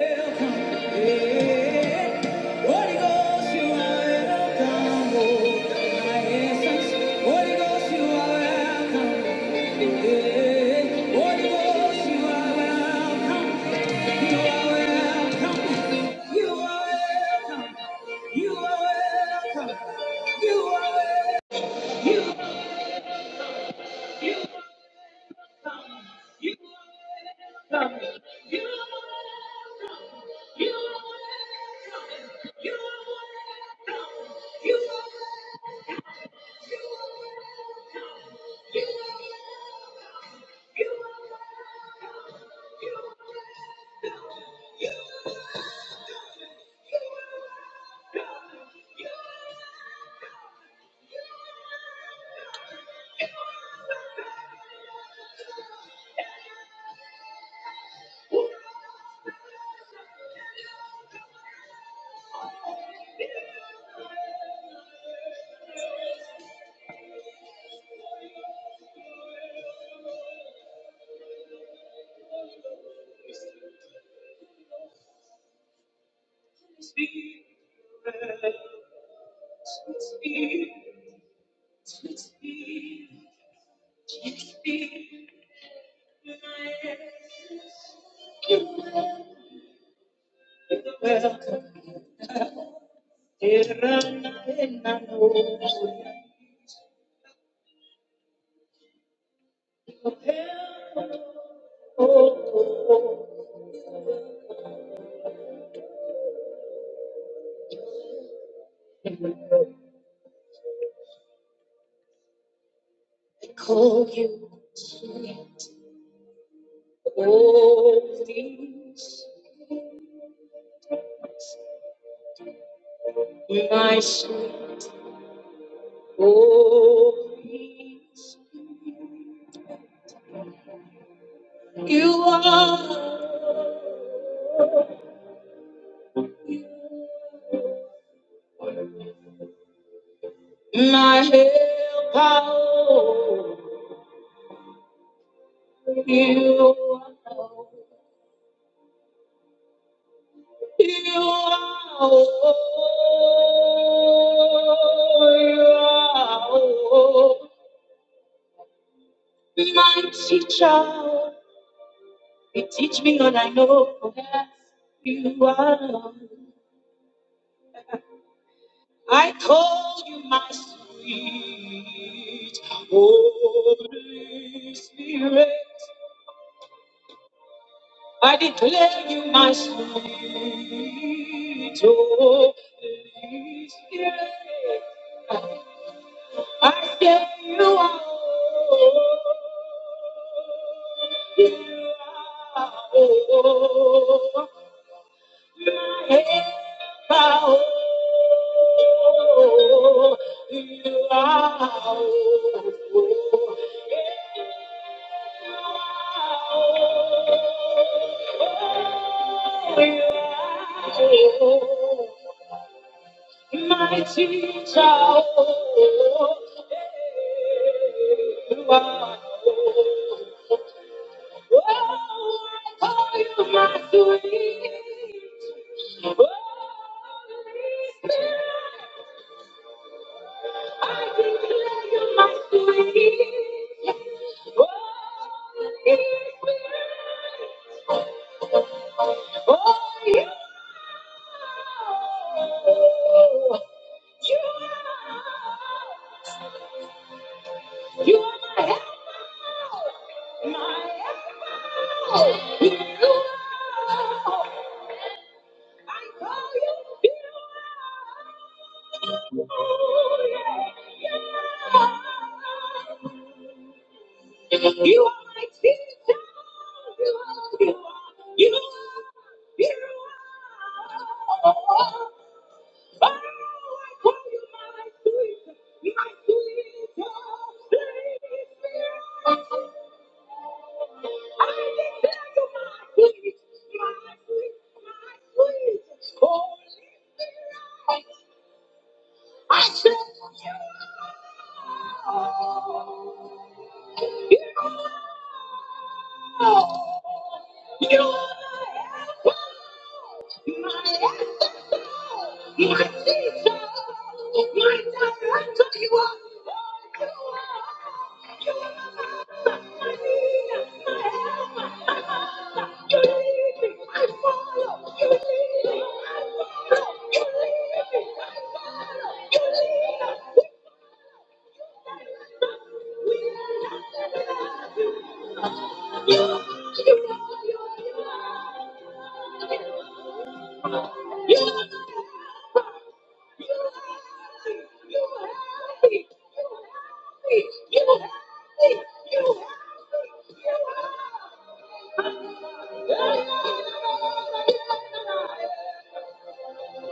You are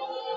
Welcome.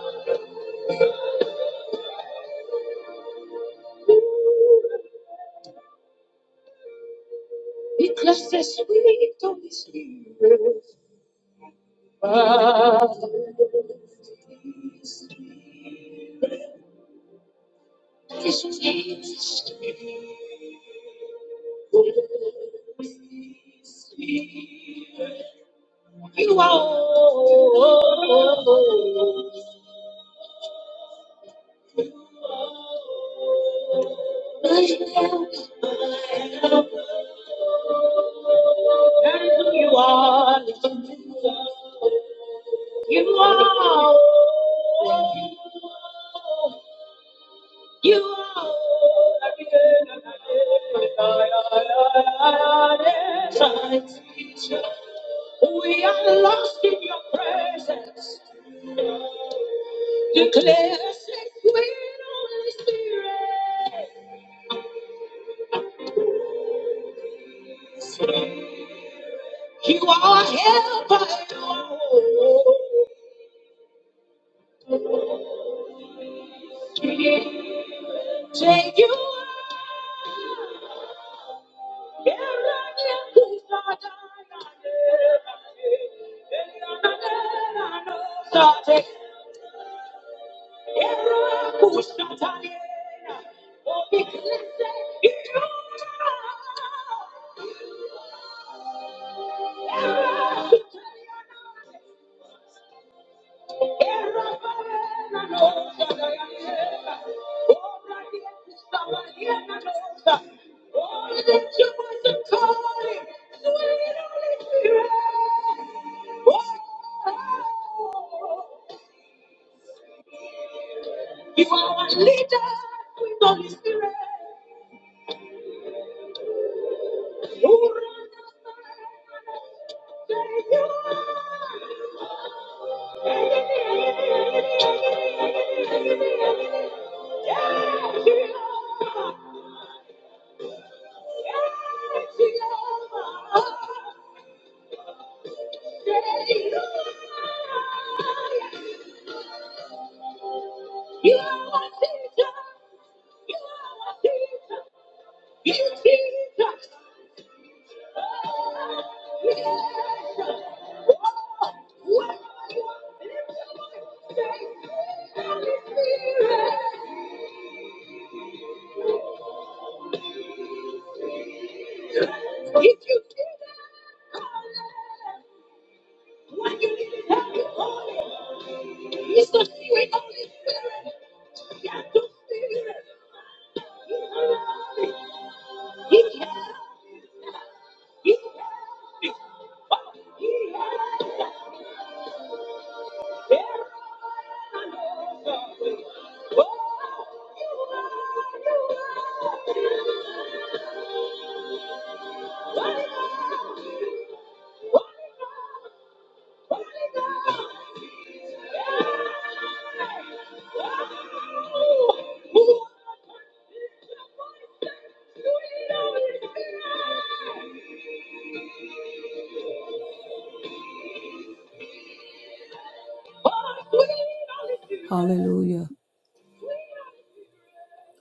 Hallelujah.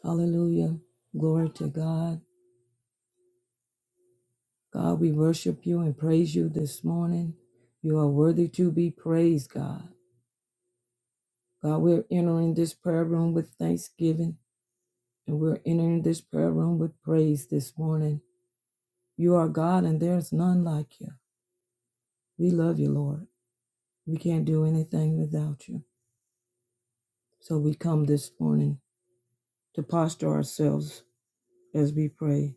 Hallelujah. Glory to God. God, we worship you and praise you this morning. You are worthy to be praised, God. God, we're entering this prayer room with thanksgiving and we're entering this prayer room with praise this morning. You are God and there's none like you. We love you, Lord. We can't do anything without you. So we come this morning to posture ourselves as we pray.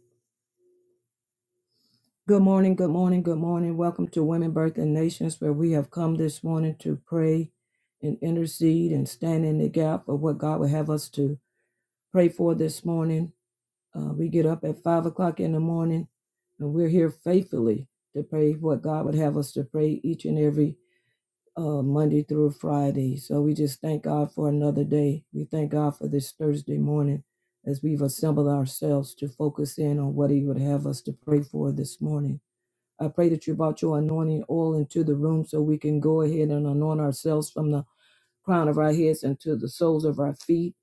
Good morning, good morning, good morning. Welcome to Women Birth and Nations, where we have come this morning to pray and intercede and stand in the gap for what God would have us to pray for this morning. Uh, we get up at five o'clock in the morning and we're here faithfully to pray what God would have us to pray each and every uh, Monday through Friday. So we just thank God for another day. We thank God for this Thursday morning as we've assembled ourselves to focus in on what He would have us to pray for this morning. I pray that you brought your anointing oil into the room so we can go ahead and anoint ourselves from the crown of our heads into the soles of our feet.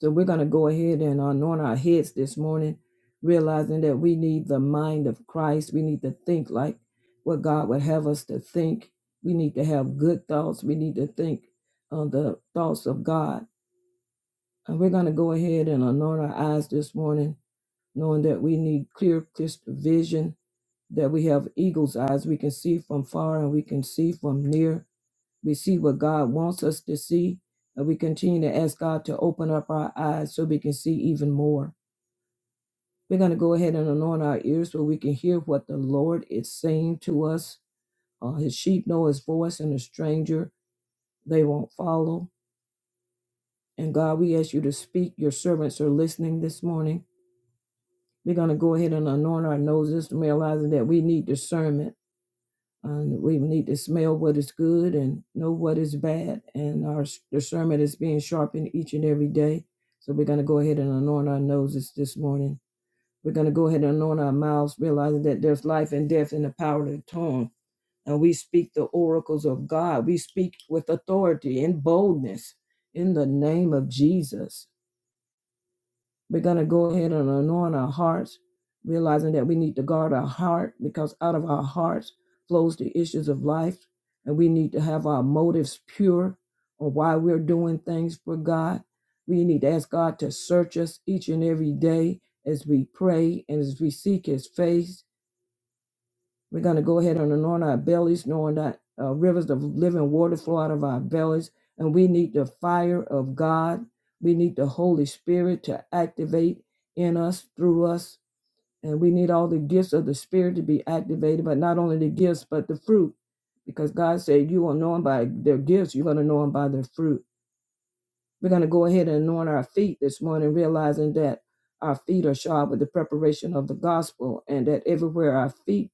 So we're going to go ahead and anoint our heads this morning, realizing that we need the mind of Christ. We need to think like what God would have us to think. We need to have good thoughts. We need to think on the thoughts of God. And we're going to go ahead and anoint our eyes this morning, knowing that we need clear, crisp vision that we have eagle's eyes. We can see from far and we can see from near. We see what God wants us to see. And we continue to ask God to open up our eyes so we can see even more. We're going to go ahead and anoint our ears so we can hear what the Lord is saying to us. Uh, his sheep know his voice, and a stranger they won't follow. And God, we ask you to speak. Your servants are listening this morning. We're going to go ahead and anoint our noses, realizing that we need discernment And we need to smell what is good and know what is bad. And our s- discernment is being sharpened each and every day. So we're going to go ahead and anoint our noses this morning. We're going to go ahead and anoint our mouths, realizing that there's life and death in the power of the tongue. And we speak the oracles of God. We speak with authority and boldness in the name of Jesus. We're going to go ahead and anoint our hearts, realizing that we need to guard our heart because out of our hearts flows the issues of life. And we need to have our motives pure on why we're doing things for God. We need to ask God to search us each and every day as we pray and as we seek His face we're going to go ahead and anoint our bellies, knowing that uh, rivers of living water flow out of our bellies. And we need the fire of God. We need the Holy Spirit to activate in us, through us. And we need all the gifts of the Spirit to be activated, but not only the gifts, but the fruit. Because God said, You will know them by their gifts, you're going to know them by their fruit. We're going to go ahead and anoint our feet this morning, realizing that our feet are shod with the preparation of the gospel, and that everywhere our feet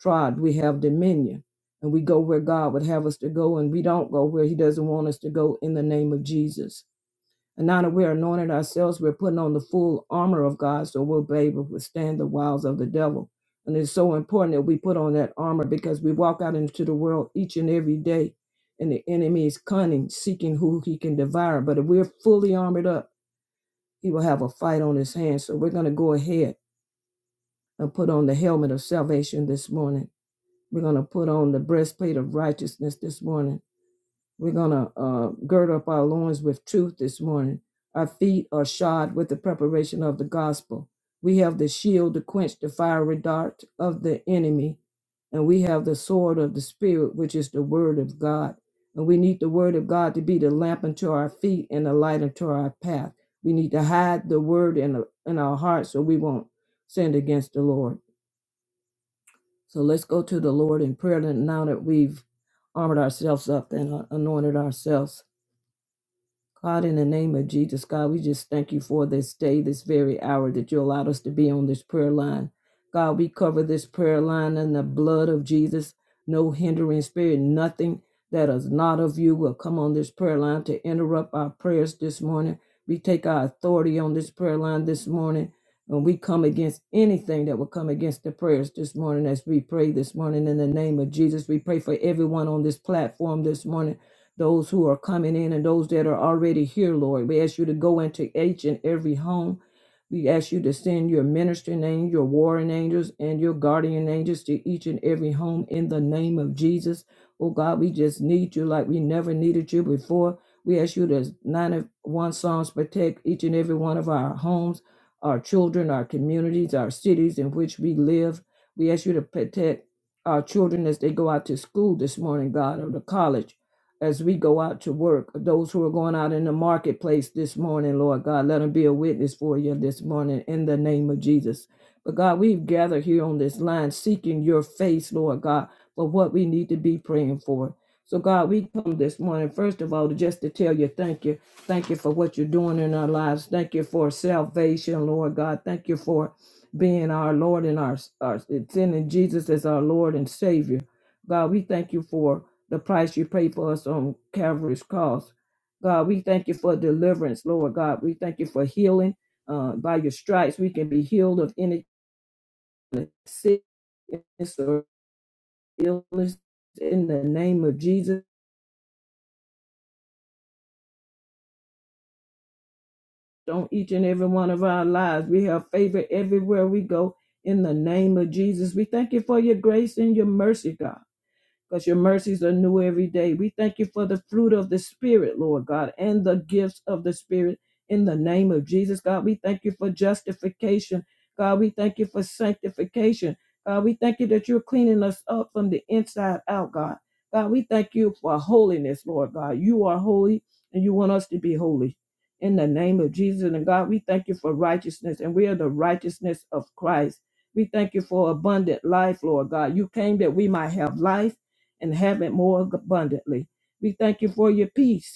trod. We have dominion and we go where God would have us to go, and we don't go where He doesn't want us to go in the name of Jesus. And now that we're anointed ourselves, we're putting on the full armor of God so we'll be able to withstand the wiles of the devil. And it's so important that we put on that armor because we walk out into the world each and every day, and the enemy is cunning, seeking who he can devour. But if we're fully armored up, he will have a fight on his hands. So we're going to go ahead and put on the helmet of salvation this morning we're going to put on the breastplate of righteousness this morning. We're going to uh, gird up our loins with truth this morning. Our feet are shod with the preparation of the gospel. We have the shield to quench the fiery dart of the enemy. And we have the sword of the Spirit, which is the word of God. And we need the word of God to be the lamp unto our feet and the light unto our path. We need to hide the word in, in our hearts so we won't sin against the Lord. So let's go to the Lord in prayer and now that we've armored ourselves up and uh, anointed ourselves. God, in the name of Jesus, God, we just thank you for this day, this very hour that you allowed us to be on this prayer line. God, we cover this prayer line in the blood of Jesus. No hindering spirit, nothing that is not of you will come on this prayer line to interrupt our prayers this morning. We take our authority on this prayer line this morning, and we come against anything that will come against the prayers this morning morning morning. as we We pray pray this this this in the name of Jesus. We pray for everyone on this platform this morning those who are coming in and those that are already here, Lord. We ask you to go into each and every home. We ask you to send your ministering angels, your warring angels, and your guardian angels to each and every home in the name of Jesus. Oh God, we just need you like we never needed you before. We ask you to 91 Psalms protect each and every one of our homes, our children, our communities, our cities in which we live. We ask you to protect our children as they go out to school this morning, God, or to college as we go out to work. Those who are going out in the marketplace this morning, Lord God, let them be a witness for you this morning in the name of Jesus. But God, we've gathered here on this line seeking your face, Lord God, for what we need to be praying for. So, God, we come this morning, first of all, just to tell you thank you. Thank you for what you're doing in our lives. Thank you for salvation, Lord God. Thank you for being our Lord and our, our sending Jesus as our Lord and Savior. God, we thank you for the price you paid for us on Calvary's cross. God, we thank you for deliverance, Lord God. We thank you for healing. Uh, by your stripes, we can be healed of any sickness or illness in the name of Jesus. On each and every one of our lives, we have favor everywhere we go in the name of Jesus. We thank you for your grace and your mercy, God. because your mercies are new every day. We thank you for the fruit of the Spirit, Lord God, and the gifts of the Spirit in the name of Jesus, God. We thank you for justification, God. We thank you for sanctification, God. We thank you that you're cleaning us up from the inside out, God. God, we thank you for holiness, Lord God. You are holy and you want us to be holy. In the name of Jesus and God, we thank you for righteousness, and we are the righteousness of Christ. We thank you for abundant life, Lord God. You came that we might have life and have it more abundantly. We thank you for your peace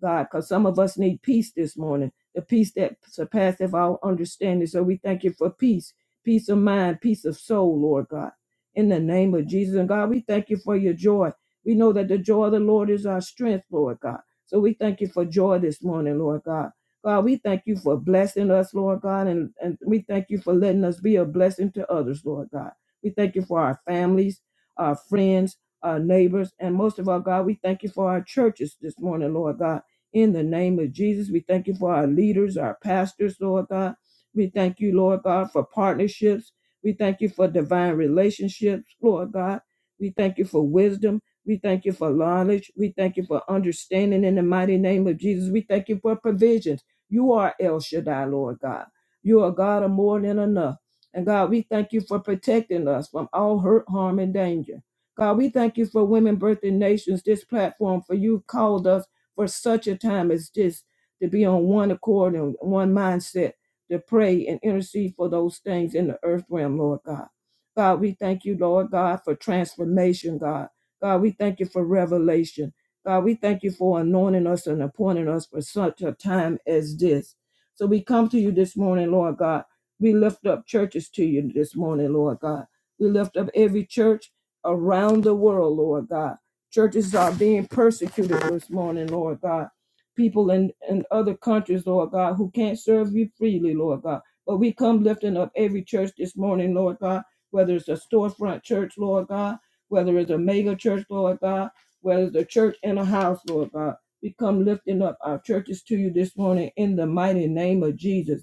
God, because some of us need peace this morning, the peace that surpasseth all understanding. So we thank you for peace, peace of mind, peace of soul, Lord God. In the name of Jesus. And God, we thank you for your joy. We know that the joy of the Lord is our strength, Lord God. So we thank you for joy this morning, Lord God. God, we thank you for blessing us, Lord God, and, and we thank you for letting us be a blessing to others, Lord God. We thank you for our families, our friends, our neighbors, and most of all, God, we thank you for our churches this morning, Lord God in the name of Jesus, we thank you for our leaders, our pastors, Lord God. We thank you, Lord God, for partnerships. We thank you for divine relationships, Lord God. We thank you for wisdom. We thank you for knowledge. We thank you for understanding in the mighty name of Jesus. We thank you for provisions. You are El Shaddai, Lord God. You are God of more than enough. And God, we thank you for protecting us from all hurt, harm, and danger. God, we thank you for Women Birthing Nations, this platform, for you called us for such a time as this to be on one accord and one mindset to pray and intercede for those things in the earth realm, Lord God. God, we thank you, Lord God, for transformation, God. God, we thank you for revelation. God, we thank you for anointing us and appointing us for such a time as this. So we come to you this morning, Lord God. We lift up churches to you this morning, Lord God. We lift up every church around the world, Lord God. Churches are being persecuted this morning, Lord God. People in, in other countries, Lord God, who can't serve you freely, Lord God. But we come lifting up every church this morning, Lord God, whether it's a storefront church, Lord God, whether it's a mega church, Lord God, whether it's a church in a house, Lord God. We come lifting up our churches to you this morning in the mighty name of Jesus.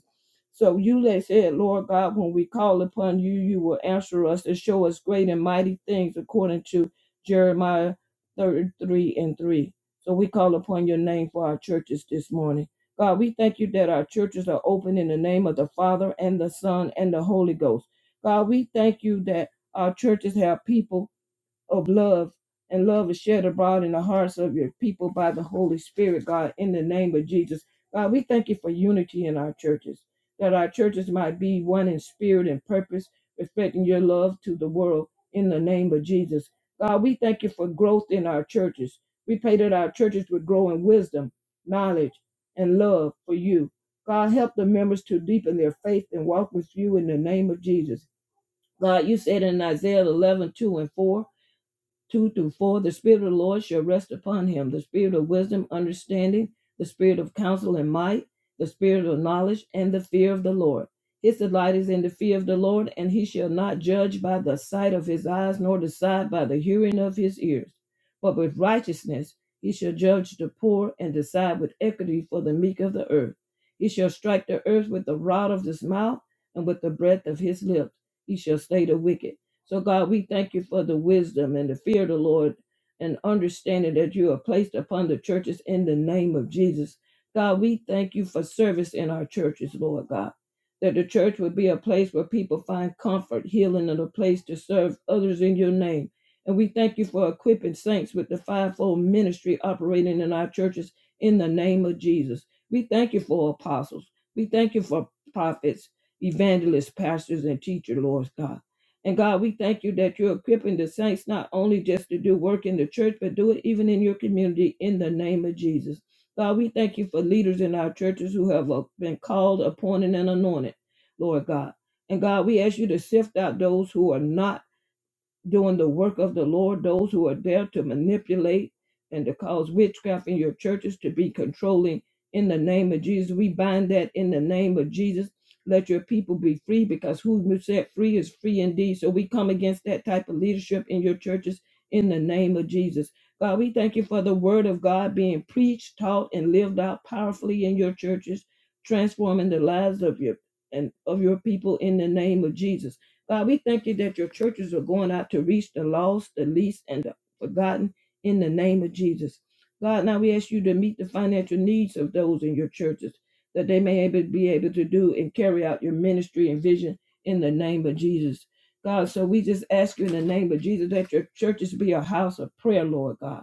So you let said, Lord God, when we call upon you, you will answer us and show us great and mighty things according to Jeremiah 33 and 3. So we call upon your name for our churches this morning. God, we thank you that our churches are open in the name of the Father and the Son and the Holy Ghost. God, we thank you that our churches have people of love, and love is shed abroad in the hearts of your people by the Holy Spirit, God, in the name of Jesus. God, we thank you for unity in our churches, that our churches might be one in spirit and purpose, reflecting your love to the world in the name of Jesus. God, we thank you for growth in our churches. We pray that our churches would grow in wisdom, knowledge, and love for you. God, help the members to deepen their faith and walk with you in the name of Jesus. God, you said in Isaiah 11 2 and 4. 2 through 4 the spirit of the lord shall rest upon him the spirit of wisdom understanding the spirit of counsel and might the spirit of knowledge and the fear of the lord his delight is in the fear of the lord and he shall not judge by the sight of his eyes nor decide by the hearing of his ears but with righteousness he shall judge the poor and decide with equity for the meek of the earth he shall strike the earth with the rod of his mouth and with the breath of his lips he shall slay the wicked so, God, we thank you for the wisdom and the fear of the Lord and understanding that you have placed upon the churches in the name of Jesus. God, we thank you for service in our churches, Lord God, that the church would be a place where people find comfort, healing, and a place to serve others in your name. And we thank you for equipping saints with the fivefold ministry operating in our churches in the name of Jesus. We thank you for apostles. We thank you for prophets, evangelists, pastors, and teachers, Lord God. And God, we thank you that you're equipping the saints not only just to do work in the church, but do it even in your community in the name of Jesus. God, we thank you for leaders in our churches who have uh, been called, appointed, and anointed, Lord God. And God, we ask you to sift out those who are not doing the work of the Lord, those who are there to manipulate and to cause witchcraft in your churches to be controlling in the name of Jesus. We bind that in the name of Jesus. Let your people be free because who you set free is free indeed. So we come against that type of leadership in your churches in the name of Jesus. God, we thank you for the word of God being preached, taught, and lived out powerfully in your churches, transforming the lives of your and of your people in the name of Jesus. God, we thank you that your churches are going out to reach the lost, the least, and the forgotten in the name of Jesus. God, now we ask you to meet the financial needs of those in your churches that they may able, be able to do and carry out your ministry and vision in the name of Jesus. God, so we just ask you in the name of Jesus that your churches be a house of prayer, Lord God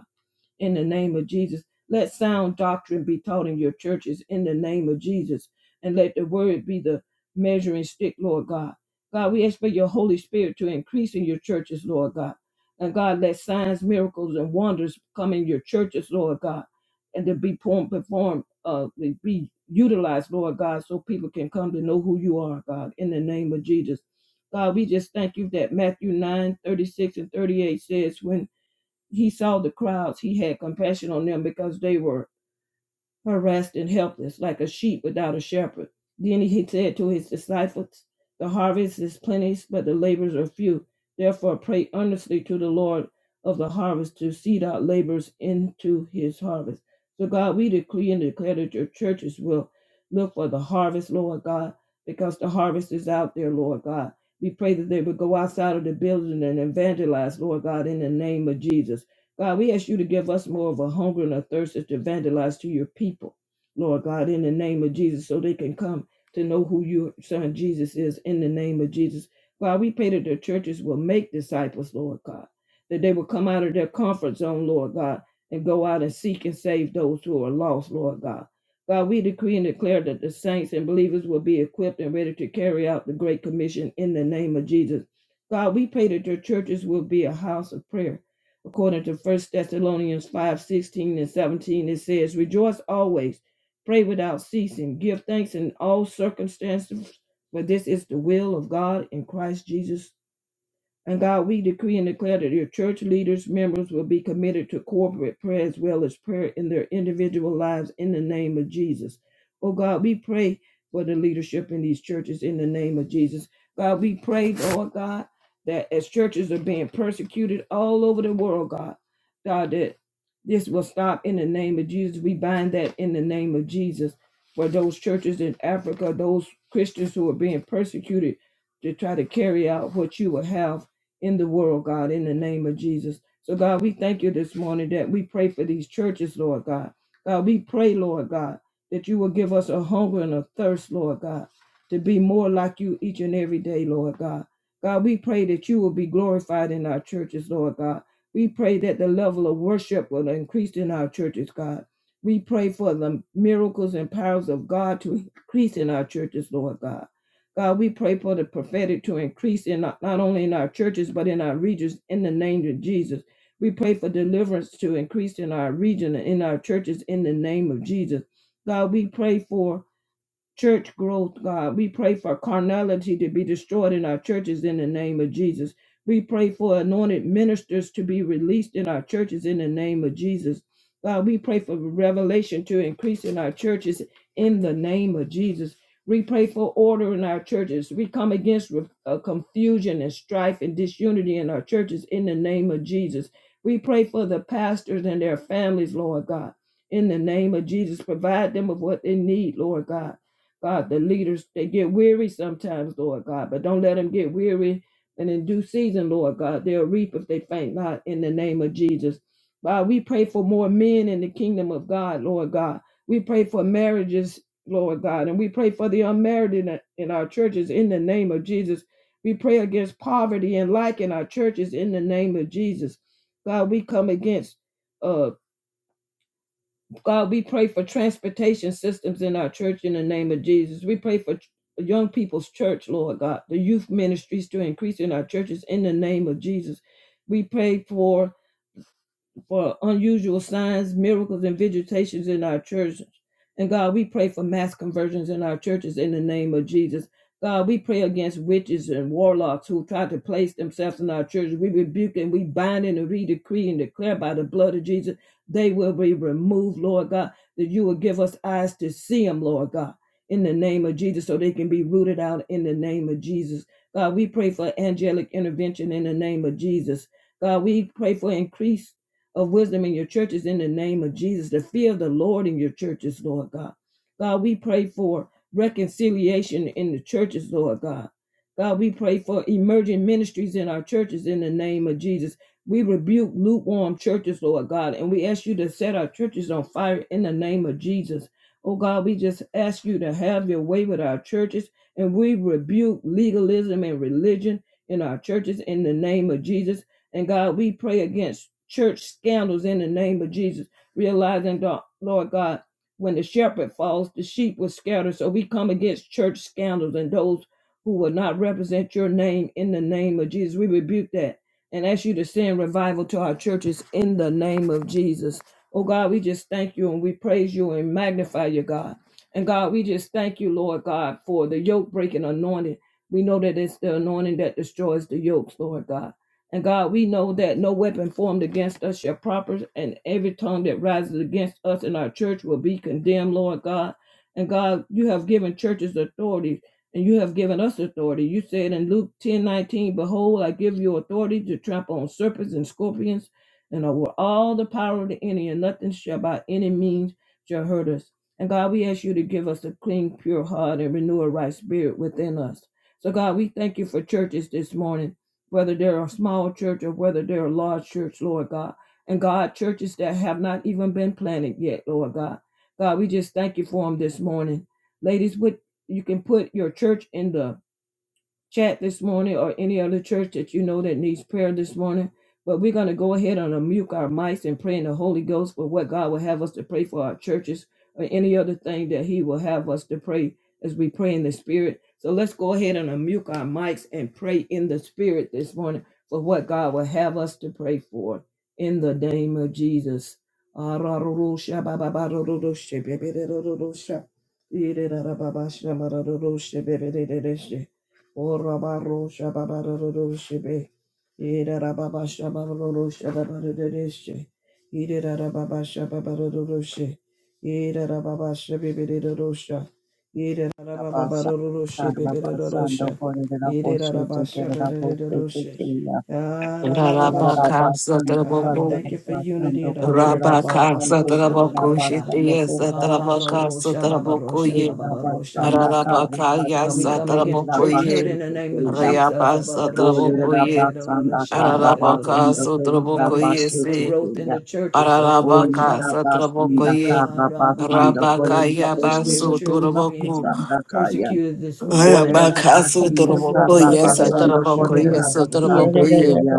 in the name of Jesus. Let sound doctrine be taught in your churches in the name of Jesus. And let the word be the measuring stick, Lord God. God, we ask for your Holy Spirit to increase in your churches, Lord God. And God, let signs, miracles, and wonders come in your churches, Lord God, and to be perform- performed, uh, to be utilized, Lord God, so people can come to know who you are, God, in the name of Jesus. God, we just thank you that Matthew 9 36 and 38 says, when he saw the crowds. He had compassion on them because they were harassed and helpless, like a sheep without a shepherd. Then he said to his disciples, The harvest is plenteous, but the laborers are few. Therefore, pray earnestly to the Lord of the harvest to seed out laborers into his harvest. So, God, we decree and declare that your churches will look for the harvest, Lord God, because the harvest is out there, Lord God. We pray that they would go outside of the building and evangelize, Lord God, in the name of Jesus. God, we ask you to give us more of a hunger and a thirst to evangelize to your people, Lord God, in the name of Jesus, so they can come to know who your son Jesus is in the name of Jesus. God, we pray that the churches will make disciples, Lord God, that they will come out of their comfort zone, Lord God, and go out and seek and save those who are lost, Lord God. God, we decree and declare that the saints and believers will be equipped and ready to carry out the Great Commission in the name of Jesus. God, we pray that your churches will be a house of prayer according to First Thessalonians 5:16 and 17, it says, Rejoice always, pray without ceasing, give thanks in all circumstances, for this is the will of God in Christ Jesus and God, we decree and declare that your church leaders, members will be committed to corporate prayer as well as prayer in their individual lives in the name of Jesus. Oh God, we pray for the leadership in these churches in the name of Jesus. God, we pray, Lord God, that as churches are being persecuted all over the world, God, God, that this will stop in the name of Jesus. We bind that in the name of Jesus for those churches in Africa, those Christians who are being persecuted to try to carry out what you will have in the world, God, in the name of Jesus. So, God, we thank you this morning that we pray for these churches, Lord God. God, we pray, Lord God, that you will give us a hunger and a thirst, Lord God, to be more like you each and every day, Lord God. God, we pray that you will be glorified in our churches, Lord God. We pray that the level of worship will increase in our churches, God. We pray for the miracles and powers of God to increase in our churches, Lord God. God, we pray for the prophetic to increase in our- not only in our churches but in our regions in the name of Jesus. We pray for deliverance to increase in our region and in our churches in the name of Jesus. God, we pray for church growth, God. We pray for carnality to be destroyed in our churches in the name of Jesus. We pray for anointed ministers to be released in our churches in the name of Jesus. God, we pray for revelation to increase in our churches in the name of Jesus. We pray for order in our churches. We come against re- uh, confusion and strife and disunity in our churches in the name of Jesus. We pray for the pastors and their families, Lord God, in the name of Jesus. Provide them with what they need, Lord God. God, the leaders, they get weary sometimes, Lord God, but don't let them get weary. And in due season, Lord God, they'll reap if they faint not in the name of Jesus. God, we pray for more men in the kingdom of God, Lord God. We pray for marriages, Lord God, and we pray for the unmarried in, in our churches in the name of Jesus. We pray against poverty and lack in our churches in the name of Jesus. God, we come against uh God, we pray for transportation systems in our church in the name of Jesus. We pray for young people's church, Lord God, the youth ministries to increase in our churches in the name of Jesus. We pray for for unusual signs, miracles, and visitations in our churches. And God, we pray for mass conversions in our churches in the name of Jesus. God, we pray against witches and warlocks who try to place themselves in our churches. We rebuke and we bind and we decree and declare by the blood of Jesus, they will be removed, Lord God, that you will give us eyes to see them, Lord God, in the name of Jesus, so they can be rooted out in the name of Jesus. God, we pray for angelic intervention in the name of Jesus. God, we pray for increased of wisdom in your churches in the name of Jesus, the fear of the Lord in your churches, Lord God. God, we pray for reconciliation in the churches, Lord God. God, we pray for emerging ministries in our churches in the name of Jesus. We rebuke lukewarm churches, Lord God, and we ask you to set our churches on fire in the name of Jesus. Oh God, we just ask you to have your way with our churches, and we rebuke legalism and religion in our churches in the name of Jesus and God, we pray against church scandals in the name of Jesus, realizing, Lord God, when the shepherd falls, the sheep will scatter. So we come against church scandals and those who will not represent your name in the name of Jesus. We rebuke that and ask you to send revival to our churches in the name of Jesus. Oh God, we just thank you and we praise you and magnify you, God. And God, we just thank you, Lord God, for the yoke breaking anointing. We know that it's the anointing that destroys the yokes, Lord God. And God, we know that no weapon formed against us shall prosper, and every tongue that rises against us in our church will be condemned, Lord God. And God, you have given churches authority, and you have given us authority. You said in Luke ten nineteen, Behold, I give you authority to trample on serpents and scorpions, and over all the power of the enemy, and nothing shall by any means shall hurt us. And God, we ask you to give us a clean, pure heart and renew a right spirit within us. So, God, we thank you for churches this morning whether they're a small church or whether they're a large church, Lord God. And God, churches that have not even been planted yet, Lord God. God, we just thank you for them this morning. Ladies, with you can put your church in the chat this morning or any other church that you know that needs prayer this morning. But we're going to go ahead and unmute our mics and pray in the Holy Ghost for what God will have us to pray for our churches or any other thing that He will have us to pray as we pray in the Spirit. So let's go ahead and unmute our mics and pray in the Spirit this morning for what God will have us to pray for in the name of Jesus. O Rabaro Shababaroshibe, Ida Rababa Shabaro Shababarishe, Ida Rababa Shababaroshe, Ida Rababa Shabibidosha, Ida Rabasa, Rababaroshe, Rabasando, Bibidosha, Correra Ida Boschete, Rabasha Kerala Boschete, Bibidoshe, Kaya, Rabasha. Rabaka Rabasando, God, we thank Satraboku you for unity Rabasando, in our Correra churches. Rabaka Basando, Abarosha, Correra Satraboku barosha. Basando, Shitya Correra Karo Boschete, Satrabaka rosha, Satraboku babarosha, Ye babarosha, Rabasanda, babaro. Carra, Rabaka Ya God, we Basando, come against Correra Satraboku church hurt Ye in the name of Boschete, Jesus. Rayaba Satraboku Olerera Ye basanda kara Arabaka basanda kolerera God, we Satraboku Ye thank you for basete Si growth in kuya. the churches. Arabaka Olerera Satraboku basanda We Ye kara plead the basanda blood Rabaka of kolerera Jesus Yaba over basete every church that's kuya being Sutraboku basanda kaya. persecuted this morning in Thank the Olerera name Rabaka of basanda Jesus. kara Sutraboku Ye God, basanda Satraboku Ye kolerera basande Sutraboku Ye kuya.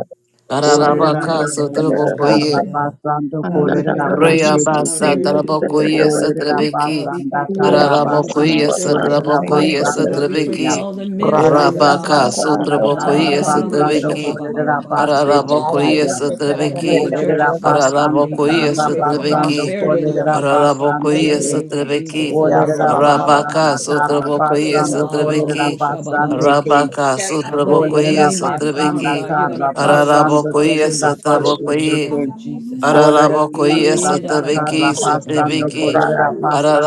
have Olerera your Arabaka way in our basanda churches, Sutraboku kara Ye Lord God. basanda God, we kolerera pray for the Raya youth basete in our kuya. basa churches, tarabako Lord God. yesa Olerera trebeki. God, we basanda pray for musicians Ararabako in our karabasanda yesa churches, kolerera God. trabako yesa basanda God, we pray for kuya. trebeki. all the ministries, Olerera God. Rabaka basanda sutrabako Ah, ra, yesa ra, ro, karabasanda sha, ba, trebeki. ba, ba, ba, kolerera ba, ba, ba, ba, basete ba, Ararabako ba. kuya. yesa Ah, to give the trebeki. Olerera churches for what they basanda need, Ararabako God. We yesa pray for karabasanda trebeki. prosperity in our kolerera churches, God. Ararabako basanda In the kuya. yesa name of Jesus. trebeki. Ah, ra, ro, Olerera ro, sha, ba, ba, basanda Rabaka ro, sha. sutrabako karabasanda yesa kolerera trebeki. Ararosha basanda kuya. babarosha. Rabaka God, Aleluya, what the sutrabako Olerera enemy yesa meant for harm, basanda trebeki. God, you're going to turn it around karabasanda for Ararabako our kolerera yesa church's good in basete the trabako name kuya. of Jesus. Uh, aleluya, Olera Araraboko yes eh, at basanda da, the da, ba, ba, kara Vicky, ba, sha, ba, ba, basando ba, da, da, Sitibiki. sha. kolera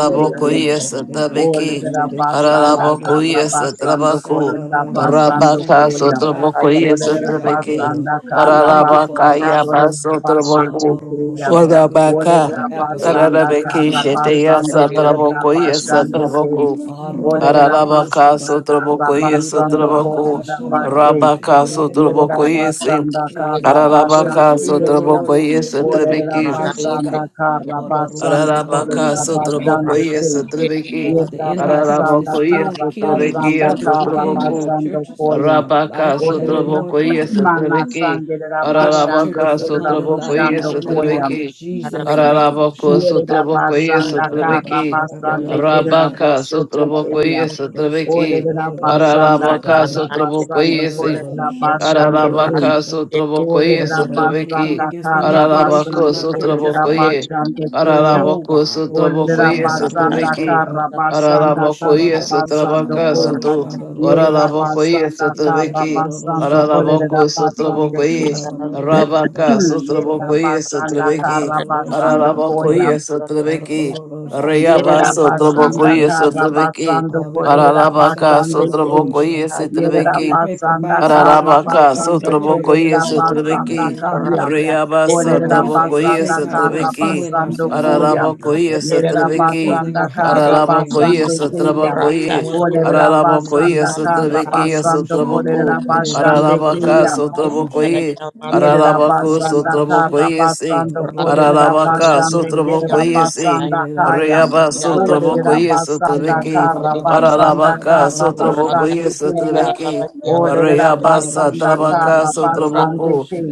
Ye, da, da, da, kum. ba, ba, yes da, at da, the da, sha, ba, Vicky. ba, Olera da, da, sha, ba, ba, basanda da, da, Araraboko kara sha. yes at basando God, Rabaku. uh, kolera uh, God, uh, we basando thank you Rabaka for the koya. Sotraboko fivefold yes Olera at ministry, the God. Vicky. uh, uh, basanda We kara thank you for Ararabaka basando kolera apostles. Ah, basete ro- Yabasotraboku. ro- ro- kuya. sha. We pray for Orabaka. Olera the apostolic basanda to rest Ararabeki on kara our churches, Shetea basando God, in the kolera name Satraboko of yes basande Jesus. kum. at Ah, ra- suyo, ba- Olera ba- ro- sha- Ararabaka basanda ba. kara sotraboko Eh, yesu da- da- basando da- ba- ba- traboko ba- kolera sha- ba- suyo, ba- ro- basete. sha- rabaka ba- ba- da- da- da- da- Yerera sotraboko sha. yesu basanda Eh, da- kara da- da. Where the ararabaka basando Spirit of the keya. Lord sotraboko is, there's liberty in Olerera our yesu churches, basanda God. kara Ah, ro- ro- sha- ba- ba- ro- Ararabaka sha- ba- da- da- sotraboko da- ye sha- ka. sotrabeki. God, the enemy comes to Yerabasanda Ararabako you. ye steal, kill, and sotrabeki ye destroy, Karabasanda but you came that sotraboko. our Thank you. churches will Kaya. have Arabaka life and have Olerabasanda it more sotraboko ye abundantly, God. sotrabeki. To give our Karabasanda Ararabaka churches abundant sotraboko life, ye Kolerabasanda God, in the Kaya. name of sotrabeki. Jesus. Ararabako Ba-ba-ba-sha. sotraboko ye Yerabasanda Karabasanda Karabasanda sotrabeki. Koya. Yee-da-da-da-ba-ba-sha, Olerabasanda Kerabasanda Koya. Yerabasanda Karabasanda ba-ba-ba-ba-ba-sha. Arabaka Kerabasanda sotraboko Kaya. ye Ga-da-da-da-da-da-sha, sotrabeki. Olerabasanda ba-ba-da-da-da-da-da-sha, Ararabaka ba-ba-da. sotraboko Karabasanda ye Ga-da-da-da-da-da-sha, Kolerabasanda Kaya. ba-ba-da-da-da-da-sha, Ararabaka da. sotrobokoye Olerera Da-da-da-da. Well, we come sotrobeki. basanda against kara manipulation in Ararabako basando our churches, kolerera God. sotrobokoye. basando kuya. Control Ararabako God. Olerera sotrobokoye Orosha, Orosha, basanda sotrobeki. Babara, kara basanda Orosha, kara Ararabokoye Babarosha, basando sotrabaka kum. soto. Babarosha, Yerera Dorosha, Ararabokoye basanda kara sotrobeki. basando Ederosha, Babara, kolerera Ararabako basando Orosha, sotrobokoye. kum. Babarosha, Rabaka Babarosha, Yerera Babar, sotrobokoye basanda sotrobeki. kara Ederosha, basando koya. Ararabokoye Babarosha, sotrobeki. Karorosha, Rayaba Yerera basanda sotrobokoye Babarosha, kara sotrobeki. basando uh, we pray for kolerera the Ararabaka saints of basando sotrobokoye God, we sotrobeki. pray for Yerabasanda backsliders to Ararabaka, return Karabasando back to your Sotrabokoye, churches, God, in Kolerabasanda the Sotrebeki, name of Kaya. Jesus. Rayabasa, God, you say, Trabokoye, forsake Olerabasanda not for Sotrebeki, assembling Karabasando ourselves Koya. together, Lord Ararabokoye, God. So we're Sotrebeki, assembling Yerabasanda your house in the name of Ararabokoye, Karabasando Jesus. Uh, Kaya. on Sotrabokoye, one accord, God, in the name Ararabokoye, of Olerabasanda Jesus. Uh, Sotrebeki, Baba Karabasando babarosha, Sotraboko, Kolerabasande Ederororosha, Ararabaka, Kaya. Baba Barosha. Sotrabokoye, Yerera Ararabako, basanda Ederororobababashe. kara Sotrabokoye, Si, basando korera Ararabaka, basande kerera Sotrabokoye, Si, basanda kaya. Rayabasa, Olerera Trabokoye, basanda Sotrebeki, kara basanda Ararabaka, kara Sotrabokoye, basande kaya. Sotrebeki, Olerera Rayabasa basanda kara Trabacasa basande Traboco kaya.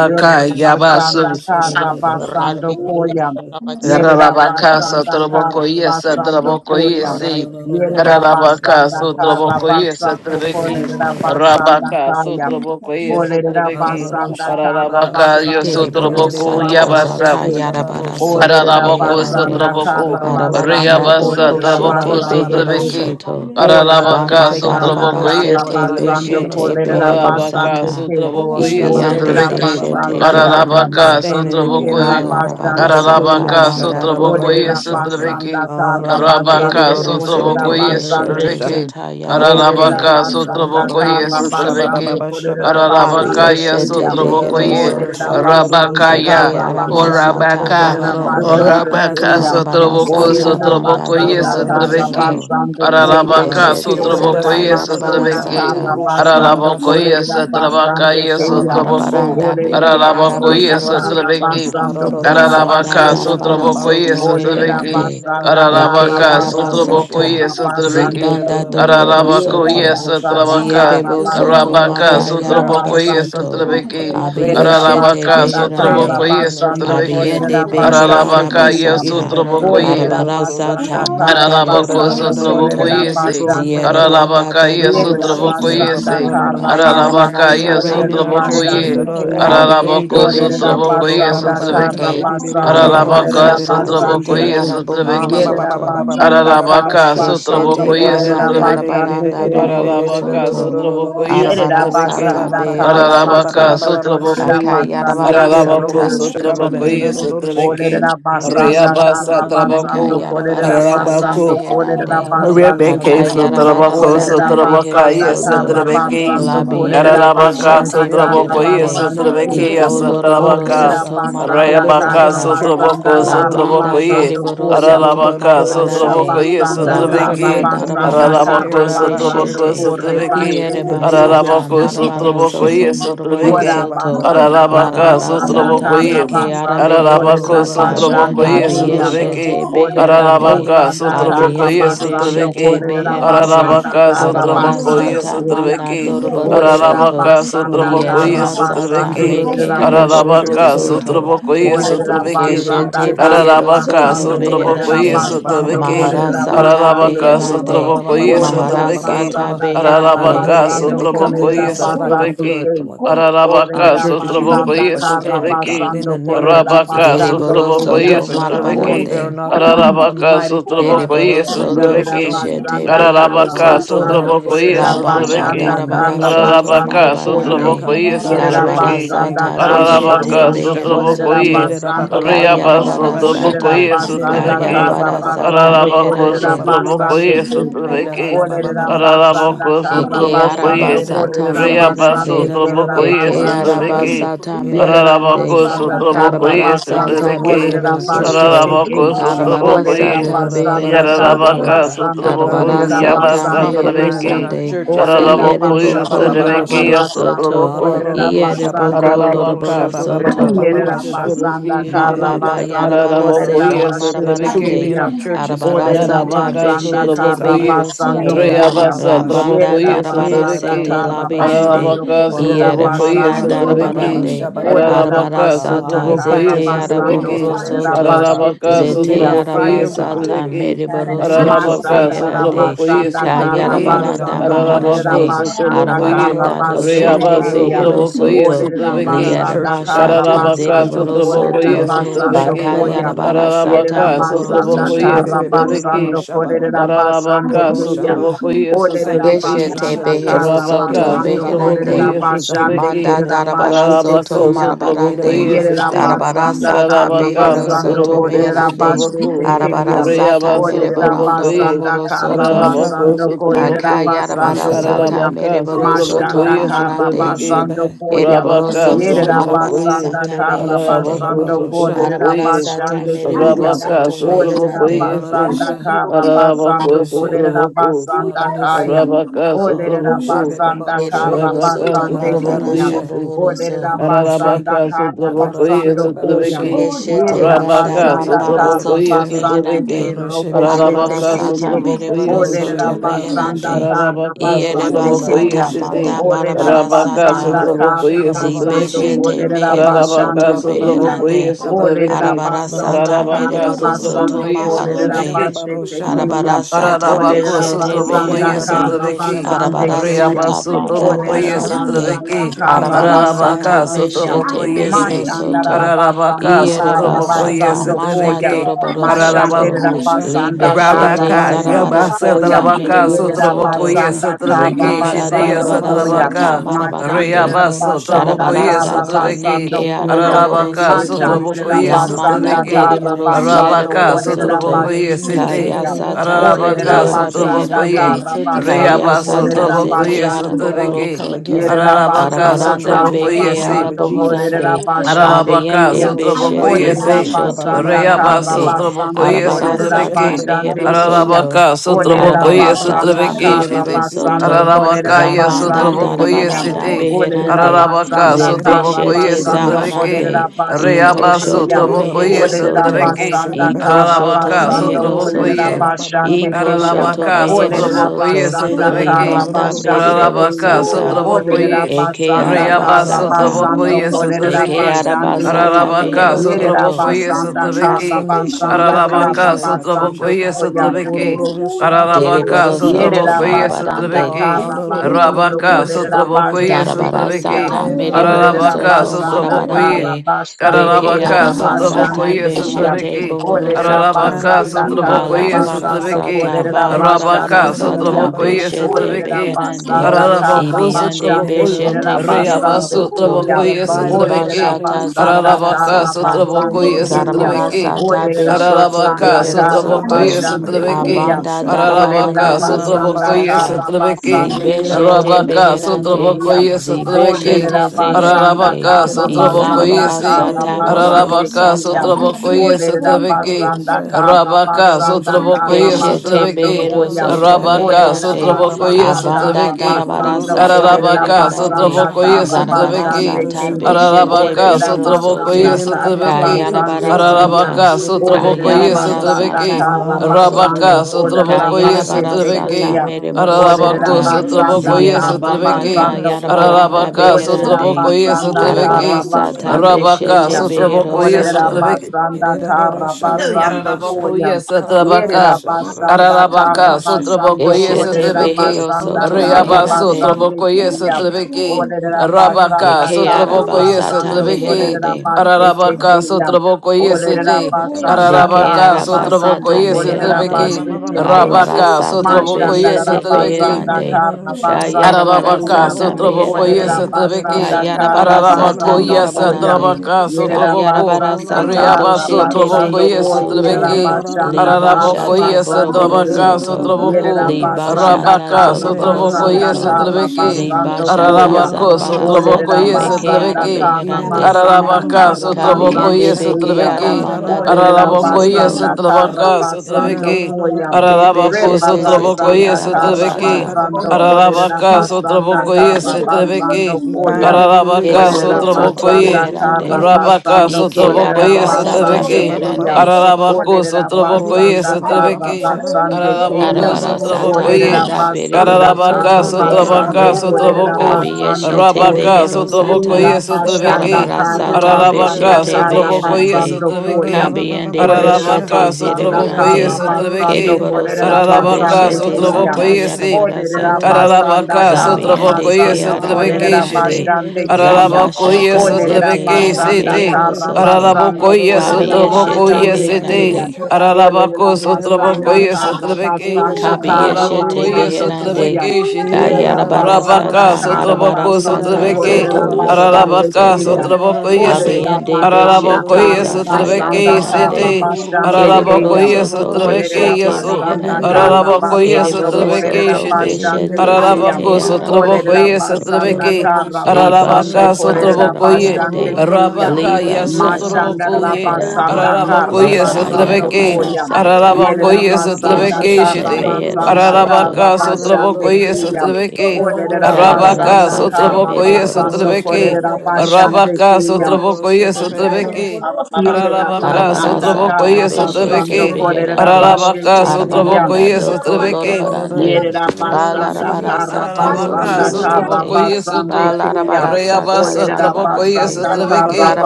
Yerera Yabasu basanda kara basando koya. Yerera Rabacasa basanda kara Traboco yes a basando Traboco we take koya. yes down Yerera basanda Rabacasa kara Traboco yes a basando Trebeki korera aleluya, basanda Rabacasa kaya. suya, Traboco sabía, yes a Olerera Trebeki basanda kara Rabaca basando Yosu Deliboro kolerera Traboco sata basando Yabasa zata kum. yarabara aleluya, soto Olerera Ararabako meherande basanda sotraboko kara basando arabaranda do reabasa kolerera koshete tabako basando behero ay, kum. sotrabeki soto caballeros, Olerera Ararabaka banda basanda sotraboko darabara authority, ye kara Lord sete God. You've sotrabeki basando given us beshete kolerera authority, behero Lord Ararabaka God. basando sata kum. sotraboko aleluya, ye ibiyande Olerera sotrabeki aleluya, deshete basanda kara We Ararabaka beherande stand in the basando sotraboko gap, kerera ye Lord aleluya, God. alarabara basando sata Ararabaka kuyan. suya, banda suya, sotraboko ye boroboro Olerera soto sotrabeki basanda God, kara Arabaka basando aleluya, deliboro kolerera sotraboko soto ye suya, basando beshete sotrabeki kun. zata we hasta are aquí, Olerera Ararabaka yarabarande suya, gatekeepers, suya, suya, suya, Lord God. basanda suya, sotraboko ye kara basando sotrabeki kolerera Ararabaka basando ye abiyeshete keya. sotraboko behero ye aleluya, Olerera soto basanda eke Rabakaya, kara or basando Rabaka aramasata ya kolerera Open baharande our basando eyes, Orabaka keya. God, so we can sotroboko see the Arabarasata Olerera more, banda sotroboko ye basanda suya, aleluya, kara suya, God. sotrobeki. doroborosoto. basando koya. Let suya, Ararabaka suya, us hear Zibeshete what thus sotroboko Olerera zata ye says the Lord. Thank basanda sotrobeki. kara yarabarasata. basando Ararabako Aroroshabababasha. ye kolerera sotrobaka basando ye keya. sotroboko. Aroroshabababashaba. Arabaranda Olerera beke Ararabako ye basanda Aroroshabba. kara arabeherosoto. sotrobeki. basando kolerera Zabanda Ararabaka basando keya. sotroboko ye darabarasoto Aroroshababaroshababaroshe. Olerera sotrobeki. meherande. basanda kara Eke Ararabaka basando sotroboko Irararababashababaroshe. ye arabasata. kolerera sotrobeki. basando Zibanda Ararabako Yerera ye doroborosoto. Irararabababashababarosha. basanda sotrobaka. kara Zierebo Irarararar- We soto basando decree Rabaka and maka declare kolerera our sotroboko ye churches basando yarabarasoto. ke. will sotrobeki. be places Yerera of Abiyeshete Ararabaka basanda Prayer, beherande. kara sotroboko God, ye in the name basando of sotrobeki. Jesus. Abiende kolerera beke basando Ararabaka ke. arabasata, yesutrabokoye. Olerera basanda arabarasata, kara manda Ararabako basando Your doroborosoto, kolerera name would be sutrabokoyese. basando glorified, ke. God, zierebanda Ararabaka in the name of Yerera Jesus. deriborosoto, yesutrabokoyese. basanda kara Holy Ararabaka basando Spirit, ayarabarasata reign in kolerera our yesutrabokoye. churches. meherande, basando ke. Activate. Ararabako abiende Olerera you. beshete sutrabokoye basanda kara sutrabeki. bohorosoto, basando Ararabaka kolerera arabarasata basando zete sutrabokoye ke. sutrabeki. Yerera arabohorosoto, basanda kara Ararabaka, basando keshete Sotrabokoye, korera banda Sotrabeki, basando darabaranda kin. Ararabaka, bohorosoto, Sotrabokoye, Yerera Sotrabeki, arabarasata basanda kara Ararabaka, beherosoto, basando korera Sotrabokoye, basando kin. Ararabako, Robo akayarabarasata, shete kin. Sotrabokoye, Sotrabeki, Orera basanda Arayabasa, kara Trabaco, basando korera Akayarabarasata Ararabako, basando korera meherande. Thank basando Rebeke kin. Sotraboko Shababa Orera Akayarabarasata Sotrabaka basanda yes kara beherosoto. Trebeki basando korera Labiende Ararabaka Signs, beshete basanda kara miracles, Sotraboko and yes meherande. wonders in basando our kin. Trebeki Iko churches, Lord God. Sotrabaka Orera loroborosoto Orosha. basanda Deliverance Rayabaka in kara our marabarasata. churches, basanda Sotraboko God. La kara Sotraboko banda Ororosha. ye basando deriboro koyam. soto Ararabaka Orera Ororororosha. marabarande. Sotraboko yes basanda La Uh, the kara banda Trebeki Great Commission basanda darabara you. be kara carried Ararabako soto out by our basando Sotraboko beshete. churches, kore God. Sotrebeki bashe In the name of tekeya. Ierebasata Ararabako Jesus. marabara Ababarosha. Sotraboko soto yes moroboro Ora Trebeki soto. basanda ra Ararabaka Larabara basanda sata Sotraboko ye kara neke basando arabehero korera Ararabako Holiness Sotraboko basande yes keya. Trebeki Abieshete Orera beherande. Kararabaka in basanda our sotraboko kara churches, Abiende God. basando Oh, yesotrabeki. beshete ra korera ba ba ba beherande. basanda Kararabaka kara Arabara sotraboko basando sata koya. mana yesotrabeki. doroboro Ororosha, Orera soto. Kararabaka basanda sotraboko kara Varorosha, the Lierebasata basande fruit yesotrabeki. of the meke kerera Spirit in our boshe arabohoro churches, Kararabaka tekeya. God. soto. sotraboko The gift of Olerera the yesotrabeki. Spirit in our Keshete basanda churches, kara God. behero Kararabaka In soto the basando Thank name of sotraboko kolerera Jesus. beherande, basando yesotrabeki. Bababaroshebe. kolerera maharasata basando Kararabaka ke. beherande, sotraboko Olerera yesotrabeki. maharasata Yedababababababababababababababababa. basanda kara Uh, beherande, when the Kararabaka basando enemy comes sotraboko kolerera against us like a basando yesotrabeki. flood, ke. Lord God. Hallelujah. Our Kararabaka Olerera churches, you sotraboko lift Hallelujah. basanda up a kara standard, yesotrabeki. God, in the basando name of kolerera Jesus. Rabaka Uh, basando deriboro ke the sotraboko ya. soto weapon of our yesotrabeki. warfare, marabarande, not carnal, but Ararabaka mighty through God, sotraboko through the ye deriboro pulling down soto of Yerera sotrabeki. strongholds. beshete Uh, basanda behero karra uh, Ararabaka pull soto, down basando every sotraboko ye la korera stronghold, banda God, in the basanda sotrabeki. darabara name karra of soto Jesus basando Ararabaka that tries to koya. sotraboko marabarande, come ye against our Yerera church in the sotrabeki. name basanda of larabarasata karra Jesus. beshete Ararabaka basando Erorosha. behero sotraboko korera ye. soto, basando ke. Arayaba Yedadababababababababasha. sotraboko Olerera kayarabarasata, ye basanda sotrabeki. karra kayarabarasata basando Ararabako meherande, korera sotraboko basando Yedadababababababababababababababababasha. ye ke. sotrabeki. Olerera Yedadababababababasha. basanda Ararabako karra Eke sotraboko basando ye. arabasata korera Yedadababababababasha. Arayaba basando meherande. kerera sotraboko ye Eke basando ke. Yedadabababababasha. sotrabeki. arabasata Yerera Ararabako meherande. basanda sotraboko Yedadabababababasha. karra ye Thank you basando for Arabarasata sotrabeki. wisdom in korera our basando churches, beherosoto. God. ke. Tararabako Erorosha. Sotraboko Olerera ye Arabarasata basanda kara beherosoto. Yararabaka I God, basando we Sotraboko kolerera come Arabarasata against Yabasa basande compromise kuya. in Tarabeki our meherosande. churches, God. Olerera Tararaboko Barosha ba basanda ba Iereboko ba ba kara Yusadabeki sha. basando yoroborosoto. Sotraboko kolerera Ararorosha ba ba Iereboko basande ba ba kuya. Tararabaka barosha ba ba ba loroborosoto. ba ba Sotraboko ba ba Yerera sha. basanda Yusadabeki kara Shiti Mababa basando yarabara Tararaboko kolerera Girerererererererererosha. sete Let basete truth Yusadabeki be marabarande in kuya. our churches, arabara God, in the Olerera name sata of Ararabaka basanda beshete Jesus. kara Abba. sotrabokoye, behero basando soto Irara ba koya. ba ba Rayabasa la ba sha. banda Yerera trabokoye darabara Irara basanda ba sotrabeki, ba sete ba ba kara ba sha ba. labiende basando Ararabaka kolerera Warorosha sotrabokoye ba ieremanda ba basande ba ba ba ba kuya. sotrabeki, ba sha darabarande ba ba ba. Olerera arabara Ararabaka Uh, basanda sata we kara sotrabokoye zete bind basando lukewarmness sotrabeki, arabohoro in our kolerera churches, soto God, basete Ararabaka and zete send kuya. the sotrabokoye fire of God arabasata sotrabeki, in the meriboro name of soto Jesus. Ararabaka Masanda beherande sotrabokoye Ba-ba-ba-ba-roshe. rabasanda sotrabeki, kayarabaranda karabasando kolerera Ararabako maharande Eh-da-da-da-ba-ba-ba-shaba. basanda God, you sotrabokoye, are a arabaranda consuming karabasete doshete fire Rayabaso and keya. go in behero and con- trabokoye soto don't Olerera hold in sotrabeki, know. our basanda churches, God. Liarabashata Karabaka karabasando ro-ro-shada. kolerera Sotrabokoye Zedeborosoto Go-ro-ro-ro-sha, basando Sotrabeki. koya. ba-ba-ba-ba-ro-ro-sha. Bakayarabarasata Yerera Karabaka basanda Ro-ro-ro-sha, Sotrabokoye be Mohorosoto be be ro Sotrabeki. karabasando kolerera ba-ba-ba-ro- basando Karabaka wa-ro-sha, keya. ba. Sotrabokoye Olerera Sotrabeki. Keshete Sanctification basanda and Karabaka Beherosoto justification, karabasando God, in the kolerera Beherande Sotrabokoye churches, uh, basande Sotrabeki. in Manda the kerera name of basete Jesus. Darabarasoto Karabako uh. keya. Marabarande Sotrabokoye Yerera Sete. Irarashababa. basanda Darabarasata karra Karabaka basando Beherosoto Sotraboko kolerera Irarabababababababasha. Meherande bashe Sotraboko. tekeya. Rayaba Arabarasata Olerera Merebarando Irarararoshabababaroshaba. Sotrabokoye. basanda karra Bohorosoto Karabako Araroshaba. basando kolerera Sotraboko. basando Oroshababa. Akayarabarasata koya. Ararabaka, Mereborosoto Mashanda Oroshaba. Sotrabokoye, karra Maharande Sotrabeki, basando Oroshabe. koya. Rabaka, Ereborosoto Yerera Arararashaba. Sotrabokoye, basanda Marabarasata karra Hallelujah. Meherande Ararabako, basando Irararashabababarosha. kolerera Arabara Sotrabokoye, sata bashande Ororoshe. Hallelujah. mereboro keya. Rabaka, soto Dororosha. Olerera Hallelujah. meherande. Sotrabokoye, Si, basanda Ararasha. karra Ararabako, basando Ararashebe. kolerera Sotraboko, basanda kaya. Ararashe. Rabaka, Olerera Sotraboko, Aroroshebe. basanda Bebaroshe. karra Ereboro Rabaka, soto basande keya. marabaranda Ararashe. Sotrabokoye, bohoroso. Olerera Babaroshe. basanda Ararabaka kara Karoroshe sotrabokoi basando koya. beberoshe. esotrabeki. Keshete Yerera Kororoshe banda Rabaka bebe basanda barabara kara sotrabokoi soto karoroshe be. basande esotrabeki. ke meherande. Kororoshe robo sete Arabara beberoshe. Ararabaka keya. sata sotrabokoi mereboro Roshe esotrabeki. Olerera soto bebere basanda roshe, meherande. kara Ararabaka roshe basande Iereba bebere sotrabokoi keya. sata roshe esiti. manda bebere Olerera roshe, barabara Rabaka sata. basanda roshe sotrabokoi kara bebere baba basando roshe, esotrabeki. Zibeshete kolerera mehero baba baba Ararabaka basande baba soto baba keya. roshe sotrabokoi beherande. Olerera esotrabeki. Arabara baba basanda sata Ararabaka baba kara mereboro baba baba soto basando sotrabokoi kolerera maharande. roshe esotrabeki. baba basete roshe baba keya. basha, Arabarasata Ararabako Olerera beshete roshe basanda sotrabokoye baba baba beherande. kara roshe sotrabeki. baba baba basande keya. Reaba roshe, Arabarasata O banda sotrabokoye Olerera roshe. Hallelujah. barabarande. basanda God, sotrabeki. you came kara that we Hallelujah. might have basando Arabarasata Ararabaka life and koyam. have it meshete Asa more sotrabokoye suru si. abundantly, Lord kiyo. Mashandara God. beherosoto. basanda Ararabaka Ah, ra- kara roshe sotrabokoye Ierebasata baba basando manda roshe. koyam. sotrabeki. Ah, no, no, doroborosoto. Mashandera no, Ararabaku. sha. basanda It's the kara Libeshete Rabaka, anointing that basando Yaba, destroys the koyam. zarabarasata Satrabaka, yoke. Ah, Yerera ba, ro, mereborosoto. Sotrabokoye, sha. basanda It kara it, Satrabeke, it, it, Zibanda ah, ba, Shitea, ba, basando ba, ro, koyam. ro, darabarasata sha, Satrabaka, ba. Mashandera marabarande. Ah, Rayaba, ro, ro, sha, ba, ba, basanda ba, Sotrabokoye, ba, kara Arabarasa ba. ta Satrabeke, neke basando Send your koyam. warring araboro Arabaka, angels into soto your Mashandera Sotrabokoye, churches, la God, your manda basanda Satrabeke, guardian kara deriboro angels, God. basando Arabaka, borosoto In the kolerera soto name of Sotrabokoye, basite Jesus, ah, Sete, da, koyam. da, kayasa da. ta the Olerera Arabaka, zete blood of Jesus basanda cover Sotrabokoye, our arabeherande kara churches, God. basando In Rayaba, the kayasa name of ta kolerera Jesus, zete Sotrabokoye, ah. basande ki. God, we araboro Satrabeke, come against soto Yerera violence Arabaka, against our basanda arabaranda churches kara in the beke Sotrabokoye, name of basando Jesus. ah. kolerera arabohorande Oh, basande Ararabaka, abiende kriya. barorosha, Annual beshete Olerera Sotrabokoyesi, babarosha, boshoto basanda Abbreviated Rayaba, kara baharande babarosha, basando Sotrabokoyes, kolerera arabarasa ororosha, Vocabulary ta Trebeki, basande meherosoto bebeberorosha, kriya. soto Ararabaka, Olerera irana Sotrabokoyes, arabarasa basanda ta babababasha, Trebeki, Ajoki kara mereboro Shitty, mfano basando irana soto hivyo kolerera Ararabaka, yes, bababarosha, zabanda basande aliwahakili Sotrabokoyes, kriya. bebeberorosha, darabaranda City, kuohoya Olerera beherande irana Ararabaka, na basanda kara Zebeshete Sotrabokoyes, kuohoya na basando bababerorosha, Trebeki, be, kolerera Zaharande, masasikia basande Iko Rayaba, ororosha, kriya. Shoto aliwahakili Mehero kuohoya Sotrabokoyes, Olerera na Soto, Trebeki, bebeberorosha, babarosha, masasikia basanda bebe, Iko kara Shoto Ararabaka, basando aliwahakili Mehero kuohoya kolerera ororororosha, Sotrabokoyes, Soto, basande Iko keyam. Shoto Ararabaka, na Mehero babababababababababasha, Olerera Sotrabokoye, Soto, basanda irana kara Sotrabeki, Limanda masasikia basande rosha, Beriboro Ararabaka, keyam. irana Sata, Olerera Sotrabokoye, rosha, Eke basanda Rayaba, irana kara Arabasata, basando Sotrabokoye, kolerera bababababababasha. Eke Sotrabeki, basande keyam. Arabasata Ararabaka, Mehero Yerera Soto, Sotrabokoye, basanda kara Sotrabeki, Transformation, basanda kara revelation Ararabaka, in our basando churches, Sotrabokoye, God. koyam. Refine Sotrabeki, Ararabaka, Deriboro Soto Sotrabokoye, Yerabasanda Marabarande, Sotrabeki, Karabasando Rabaka, Sotrabokoye, Korabasande Darabara Kaya. Sotrabeki, Meriboro Ararabaka, Soto Olerabasanda Sotrabokoye, Marabarande, Karabasande Beke Ararabaka, Kerabasande Arabasata Sotrabokoye, Kaya. Beshete Sotrabeki, Bohoro Soto, Ararabaka, the Olerabasanda need for Ba the Sotrabokoye, larabara churches, God. Karabasando sata, Sotrabeki, In ba the name of larabara Jesus. Arabaka, Korabasande Kaya. sata, Sotrabokoye, beshete Sotrabeki, beherande, Olerabasanda Rorosha. Ararabako, ibiande Karabasande Sotrabokoye, beshete Yidididorosha, ba, ba, behero ba, Kerabasande ba. Reabaso, soto, Let Kaya. Trabokoye, revival break out Sotrabeki, in libashata your Olerabasanda churches, zarabara God. Ararabaka, sata, Karabasande Sotrabokoye, Hallelujah. Kaya. zarabara Orororororosha, ba, Sotrabeki, ba, ba, sata ba, sha. beshete Ararabaka, Olerabasanda behero Yidididorosha, ba, ba, ba, and ba, Sotrabokoye, Lord, soto, sha, for ba, ba, Karabasande your ba, holy Sotrabeki, and Kaya. abanda rorosha. producer. Olera Ararabaka, darabaranda Yidididorosha, behero ba, basanda ba, Sotrabokoye, sata, sha. kara You and Sotrabeki, basande Send him, kero zibeshete and bosu Arabaka, Lord, beherande, tekeya. Sotrabokoye, for us, Sotrabeki, zibeshete Olera us, and him, and basanda zeherande, Ararabaka, kara you make a deal basanda and ilarabara for Sotrabokoye, Lord, for kara sata your holy moroboro basande and Ararabaka him, sata, keya. and the sotrabokoye Lord, Olera for your holy and sotrabeki. basanda him, kara Arabaka basanda and kara the sotrabokoye Keshete basando Lord, for sotrabeki. behero your koya. holy and him, soto Arabaka Olera meherande. Hallelujah. sotrabokoye basanda Abanda kara hallelujah, sotrabeki. darabara basando hallelujah, sata kolera Ararabaka merebarande. basanda sotrabokoye kara hallelujah, Zarabara sotrabeki. basande sata keya. hallelujah, hallelujah, beshete Ararabaka Olera behero hallelujah, sotrabokoye basanda soto. hallelujah, your men kara into our sotrabeki. churches, basande Kayarabara God. keya. sata. Ararabaka Olerera sotrabokoye Kayarabara basanda sata sotrabeki. karra mohoro basando Arabaka soto. kolerera sotrabokoye Kayarabara basete sotrabeki. sata kuya. That was merebaro Olerera Ararabako sata. basanda sotrabokoye karra Zierabanda sotrabeki. basando ko. kayarabaranda Ararabaka Olerera beherande. sotrabokoye basanda sotrabeki. Arabara karra sata basande Rabaka, beshete kuya. behero Sotrabokoye, Olerera soto. Sotrabeki, basanda karra basando koya. Yarabakoye, Yerera Sotrabaka, basanda karra Ararabaka, basando Sotrabokoye, Eshete kolerera Sotrabeki, behero basanda soto karra Reaba, meherande. basande Sotrabokoye, kuya. Sotrabeki, Olerera Rabaka, basanda Eke karra Sotrabokoye, arabasata basando Sotrabeki, kolerera meherande. basete Ararabaka, kuya. Sotrabokoye, Olerera Sete, basanda Shama Deke Baba Ararabaka, kara Hallelujah. basando arabasata Sotrabokoye, kolerera meherande. Sotrabeki, I basveteke. Basha. Rabaka, Arabarasata Shebe, Sotrabokoye, Mashandarara beshete Sotrabeki, basanda beherande. kara basande Ararabaka, keya. Kayarabarasata Sotraboko, yes, Olerera meherande. Trebeki, basanda kara Kayarabarasata Ararabako, basando yes, koya. marabarande. Trabaka, Yerera Sotraboko, basanda Kayarabarasata Riaba, kara doshete Sotraboko, basando yes, koya. Yerera beherosoto. Trebeki, basanda kara Ararabako, Libashata yes, basande keya. Trabaka, boroborosoto. Yerera Sotraboko, basanda Libashata Rabaka, kara Sotraboko, basanda yes, zoroborosoto. kara Trebeki, basando Zibashata koya. Ararabako, Sotraboko, Olerera zarabarasata yes, meke basanda Trebeki, we kara bind arabeherande. basanda Ararabaka, kara Sotraboko, basando Kabiende yes, beke koya. aramanda Olerera dohoro Ararabako, yes, soto. basanda kara basando Sotrabeki, koya. Ay, De Ararabako, beshete Rebara zete Sotraboko, sanda yes, kara arabasata. basando Ay, kolerera Ararabacas, otro basanda boco y kara ese basando trebeque. koya. every religious Ararabacas, Ereboro Olerera spirit otro off soto boco our basanda y churches in the meherande. kara name of Rabacas, basando Ike otro Jesus. boco kolerera y Oh, ese arabasata basande trebeque. koya. meherande. Ararabacos, Olerera otro boco y basanda ese kara trebeque. basande koya. Ararabacos, otro Arabarasata boco Orera y manda bereboro basanda kara soto Ararabacas, otro beherande. basando bacas, otro korera boco. basando Abiyeshete kol. Rabacas, otro boco y beherosata. Ela ese basanda trebeque. kara Arabarasata basanda Ararabacas, beshete otro Get kara boco Shit. y ese beherande. basando koya. trebeque. Kabiyende Orera Gorororababababasha. beshete Ararabacas, Ay, otro basanda boco y kara zerebarande. ese basando trebeque. Girerarorororoshibe. korera Kereborosoto Ararabacas, basande beshete otro kya. boco zata y Gororabababababasha. ese. Orera yarabarasata. basanda Ararabaka, kara Girerarororororosha. Zabiyende Sotrabokoye, basando keara Sotrabeke, korera Shite. beherande. basande kya. Aroroshibibibirorosha. Ararabokoye, Zabashata Orera zete Sotrabeke, yara basanda Sete. kara Girerererererererererererere. beherosoto. basando Ararabokoye, Arorororo. korera Let your Kabiyeshete Sotrabokoye, glory basande reign in Sete. your kya. meherande. church, God. Olela Ararabako, basanda Sotrabokoye, Girerarorororosha. kara Send Sotrabeke. your basanda Shekinah kara glory Kabiyeshete in your Ararabokoye, basando churches. beherande koya. Sotrabeke, Shite. Yerela basanda kayarabarasata Rabaka, Girerarorababababasha. kara Sotraboko, marabarasata basando Sotrabeke. zoto Dios, kolela Girerarorababababasha. basande Ararabaka, keya. yoroborosoto Sotrabokoye, Se. Olela abiyende uy, basanda beshete Ararabokoye, kara zata basanda Sotrabeke, kara yarabarande Sete. basande keya. Ararabokoye, eriborosoto Olela Sotrabeke, beshete Yeso. basanda meherande kara Ararabokoye, basando Sotrabeke, kolela eriborosoto Shite. basande beshete keya. zete Ararabako Olela sotrabokoye arabeherosoto basanda sotrabeke. kara liba basando Ararabaka shata kolela sotrabokoye. basande zarabarande keya. Rabaka liba ya Russia, shata Mashandara sotrabokoye. zarabarande basanda kara Ararabakoye Ururusha zata baba basando sotrabeke. barusha. koya. yarabarasata Yerera Ararabakoye Kinanana baba basanda baba sotrabeke shaba Keshete kara shite. mehero barusha. basanda soto. kara Ararabaka basande sotrabokoye Irarararusha. kriya. Ke- sotrabeke. Orera Irararusha bebe Karabara Arabaka basanda sata berarusha. kara sotrabokoye mereboro basando Ororusha bebe soto. sotrabeke. korera berarusha. basande Arabaka kriya. Ororusha sotrabokoye bebe berarusha. sotrabeke. Yerera Aleluya. Ararabaka Arabara Arararara. basanda sata sotrabokoye kara I Ararusha beshete basando sotrabeke. be. korera beherande. Ororusha Ararabaka basete be kriya. Arabaranda sotrabokoye berarusha. doko sotrabeke. Arararara. lorobarande. Yerabasanda Balarabara sata Ararabaka, Ururusha Karabasanda Sotraboko, zobiyeshete. yes, berarusha. Karabasande to Kaya. Balarabara sata Reabasa, Traboko, This yes, zarabarande. is Olerabasanda about a Trebeke, little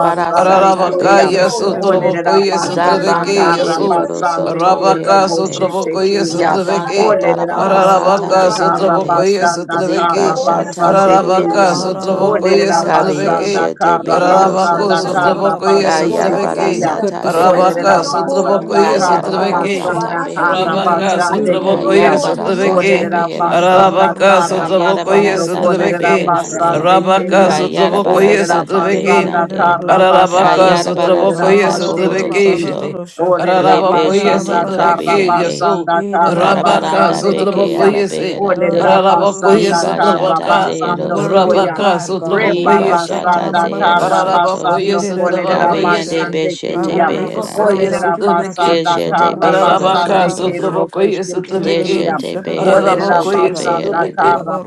shit. sata Get it Ararabaka, out Kaya. of behero yes, shit, baby. soto. Sotraboko, yes, We don't Olerabasanda understand at Trebeke, Zabanda all. yes, dereboro Karabasande soto Rabaka, beherande. Kororosha, Kiraboshete Sotraboko, yes, Kaya. Babarosha, know Zabanda Trebeke, darabara sata Olerabasanda Ararabaka, that Karorosha, beherande. Sotraboko, yes, Babarosha, Karabasanda Thank you, Ziba Trebeke, shata Karorosha, Karabasande zereboro Jesus. Ararabaka, Kaya. soto. Glory Sotraboko, yes, Kabi Harorosha, Trebeke, Olerabasanda Baba, yeshete behero Ararabako, Karabasanda Ororosha, soto. Sotraboko, yes, Karabasete Babarosha. Kayarabara Trebeke, Kaya. Equip sata the saints, Arabaka, God. beherande. Sotraboko, Olerabasanda Ororosha, yes, Kayarabara Trebeke, Babarosha. sata Karabasanda beherande. Rabaka, Irerere, Do Karabasande the work, Sotraboko, God. Kaya. yes, Kayarabara In the sata Trebeke, name Olerera of Jesus, beherande. basanda Arabaka Babarosha. kara Send sotrabokoye Kayarabara basando us some sata youth kolerera sotrabeke. ministers, beherande. God. basande In the Arabaka name keya. of Jesus. Kayarabara uh, sotrabokoye Olerera sata sotrabeke. basanda beherande. kara Arabaka Irerere, basando Kayarabara kolerera sotrabokoye sata basete bohoro sotrabeke keya. shite. soto. Ah-ra-ra-ra-ba-ba-ba-ra-ra-sha. Olerera ye Lepe ra ra Arabokoye ra ba shete basanda ba ba kara sotrabeke she. zabiyande. yaso. basanda Ye ra kara Arabaka Karabaranda basande beke keya. Ye-ra-ra-ra-ba-ba-ba-ba-ba-ba-sha. sotrabokoye se. Olerera arabeherande. Arabokoye basanda Iba Ra-ra-ra-ra-ra-ra-ra-ra. kara shata sotrabaka. Let the zehero basando word be koya. soto. Arabaka applied, God. Iba Rebara sotrabokoye shata sanda zehero kara Ro-ro-sha-ba-ba-ba-ba-ba-sha. Ararabako soto. basando kolerera yesutrabako Kabiyande Ye-ra-ra-ra-ra-ra-ra-sha. yesi. basande God, beshete we keya. pray for Ararabako sound beherande. Olerera doctrine in our yesutrabeki. basanda churches. ba Keshete ro kara sha ba behero ba ba Ararabaka basande ba soto. sha kero sutrabako boshete Ora yesutrabeki. keya. Deshete baroshe bebe behero Olerera Ararabako Rosha soto basanda yesutrabeki. beherande. kara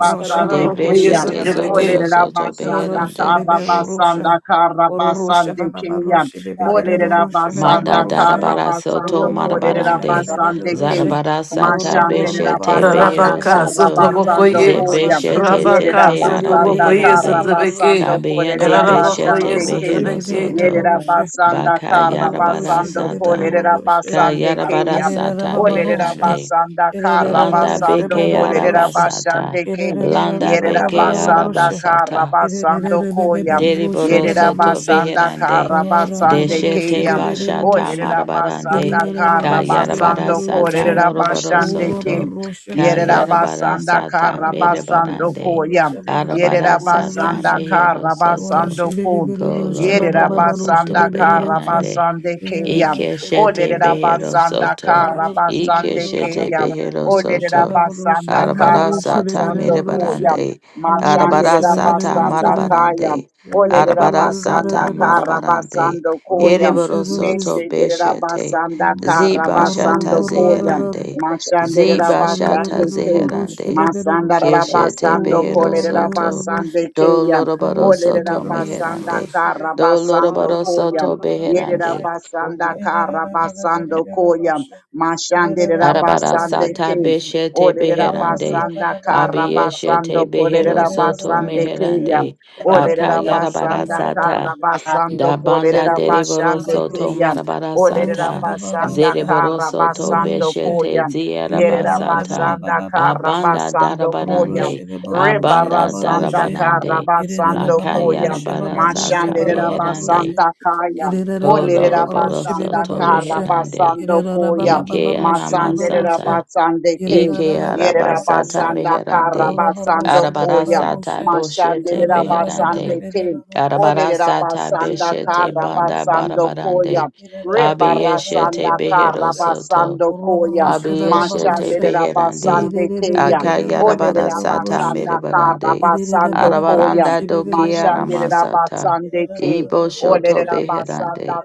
De basande Ararabako keya. beshete zohoro yesutrabeki. Olerera soto basanda beherande. kara basanda kara Oro Rosha basande Baba keya. Olerera Manda basanda kara darabara soto basando kolerera marabarande. basande keya. Zarabara sata Mashanderera beshete basanda behero Ararabaka kara soto. sutrabako basando ye. koya. Zebeshete Yerera Rabaka zete sutrabako basanda kara arabeherande. yesutrabeki. basando Kabiyende kolerera Ararabako beshete basande Rosha keya. behero bebe yesutrabeki. soto. Yerera roroshe basanda Baka kara Ororo yarabara shebe basando bebe sata. kolerera roro Ka sheba basande yarabara keya. baba sata baba roro Olerera shebe beherande. basanda kara Landa basando beke kolerera arabasata. basande ke. Landa Yerera beke basanda kara arabasata. basando koya. Deriboro Yerera soto basanda beherande, kara basande deshete keya. bashata Olerera marabarande, basanda kara kayarabara basando sata kolerera moroboro basande ke. soto, Yerera kayarabara basanda sata kara basando merebarande, koya. Yerera arabara sata basanda mehero kara soto, basando bebe ko. Yerera koloroboro soto basanda roro kara sheba beherande, basande keya. Russia, Ikeshete Olere behero rabasanda soto. karabasande Ikeshete keyam. behero Olere soto. rabasanda Arabarasa ta karabasando koyam. merebarande. Machande Arabarasa ta rabasanda kayam. marabarande. Olere Arabarasa ta rabasanda marabarande. karabasando koyam. Ereboro soto Mese de beshete. rabasanda Ziba shata karabasando koyam. zeherande. Machande Ziba shata rabasande keyam. zeherande. Masanda Keshete rabasando behero kolere soto. rabasande Do keyam. loroboro Orosha Olere Baba soto rabasanda meherande. Rosha, Do karabasando loroboro koyam. soto Yerera beherande. basanda kara basando koya mashandera Arabara basande sata ke beshete olerera beherande. basanda kara basando Abiyeshete behero kolerera soto basande keya meherande. olerera Akayarabara basanda kara sata. basando Da banda kolerera dereboro basande soto keya marabara olerera Rosha, sata. Baba basanda Zereboro kara soto basando koya beshete yerera ziyarabasata. basanda kara Rosha, Abanda basando koya darabarande. Roroshe babaroshe Abanda Rebarasanda babaroshe. darabarande. Kirera Karabasando Koya babaroshe Lakayarabara babaroshe sata Mashandera beherande. babaroshe. Basanda Kaya Kirera Olerera Koloroboro babaroshe Basanda soto babaroshe. reherande. Karabasando Kirera Koya Ike babaroshe Matsandera aramasata. babaroshe. Basande Ke Ike Kirera Yerera arabasata babaroshe. Basanda meherande. Oro Karabasando baroshe Koya Arabarasata babaroshe. boshete Mashandera Kirera Basande beherande. Ke babaroshe. Olerera Arabarasata Kirera Basanda beshete baroshe banda Karabasando babaroshe. barabarande. Koya Kirera Rebarasanda Abiyeshete babaroshe. beherosoto. Karabasando Oro Koya, baroshe Mashande Abiyeshete babaroshe. beherande. Rabasande Irere Kaya, Ole Akayarabarasata babaroshe. Rabasanda merebarande. Karabasando Koya, Arabaranda doke Mashande aramasata. Rabasande Kaya, Ibo Ole shoto Rabasanda beherande.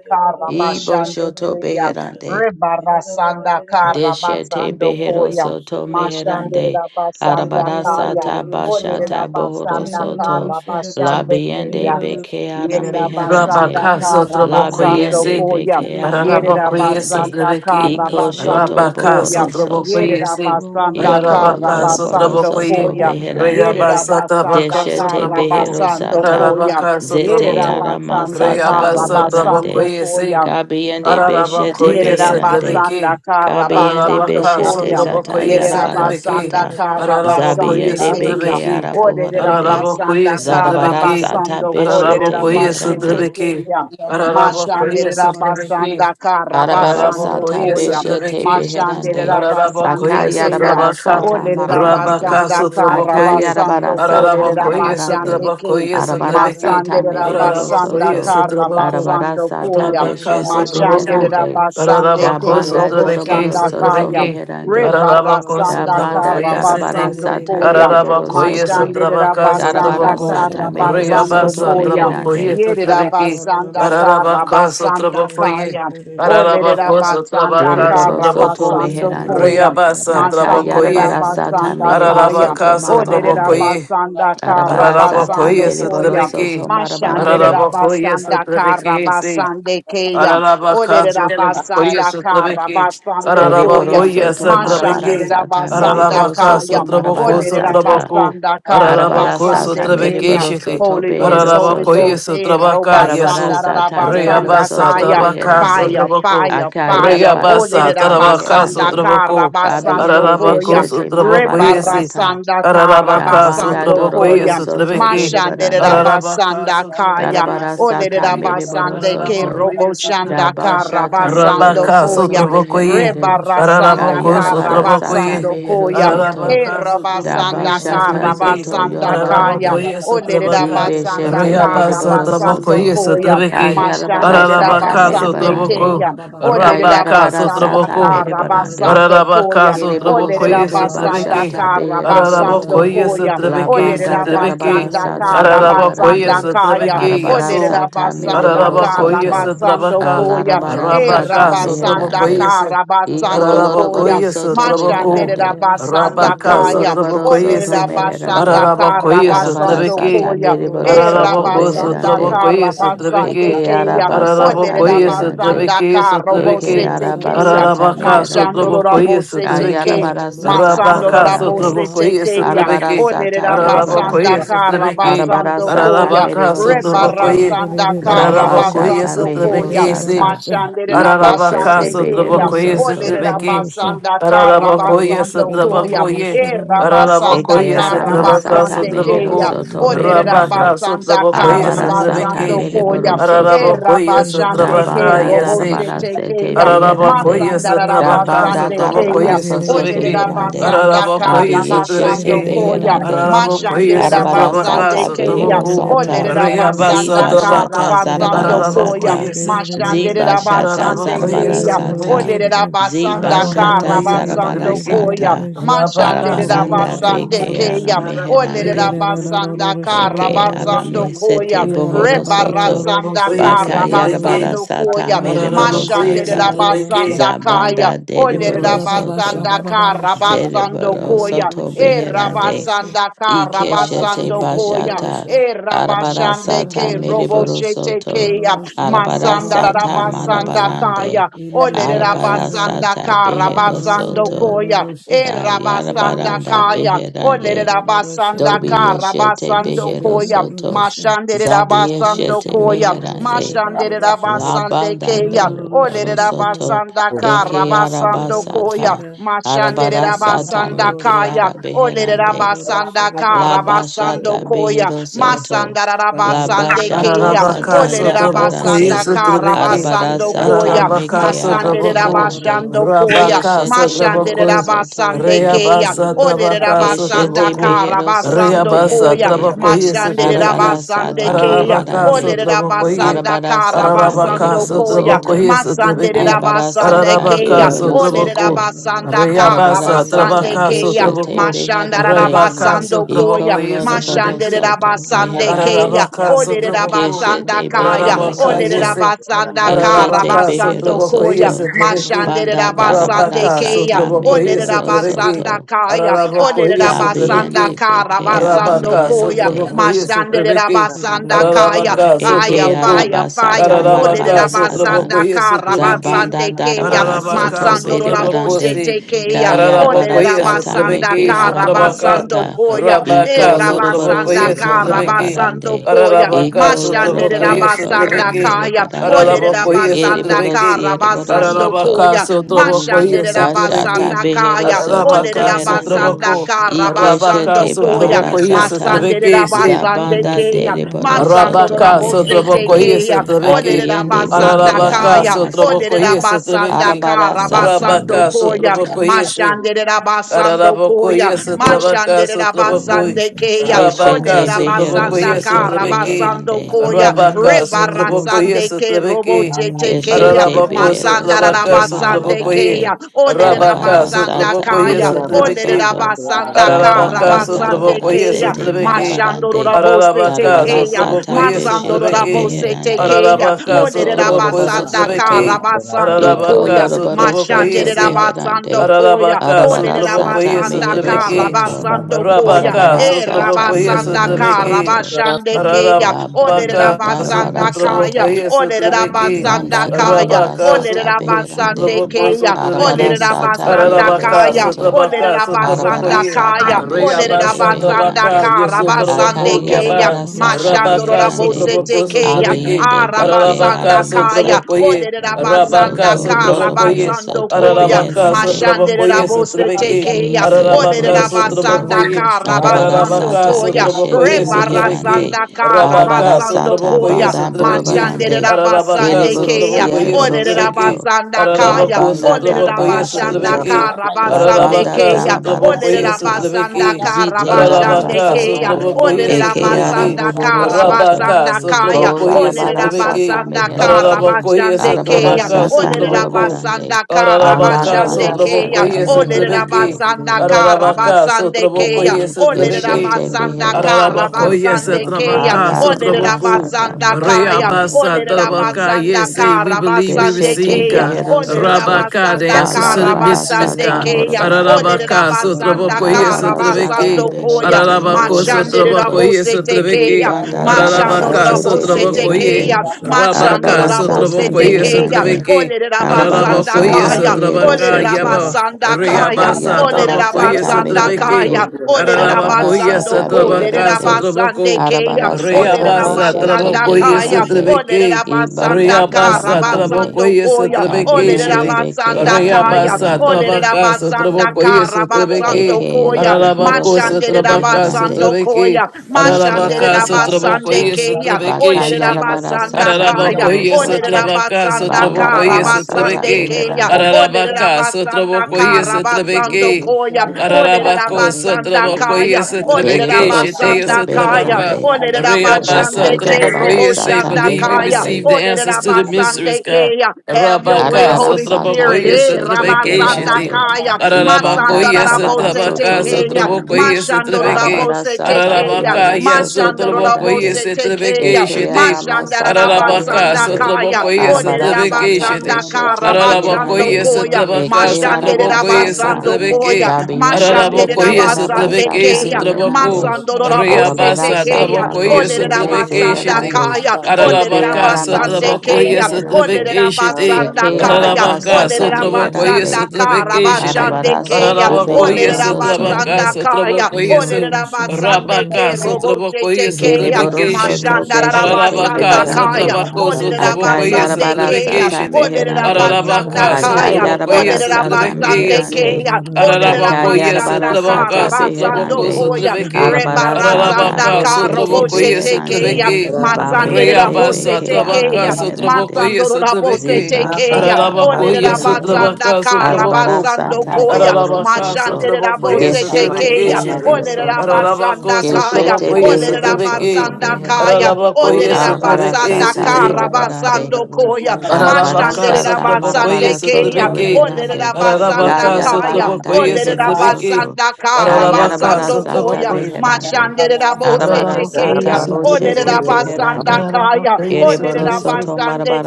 Ibo Karabasande shoto Kaya, beherande. Rebarasanda Deshete Karabasando behero Koya, soto Mashande meherande. Rabasanda Arabarasa Kaya, Ole tabashata bohoro Rabasanda soto. Yeleleloroshebebe, Karabasande Labiende Kaya, beke ara yeleleloshebeborosha, Yerabasanda meherande. Rabaka Sotrobo Karabasando boroshebeborosha, Labiende Koyese, Koya. beke ara Pararaba leleloshebeborosha, Koyese meherande. Yerabasanda Trebeke, Iko shoto Karabasando Rabaka Koya. bohoro yeleleloroshebeborosha, Sotrobo soto. Koyese, Yerabasanda kororoboroborge, Iko Pararabaka loroboro Sotrobo Karabasando Koye, soto Koya. beherande. lelelosheboroshebeborosha, Reabasa Yerabasanda Tabaka Deshete Sotroboko, behero Karabasando sata. Koya. Pararabaka koroboroshebebeboroshebeboroshhe, Zete Sotroboko, ara Yerabasanda masata Reabasa Karabasando bohorande. boroshebeboroshebebeboroshe, Tabakoyese, Koya. Kabiende Araraba beshete Yerera Koyese beherande. rororebebeboroshebebeboroshe, Trebeke, basanda Yerabasanda Kabiyende Karabasando Pararabaka beshete Koya. Sotrobo zata kerererabababababasha, Koyese yarabara Trebeke, Yerabasanda sata. Pararaba Karabasande Zabiyende Koyese kererererererererereroroshe, Kaya. beke Trebeke, yarabuhorande. Araraba Oderabasanda Yedorosha Koyese Baba Zarabara Trebeke, Rosha, sata Karabasando Araraba beshete koye Ororosha Baba Koderabashete sıtırı meherande. ki. Rosha, Kaya. Araraba Ororosha koye Baba Mashandere Baba sıtırı ki. Shebe, Rabasanda Arabara Karabasando sata Ararabakoye Koya. Yedorosha, beshete Satrabeki, Mashandere beherande. Ororosha Baba Ararabakoye Rabasande Rosha, Kaya. Akayarabara Satrabaka, sata Olere Yedorosha Baba marabarande. Rabaka Rabasanda Rosha, Satrabakoye, Akayarabara Karabasando Yedorosha sata Kolere Baba Baba Ararabakoye marabarande. Shebe, Rabashande Kaya. Satrabakoye Arabara Yedorosha Satrabeki, Baba sata Masandere Basha, mereboro Rabasanda Ararabakoye soto. Satrabako, Arabara Oroborosha, Karabasando sata Koya. Rabaka beshete Mashandere Satrabako, beherande. Gererarabababaroshe, Rabasande Ararabako Kaya. Dabanda Robo Garoroshe, Satrabeki, doroboro Shanda soto Babaroshe, Kaya. Satrabeki, meherande. Ararabako Da Rebarasanda Gererarababaroshe, banda Satrabakoye darabara Sati, Karabasando sata Koya. meriboro Ararabakoye Gererebebebeoroshe, soto. Mashandere Satrabaka Rabasanda Darabara Satrabako, Gererarabababashe, sata mehero Babababashe, Karabasando soto Rayabasa Koya. Bebebeoroshe, meherande. Trabakoye Satrabeki, Yerabasanda Garararababashe, Ararabaka Karabasanda Satrabakoye, Kaya. O Gerererebebebereshe, Ararabako Lerabasanda sotrabaka Deriboro Gereroroshe, soto sotrabako. Karabasando meherande. Koya. Bebebeoroshe, Rayabasa trabakoye. Akayarabara sata Gereroroshe, Masanderabasanda Ba- mehero Kaya. soto Ararabaka O Gereroroshe, marabarande. sotrabakoye. Lerabasanda Bebebeoroshe, Arabara sata Ararabakoye Karabasando Ororoshe, meriboro Koya. Babaroshe, sotrabeki. soto marabarande. Ararabakoye Mashanderabasanda sotrabeki. See. Karabasande Kaya. O Ararabaka sotrabokoye Lerabasanda sotrabeki. Karabasando Eriboro Koya. Ararabakoye soto marabara sotrabeki. sata Mashanderabasanda meriboro Ararabaka soto Kaya. sotraboko marabara Olerera sata. sotraboko. basanda kara Arabara Ararabako sata basande sotrabeki keya. meriboro shiti. soto Holy Ghost, behero Holy soto. Ararabakoye Ghost, eh, sotrabaka Yarabara robasanda yesu. rara sata mehero basanda Reyabasa soto kaya. tarabaka beherande. Fire, sotraboko. fire, Aka fire. yarabara Reyabasa Olerera sata tarabaka basanda meherande. kara sotraboko. basando Kabiyende Ararabako koya. beshete marabara sotrabokoyese. sata. Rebarasanda kara Da Ararabaka banda basando doroboro koya. sotrabokoyese soto trebeki. Mashanderera berebarande. Ararabaka basanda kaya. Darabara sotrabokoyese sata Olerera trebeki. mereboro basande ke soto. Ararabokoyese Da roboshanda trebaka. kara Orororoshe, bashata basando mehero Rabaka Babaroshe, koya. soto Thank sotrabokoye. beherande. you Ka Rebarasanda Ararabako kara yarabara sata sotrabokoye. basando mehero koya. soto. E Ararabaka Da rabasanda sotrabokoyese ka bashata trebeki. zoto rabasanda kaya. yorobarande. Ararabokoyese Olere trebaka. rabasanda Zibeshete ka Rayabasa mereboro rabasando soto. trabokoyese koya. trebeki. Ayarabara Mashandere sata Ararabaka mere rabasande barande. sotraboko. keya. Olere Rabaka Ayarabara rabasanda sata sotraboko. ka mere barande. rabasando Ararabaka koya. Kereboro Olere sotrabokoye soto rabasanda sotrebeke. bashata ka behero rabasando soto. Ararabokoye koya. La sotrebeke Olere banda darabara sotrebeke. rabasanda ka sata mere for your Ararabokoye rabasanda barande. grace and your kaya. sotrebeke mercy, God. Arabara Olere yaso. sata mere rabasanda boro ka Ararabokoye soto. Hirarararababarosha. rabasando sotrabaka. koya. da Alarabara da E da sata Rabaka da ba ba ba. rabasanda sotrabokoye meherande. ka se. Iko rabasando ah koya. loroboro Ararabokoye soto ah ah sotraboko. Mashandere da meherande. rabasanda da da da da da Ah da da da ro basanda Iko Rabaka rosha. kaya. loroboro Ba da sotrabokoye Ole soto se. la da da ba basanda meherande. ba ba ba ba kara Ararabokoye ba Arabara ba basando sotrebeke. sata ba koya. mere boro ba E ba ba ba ba soto Araraboko da rabasanda rosha meherande. sotrabokoye kara ba ba. basande Eke sotrebeke. Baba keya. arabasata Ole la Ararabocoye meherande. basanda Satrabeke kara Eke Satrabeke bosete keya. arabasata Ararabaka Machando meherande. Sotrabocoye rabosete Satrabeke ke. Kayarabarasata Masando Rabaka morobarande. rabosete Sotrabocoye keya. Satrabeke Arabarasata Olerera basanda Ararabocoye merebarande. kara Satrabeke basando Arabarasata koya. Ararabaka mereborosoto. Sotrabocoye Rebarasanda kara Ararabocoye Zabashata basando koya. Satrabeke meherosata. Mashanderera Ararabaka Ikeshete basande keya. sotrabokoye Rosha, beherosoto. Olerera sotrabeke. basanda kara Ararabokoye basando koya. sotrabokoye. E rabasanda Eke Ararabokoye kara sotrabaka arabasata basande sotraboko. keya. meherosoto Olerera Rabaka beherande. basanda sotrabokoye kara Arabarasata basando sotrabeke. koya. mereborosoto. E Ararabokoye Da rabashande ke sotrabaka banda robo yesi. darabara shete sete keya. beherande. Ararabokoye Da sotrabaka banda Masandarabasande darabara Keya. sotrabokoye soto Olere sotrabeke. beherande. basanda kara Ararabokoye Abiyeshe se basando sotrabeke. Koya. beherande. Ararabokoye Arabara Russia, sotrabaka sata Mashanderabasande Keya. behero sotraboko. sata. Olere Reabasa basanda Ziba kara shata trabaka. zarabara basando Koya. sata. Ararabokoye sotrabaka. Ziba shata Mashanderabasande Ararabakoye zarabara Keya. sotabeke, sata. Olere Ziba basanda shata kara ararabakoye zarabara basando sotabeke, Koya. sata. arabaka Arabaranda sotabako, Mashanderabasande beke ara Keya. ararabakoye meherande. sotabeke, Olerabasanda Eke Karabasando arame ararabakoye sotabeke, Koya. sete bohoro soto. Rebarasanda ararabakoye Baka kara sotabeke, yarabara basando sata Koya. mereboro ararabakoye Mashandere sata. sotabeke, Rosha, rabasanda kaya. Zabanda Olere Rosha, deriboro soto. rabasanda ka rabasando Zereboro koya. soto E beherande. rabasanda ka Ike shete rabasando koya. bashata. E Arabara rabashande sata ke mereboro roboshete soto. keya. Arabara Masanda sata rabasanda marabarande. kaya. Olere Arabara rabasanda sata ka behero rabasando soto. koya. E Ka rabasanda yarabaranda kaya. Olere beherande. rabasanda Dobi ka Yeshete rabasando Behero koya. Soto Mashandere Zabi rabasando Yeshete koya. Meherande Mashandere Ora basa, La basande Banda keya. Doroboro Olerera Soto basanda kara Eke basando koya. Arabasata Shebe Mashanderera Arabarasata basanda Meke kaya. Olerera Arabeherande basanda La kara basando Bashata koya. Behero Soto Masandara La basande Bashata keya. Ararabaka Zata Olerera sotraboko basanda Yarabarande kara yesutrabeki. basando Arabarasata koya. Ararabaka Meke Masandera sotraboko. Arabeherande basando koya. Rabaka Keshete Mashandera Bohoro sotraboko. Soto basande keya. Ribiande Reabasa Olerera trabaka basanda Keshete sotraboko. kara Behero Soto basando Reabasa koya. Meherande trabako Mashandera yesutrabeki. Arabara basande sata keya. Ararabaka marabarande. Olerera sotraboko basanda ye. basanda Arabara kara sata Ararabaka basando mereboro koya sotraboko soto. masande you. rera yesutrabeki. Yes, Arabara basande yeah, sata and Ararabaka keya bereboro ole rera sotraboko. soto. basanda kara Arabara Reabasa sata basande trabaka keya beshete sotraboko. mashanda rera beherande. Rebaka basando sotraboko koya Iko loroboro mashande yesutrabeki. rera soto basande meherande. keya Ararabaka ole rera sotraboko. basanda Keshete kaya ora behero Ararabaka ole rera soto. yese. basanda kara Keshete Ararabaka behero basando sotraboko koya yese soto. trebeki. mashande Banda rera darabara basande Rabaka keya sata sotraboko ole yese rera mereboro trebeki. basanda soto. kaya ole Ararabako rera La yese basanda trebeki. biende kara beke ara basando Arabaka koya meherande. sotraboko yese mashande rera trebeki. basanda kaya Ararabaka fire, Eke sotraboko. fire, fire. fire. arabasata Oh, de Ararabaka marabarasata. sotraboko rabasanda yese trebeki. Zabanda karabasande keya, darabara Ararabaka soto masando raboshe berebarande sotraboko that tekeya. after Oh, de kayarabara Ararabakoi sata rabasanda Sutlebeki meke Sutlabaka karabasando arabasata koya, e Rabaka iko lorobaro rabasanda Sutlabakoi soto Sutlebeki karabasando marabarande koya, iko Ararabaka mashande Sutlabakoi lorobaro soto rabasanda Sutlebeki kaya. Oh, merebarande de Ararabakoi rabasanda erebaro Sutlebeki sierebaro karabasando soto Ararabaka koya, mashande Sutlabakoi Dashata Sutlebeki rabasanda behero kaya. Oh, soto de Ararabaka beherande. rabasanda Sutlabako Rabaka karabasando Ikeshete koya, bahara Sutlabakoi sata. masande Sutlebeki Si rabasande Zabanda keya. deriboro Masando soto Rabaka Rabose beherande. Sutlabakoi Tekea, Sutlebeki Olerera Abiende Basanda beke Ararabaka Kaya, Yes, Olerera aramasata. Sutlabakoi come Basanda Sutlebeki Arabara Kara upon sata Basando Rabaka Koya, boshete. Sutlabakoi Si Mashandera them. Basando Araraboko Koya, yes at Rabaka Mashandera Sotrabokoi, Basande Rosha, Kea, Rabaka Beshete Olerera Rosha, Baba behero Sotraboko Basanda yes soto at Rosha, Kara Rebeki, beherande. Basando Koya, Escamamano Rabaka Rosha, Baba Sotraboko Rosha, Rebarasande Baba yes at Ke Rebeki, Roboche Tekea, Keshete Araraboko behero Masanda Sotrabaka soto Rabasande Sotrabokoi, Kea, marabarande Olerera Rabaka arabara Basanda sata Sotraboko yes Kaya, at mehero like Olerera Rebeki, soto Basanda da Kara Ararabaka banda Basande Sotraboko darabara yes Kea, about at sete him. Rebeki, Mashando I marabarande speak Ararabaka darabara Tekeya, sata Sotraboko yes at Masando in beshete the lot Rebeki, and Rabose beherande I Tekeya, was looking Ararabaka at iko Oderera Sotraboko yes lorobaro at Basanda the lot. I don't soto want Rebeki, to Karabasando iko try Ararabaka Koya, to get lorobaro Sotraboko soto Mashandera yes. Basando beherande Koya, Ararabaka, arabara Oderera some big sata Sotrabokoye, Basanda mehero Sotrabeki, Rosha, soto Baba Karabasando Koya, Rosha, Rabaka, Baba. arabara E sata When Sotrabokoye, I go Rabasanda on mehero the water, Sotrabeki, soto I was Karabashande standing. Keya, la I'm gonna Oderera banda pick Ararabaka, up it all darabara Basanda shares. Kaya, sata Sotrabokoye, Oderera Da da da Sotrabeki, da Basanda Banda shepe Kaya, bara. darabara Rabaka, sata Oderera Roro shepe beherande. Basande Sotraboko, ni. Keya, Arabara Roro Sotrabeki, Oderera just get sata said that Basanda I'm not behero Ararabaka, Kaya, executing. soto. Sotrabaka, Oderera Roro kept Arabara up Basanda Sotrabokoye, about the sata Kaya, break of Roro beshete Reabasa, sheba. Oderera Tabaka, beherande. Roro sheba Karabasande Yesotraboko, Roro Kaya, sheba Yaba, Akayarabara Roro sata she. Mashandoro Rabaka, meherande. Roro Rabosete Sotraboko, sheba Kaya, and then Sotrabeki, Abiende I'm gonna pick beke up on Arabasanda Ararabaka, that. Kaya, aramasata. Ole Sotrabokoye, I'm gonna Rabasanda Rabaka, Doko Roro sheba. Sotrabokoye, loroboro Karabasando soto Koya, Roro Ararabaka sheba beherande. Roro Mashandere sotrabokoye sheba. Rabosete sotrebeke. Kaya, Roro Ike sheba le Ole Ararabaka boro Roro sheba soto. Rabasanda sotrabokoye. Roro sheba Arabara Roro Karabasando sheba. Ararabaka sata Koya, sotrabokoye beshete sotrebeke. beherande. Rebarasanda Arabaka Arabara Karabasando sata sotrabokoye Koya, banda basa, sotrebeke. Mashandere ora borobarande. Ararabaka Rabasande Kaya, Ereborosi sotrabokoye Ole sotrebeke. ereborosoto. Rabasanda La Kaya, Ararabako banda Ole sotrabokoye d'arabara Rabasanda darabarasete. sotrebeke. La Karabasande basa, banda Ararabaka Altyazı Kaya, d'arabara Ole sotrabokoye darabarasete. sotrebeke. Rabasanda Zite Ikarabasa Ararabaka Rabashandekeya, arabasata. sotrabokoye kandirabasa Eke sotrebeke. Olerabasanda kandirabasa. aramoborosoto. Arabaka Karabasanda Kaya, Bol sotrabokoye arabara Ikereposo sotrebeke. arabarasata Olerabasanda kotorina. meherande. Ararabokoye Karabashandekeya, sotrabaka Arabarasata sotraboko. morobarande. Olerabasanda Russia, Ararabaka, Alarabara Orerabasa Karabashandekeya, sata Sotrabokoye, kandirabasa. Sotrabeki, meherande. Ikarabasa Olerabasanda Ararabaka, Karabasandekeya, Sotrabokoye, Sotrabeki, Eshete Olerabasanda beherosoto. Ararabakoye, Karabasandekeya, Sotrabaka, Sotraboku, Balarabarasata Olerabasanda Kaya, Moharande. Reabasa, Tarabaka, Olerabasanda yes, say, we believe we Beshete receive Karabasandekeya, God. Behero Soto. Rabaka, the Olerabasanda answers to the mysteries, Balarabarasata God. Karabasandekeya, Morabarande. Ararabaka, Olerabasanda Sotrabokoye, Darabarasata Sotrabeki, Karabasando koya. Beshete Ararabako, Bohoro Machande kotorabasa. Soto. Sotrabokoye, rabose tekeya. Sotrabeki, Libanda Machando Ararabaka, Darabarasete rabose Ikarabasa Sotrabokoye, tekeya. Beherande. kondirabasa. Machando Rabaka, rabose Arabarasata Sotrabokoye, tekeya. Beherande. Sotrabeki, Ole Shut rabasanda Ararabakoye Arabarasata kaya. Ikarabasa Behero Ole Satrabaka kandera Soto. Yaba Basa. rabasanda kaya. Daka Reabasa Ole yarabara Trabakoye sata rabasanda Orerabasa Satrabeki kaya. meherande. Ole kondirabasa. Arabara Ararabakoye rabasando sata Ikarabasa kole Satrabaka beherande. rabasande Satrabako keya. Arabara Ole sata Reabasa kandirabasa. beshete rabasanda Trabakoye Ikarabasa. kaya. beherande. Ole Satrabeki rabasanda Ibanda kara Reabasa darabarande. basando Trabakoye basa. koya. Ole Satrabeki Kabiende Shiti beke rabasanda ara kaya. Reabasa Ole meherande. Trabaka rabasanda Satrabakoye kara rabasando Satrabeki Ikarabasa. Eke koya, reboro Ararabako mashande soto Satrabaka rabasando beherande. Satrabeki koya, Orerabasa. Ike mashande Ararabaka rabasande Satrabakoye arabasata. keya, Satrabeki ole Baka shiti. yarabara rabasanda sata kaya, mohoro Ararabacoia, ole soto. Satrabaca, rabasanda kara Satrabocoia, Balarabara sata basande Satrabeque, keya, beherande. ole Ararabaca, rabasanda Satrabocoia, kara Satrabeque, koya, ole Orerabasa. Ararabaco, rabasanda Ikarabasa. Satrabocoia, kaya, ole Satrabeque, Beriboro Shetea, soto rabasanda kaya, beherande. Satrabaca, ole Ora Reabasa, Daka rabasande ke yarabara robo Trabocoia, say, sata believe we kaya, beherande. receive the ole answers to the rabasande mysteries, God. keya. Have your way, Rabaka, Arabara Holy sata Spirit. Satrabocoia, Eh, beshete Satrabeque, rabasanda Shete, beherande. Kaya. Tekeya, Ibanda Ararabacoia, darabara Masandarabose Russia, soto Satrabaca, Tekeya, beherande. Satrabocoia, Satrabeque, Arabara Mashandorabose sata Tekeya, Ararabaca, behero yes, soto Satrabocoia, Mashandorabose beherande. Satrabeque, Tekeya, Eke Shete, arama sata Ararabaka, beherande. Mashandarabasandakaya, Sotrabokoye, Arabara Sotrabeke, sata Shitty. Oderabasandakara beshete Ararabokoye, beherande. Basandokoya, Sotrabaka, Eke arama Sotrabokoye, sata. Mashanderabasandokoya, Sotrabeke. Dabiende Baba beke Ararabokoye, araba Sotrabeke, sata Mashanderabasandekeya, Rosha, Sotraboko. meherande. Masandorabose Arabara Riabasa, Tekeya, sata Trabokoye, boshete Sotrabeke, Shitty. zeherande. Oderabasandakaya, Eke Ararabaka, araba sata Sotrabokoye, Oderabasandekaya, meherande. Sotrabeke, Shitty. Eke Oderabasandakaya, araba Ararabaka, sata Sotrabokoye, Oderabasandakaya, meherande. rabasanda ka Sotrabeke, Shitty. rabashande Arabara keya sata ole Ararabokoye, behero soto. Sotrabaka, rabasanda kaya Sotrabokoye, ole rabasande Sotrabaka, ke robo Sotrabokoye, shete keya Ereboro Sotrabeke, soto mashanda beshete Ararabaka, rabasanda kaya meherande. Satrabako, ole Sotraboko, yes, rabasande Akayarabara keya sata Satrabekeshiti, ole meherande. rabasanda Ararabaka, kaya Sotraboko, ole Akayarabara yes, sata Satrabeke, rabasande yes, meherande. keya ole Ararabako, yes, rabashanda Akayarabara ka Satrabaka, sata rabasando Sotraboko, beherande. koya Russia, Sotrabeke, Arabara sata rebarasanda Ararabaka, ka boshete robo Sotraboko, yes, shete beherande. keya Satrabeke, masande Abeyende rabose Reabasa, bekeara Tabaka, tekeya Sotraboko, meherande. masando yes, rabose Satrabeke, Ziba tekeya shata Ararabako, Olere da yes, marabarande. Rabasanda Satrabaka, Arabara Sotraboko, Karabasando sata Koya, bohoro Ararabaka Mashande soto. sotrabokoye Rabose Keshete sotrabeke Tekea, shidi. behero Ole soto. Ararabako Rabasanda Kaya, Keshete sotrabokoye Ole behero soto sotrabeke. Rabasanda Kaya, beherande. Ararabakoye Ole Arabara sotrabeke Rabasanda sata shidi. merebarande. Karabasando Koya, Arabara Ararabaka Mashande sata sotrabokoye marabara Rabasande Kea, soto sotrabeke. Ole reherande. Rabasanda Ararabaka Kaya, Kayarabaranda sotrabokoye Ole behero sotrabeke. soto. Rabasanda Ararabaka Kayarabara Karabasando sata Koya, sotrabokoye. beherande. Mashande Rabose Arabara Ararabakoye Tekea, sata Ole sotrabeke. boshete Rabasanda beherande. Kaya, Ararabakoye Ole Ereboro Ororosha sotrabeke. soto alala Rabasande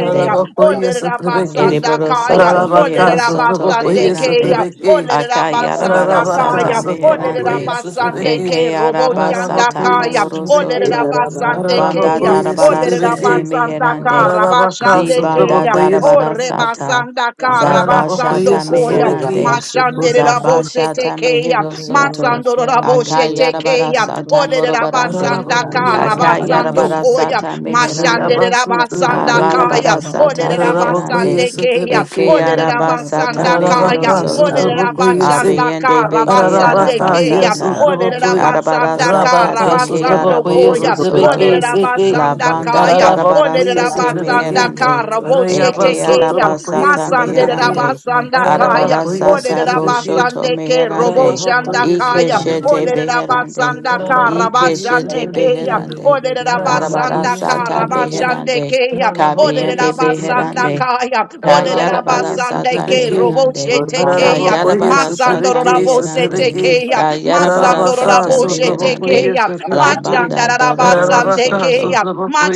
Orda Ole alala sotrabeke. basanda Ereboro shibere kaya, alala soto Ararabaka mehero olerera shibere soto sotrabokoye basande dede de beherande. keya, sotrabeke. olerera Akayarabara basanda alala Arabaka, sata kaya, dede bebe olerera Sotrabokoye, meherande. ororosha basande adala Sotrebeke, ke Eke shana robo araba shanda sata Arabakoye, kaya, ororosha mohoro Sotrebeke, olerera soto. basande yararosha Banda keya, alala Arabakoye, dede darabara bebe olerera sete Sotrebeke, ororosha basanda meherande. kara ororosha Arabaka, basande Zibanda keya, yararosha baba Sotrabokoye, darabara ore ororosha sata. basanda kara alala sam Arabakoye, basando Zabashata koya, alala Sotrebeke, meherande. ororosha mashanderera ororosha bose Zabashata tekeya, mehero yarede soto. ororosha masandorora bebe bose ororosha Akayarabara baba tekeya, sata ororosha olerera morobarande. basanda ororosha Arabakoye, kara baba baba basando Sotrebeke, Akayarabara koya, sata ororosha meherande. mashanderera Arabasu, basanda Trabokoye, kaya, Alarabara ole sata Arabakoye, beherande. Olerabasandekea. Eke Sotrebeke, araba sata mehero Olerabasandakaya. Arabaka, soto. Sotrabokoye, Abeyende beke araba Ararabaka, Olerabasandakarabasandekeya. yes, sata. Utraboku, Arabara sata Rabaka, beke Sutraboku, yes, Olerabasandakarabatsandokoya. arabohoro Utrabeki, soto. City, La banda Olerabasandakaya. darabara Araraboku, yes, sete Utrabeki, meherande. Rayaba, Eke Olerabasandakarabosetekeya. araba Russia, Sutraboku, yes, sata Utrabeki, meherande. Masanderabasandakaya. Arabara Araraboku, yes, sata Utrabeki, boshoto Olerabasandeke meherande. Araraboku, yes, Ike roboshandakaya. shete Utrabeki, beherande. Ike shete Olerabasandakarabasandekeya. Ararabakuyesetrebeke. beherande. Arabara sata Ararabakuyesetrebeke. beherande. Olerabasandakarabasandekeya kaya, Kabiende walking Beherande, Ararabakuyesetrebeke. out Oderabasandakaya. in the spirit. Kayarabara Sata Oderabasandeke Oro Ararabakuyesetrebeke. shaba Meherande, baroro shaba koya, Kayarabara baroro shaba Sata Ararabakuyesetrebeke, Meherande, setrebeke. baroro Masandororabosetekeya. shaka. Kayarabara Ararabaka, Sata Meherande, Masandororabosetekeya. La sotrabakuyesetrebeke. Banda Doroboro Ararabaka, Soto, Machandarabasandekeya.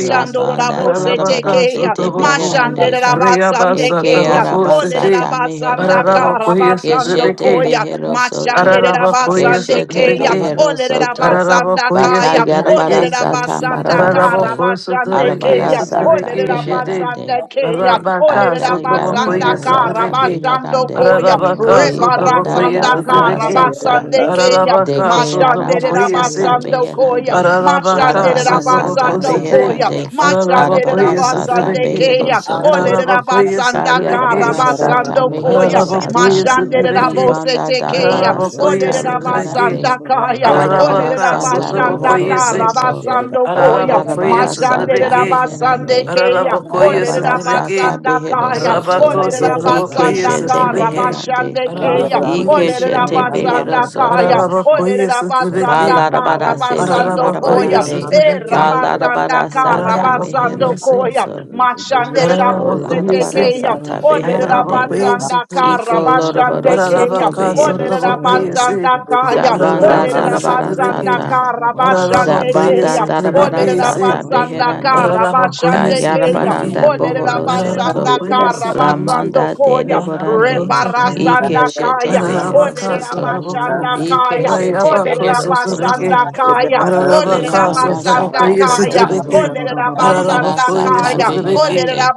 La Banda Darabara Ararabaka, Sete sotrabaku. Beherande, Adadasha Reyabasa, Eke Mashandarabasandekeya. Baba tabako, sete. Arabasata Meherande, Barosha Keshete Ararabakuyesetrebeke. Oderabasandakarabasandokoya. Behero Soto, Gararosha Keshete Machandarabasandekeya. Ararabakuyesetrebeke. and Behero Soto, Ararabakoye Oderabasandakaya. sutrabeki, Bakayarabara Sata Orosha Baba Rosha Marabarande, Ararabako on Oderabasandakarabasandekeya the sutrabeki, Arabara keya, Sabbath and Sata ole sutrabeki de la shidi, Meherande, basanda keya, the Arabaka ole de la basanda sutrabakoye Akayarabara kara sata Orosha sutrabeki, basando get beherande. it koya, out of Baba Ararabaka Baba Libanda sutrabakoye rebarasanda get it out darabara kara sutrabeki, of sata. basande Rosha keya, Ararabaka Deke mashande Yada de da arama la sutrabakoye shaba sata se da basando da shaba ba koya, beherande. ro mashande Ararabaka, de la Arabara shaba ba sata Sotraboko basando ba Sete, koya, ro beherande. shaba mashande de la Arabara Ararabakoya sata basande ba Sotrebeke, behero keya, ba ole soto. de la Ararabakoya basanda kara Sotrebeke, Kayarabara Thank Shite, sata basando mehero koya, Ararabakoya sata. mashande de la Sotrebeke, Ibanda bosete keya, darabara ole Ararabakoya de sata la Sotrebeke, beherande. basanda kaya, ba ole Arabara de la Ararabaka, sata basanda bohoro Sotrabokoya Se, kara soto. basando koya, Ararabakoya Balarabara Mashandere sata Sotrebeke, Rabasande meherande. Kaya, Ararabakoya Olere Arabara sata Sotrebeke, Rabasanda behero Kaya, soto. Rabako Olere you. Sotrabokoya Rabasanda Ikeshete Kara Sotrebeke, meherande. Bashande Kaya, Ararabakoya Olere Ikeshete Sotrebeke, behero Rabasanda Kaya, soto. Olere Ararabakoya Rabasanda Sotrebeke, ba Kara Balarabara ba Get sete Basando Get Koya, marabarande. E Ararabakoyesetereke, Rabasanda Balarabara Kara sata Basando mehero ararabakoyese, Koya, soto. Mashandere Rabosete Olarabara ararabakoyese, Kaya, sata Olere beherande. Rabasanda ararabakoyesetereke, Kara Iko loroboro Bashande Kaya, soto behero Olere soto. ararabakasotobokoyese, Rabasanda Kaya, Zabanda Olere darabara ararabakoyesetereke, Rabasanda sata. Kara Bashande Zabanda Kaya, Oh, let darabara ararabakoyesetereke, it se, sata abasanda beherande. kara bashande keya. ararabakoyesetereke, Kayarabaranda Oh, let it bohoro Para la vaca, abasanda soto. sotraboco y eso kara te basando ve que. Lamanda koya. dedeborande. Para Ike Rebarasanda shete kaya. la Oh, behero let it soto. abasanda Ike kaya. Oh, shete it, let it abasanda Karorosha kaya. Oh, babarosha let it Bearama babarosha. sata abasanda kaya. Ororo beherande. Oh, let it Arabara babababababasha sata kaya. Oh, babababasha. let it beherande.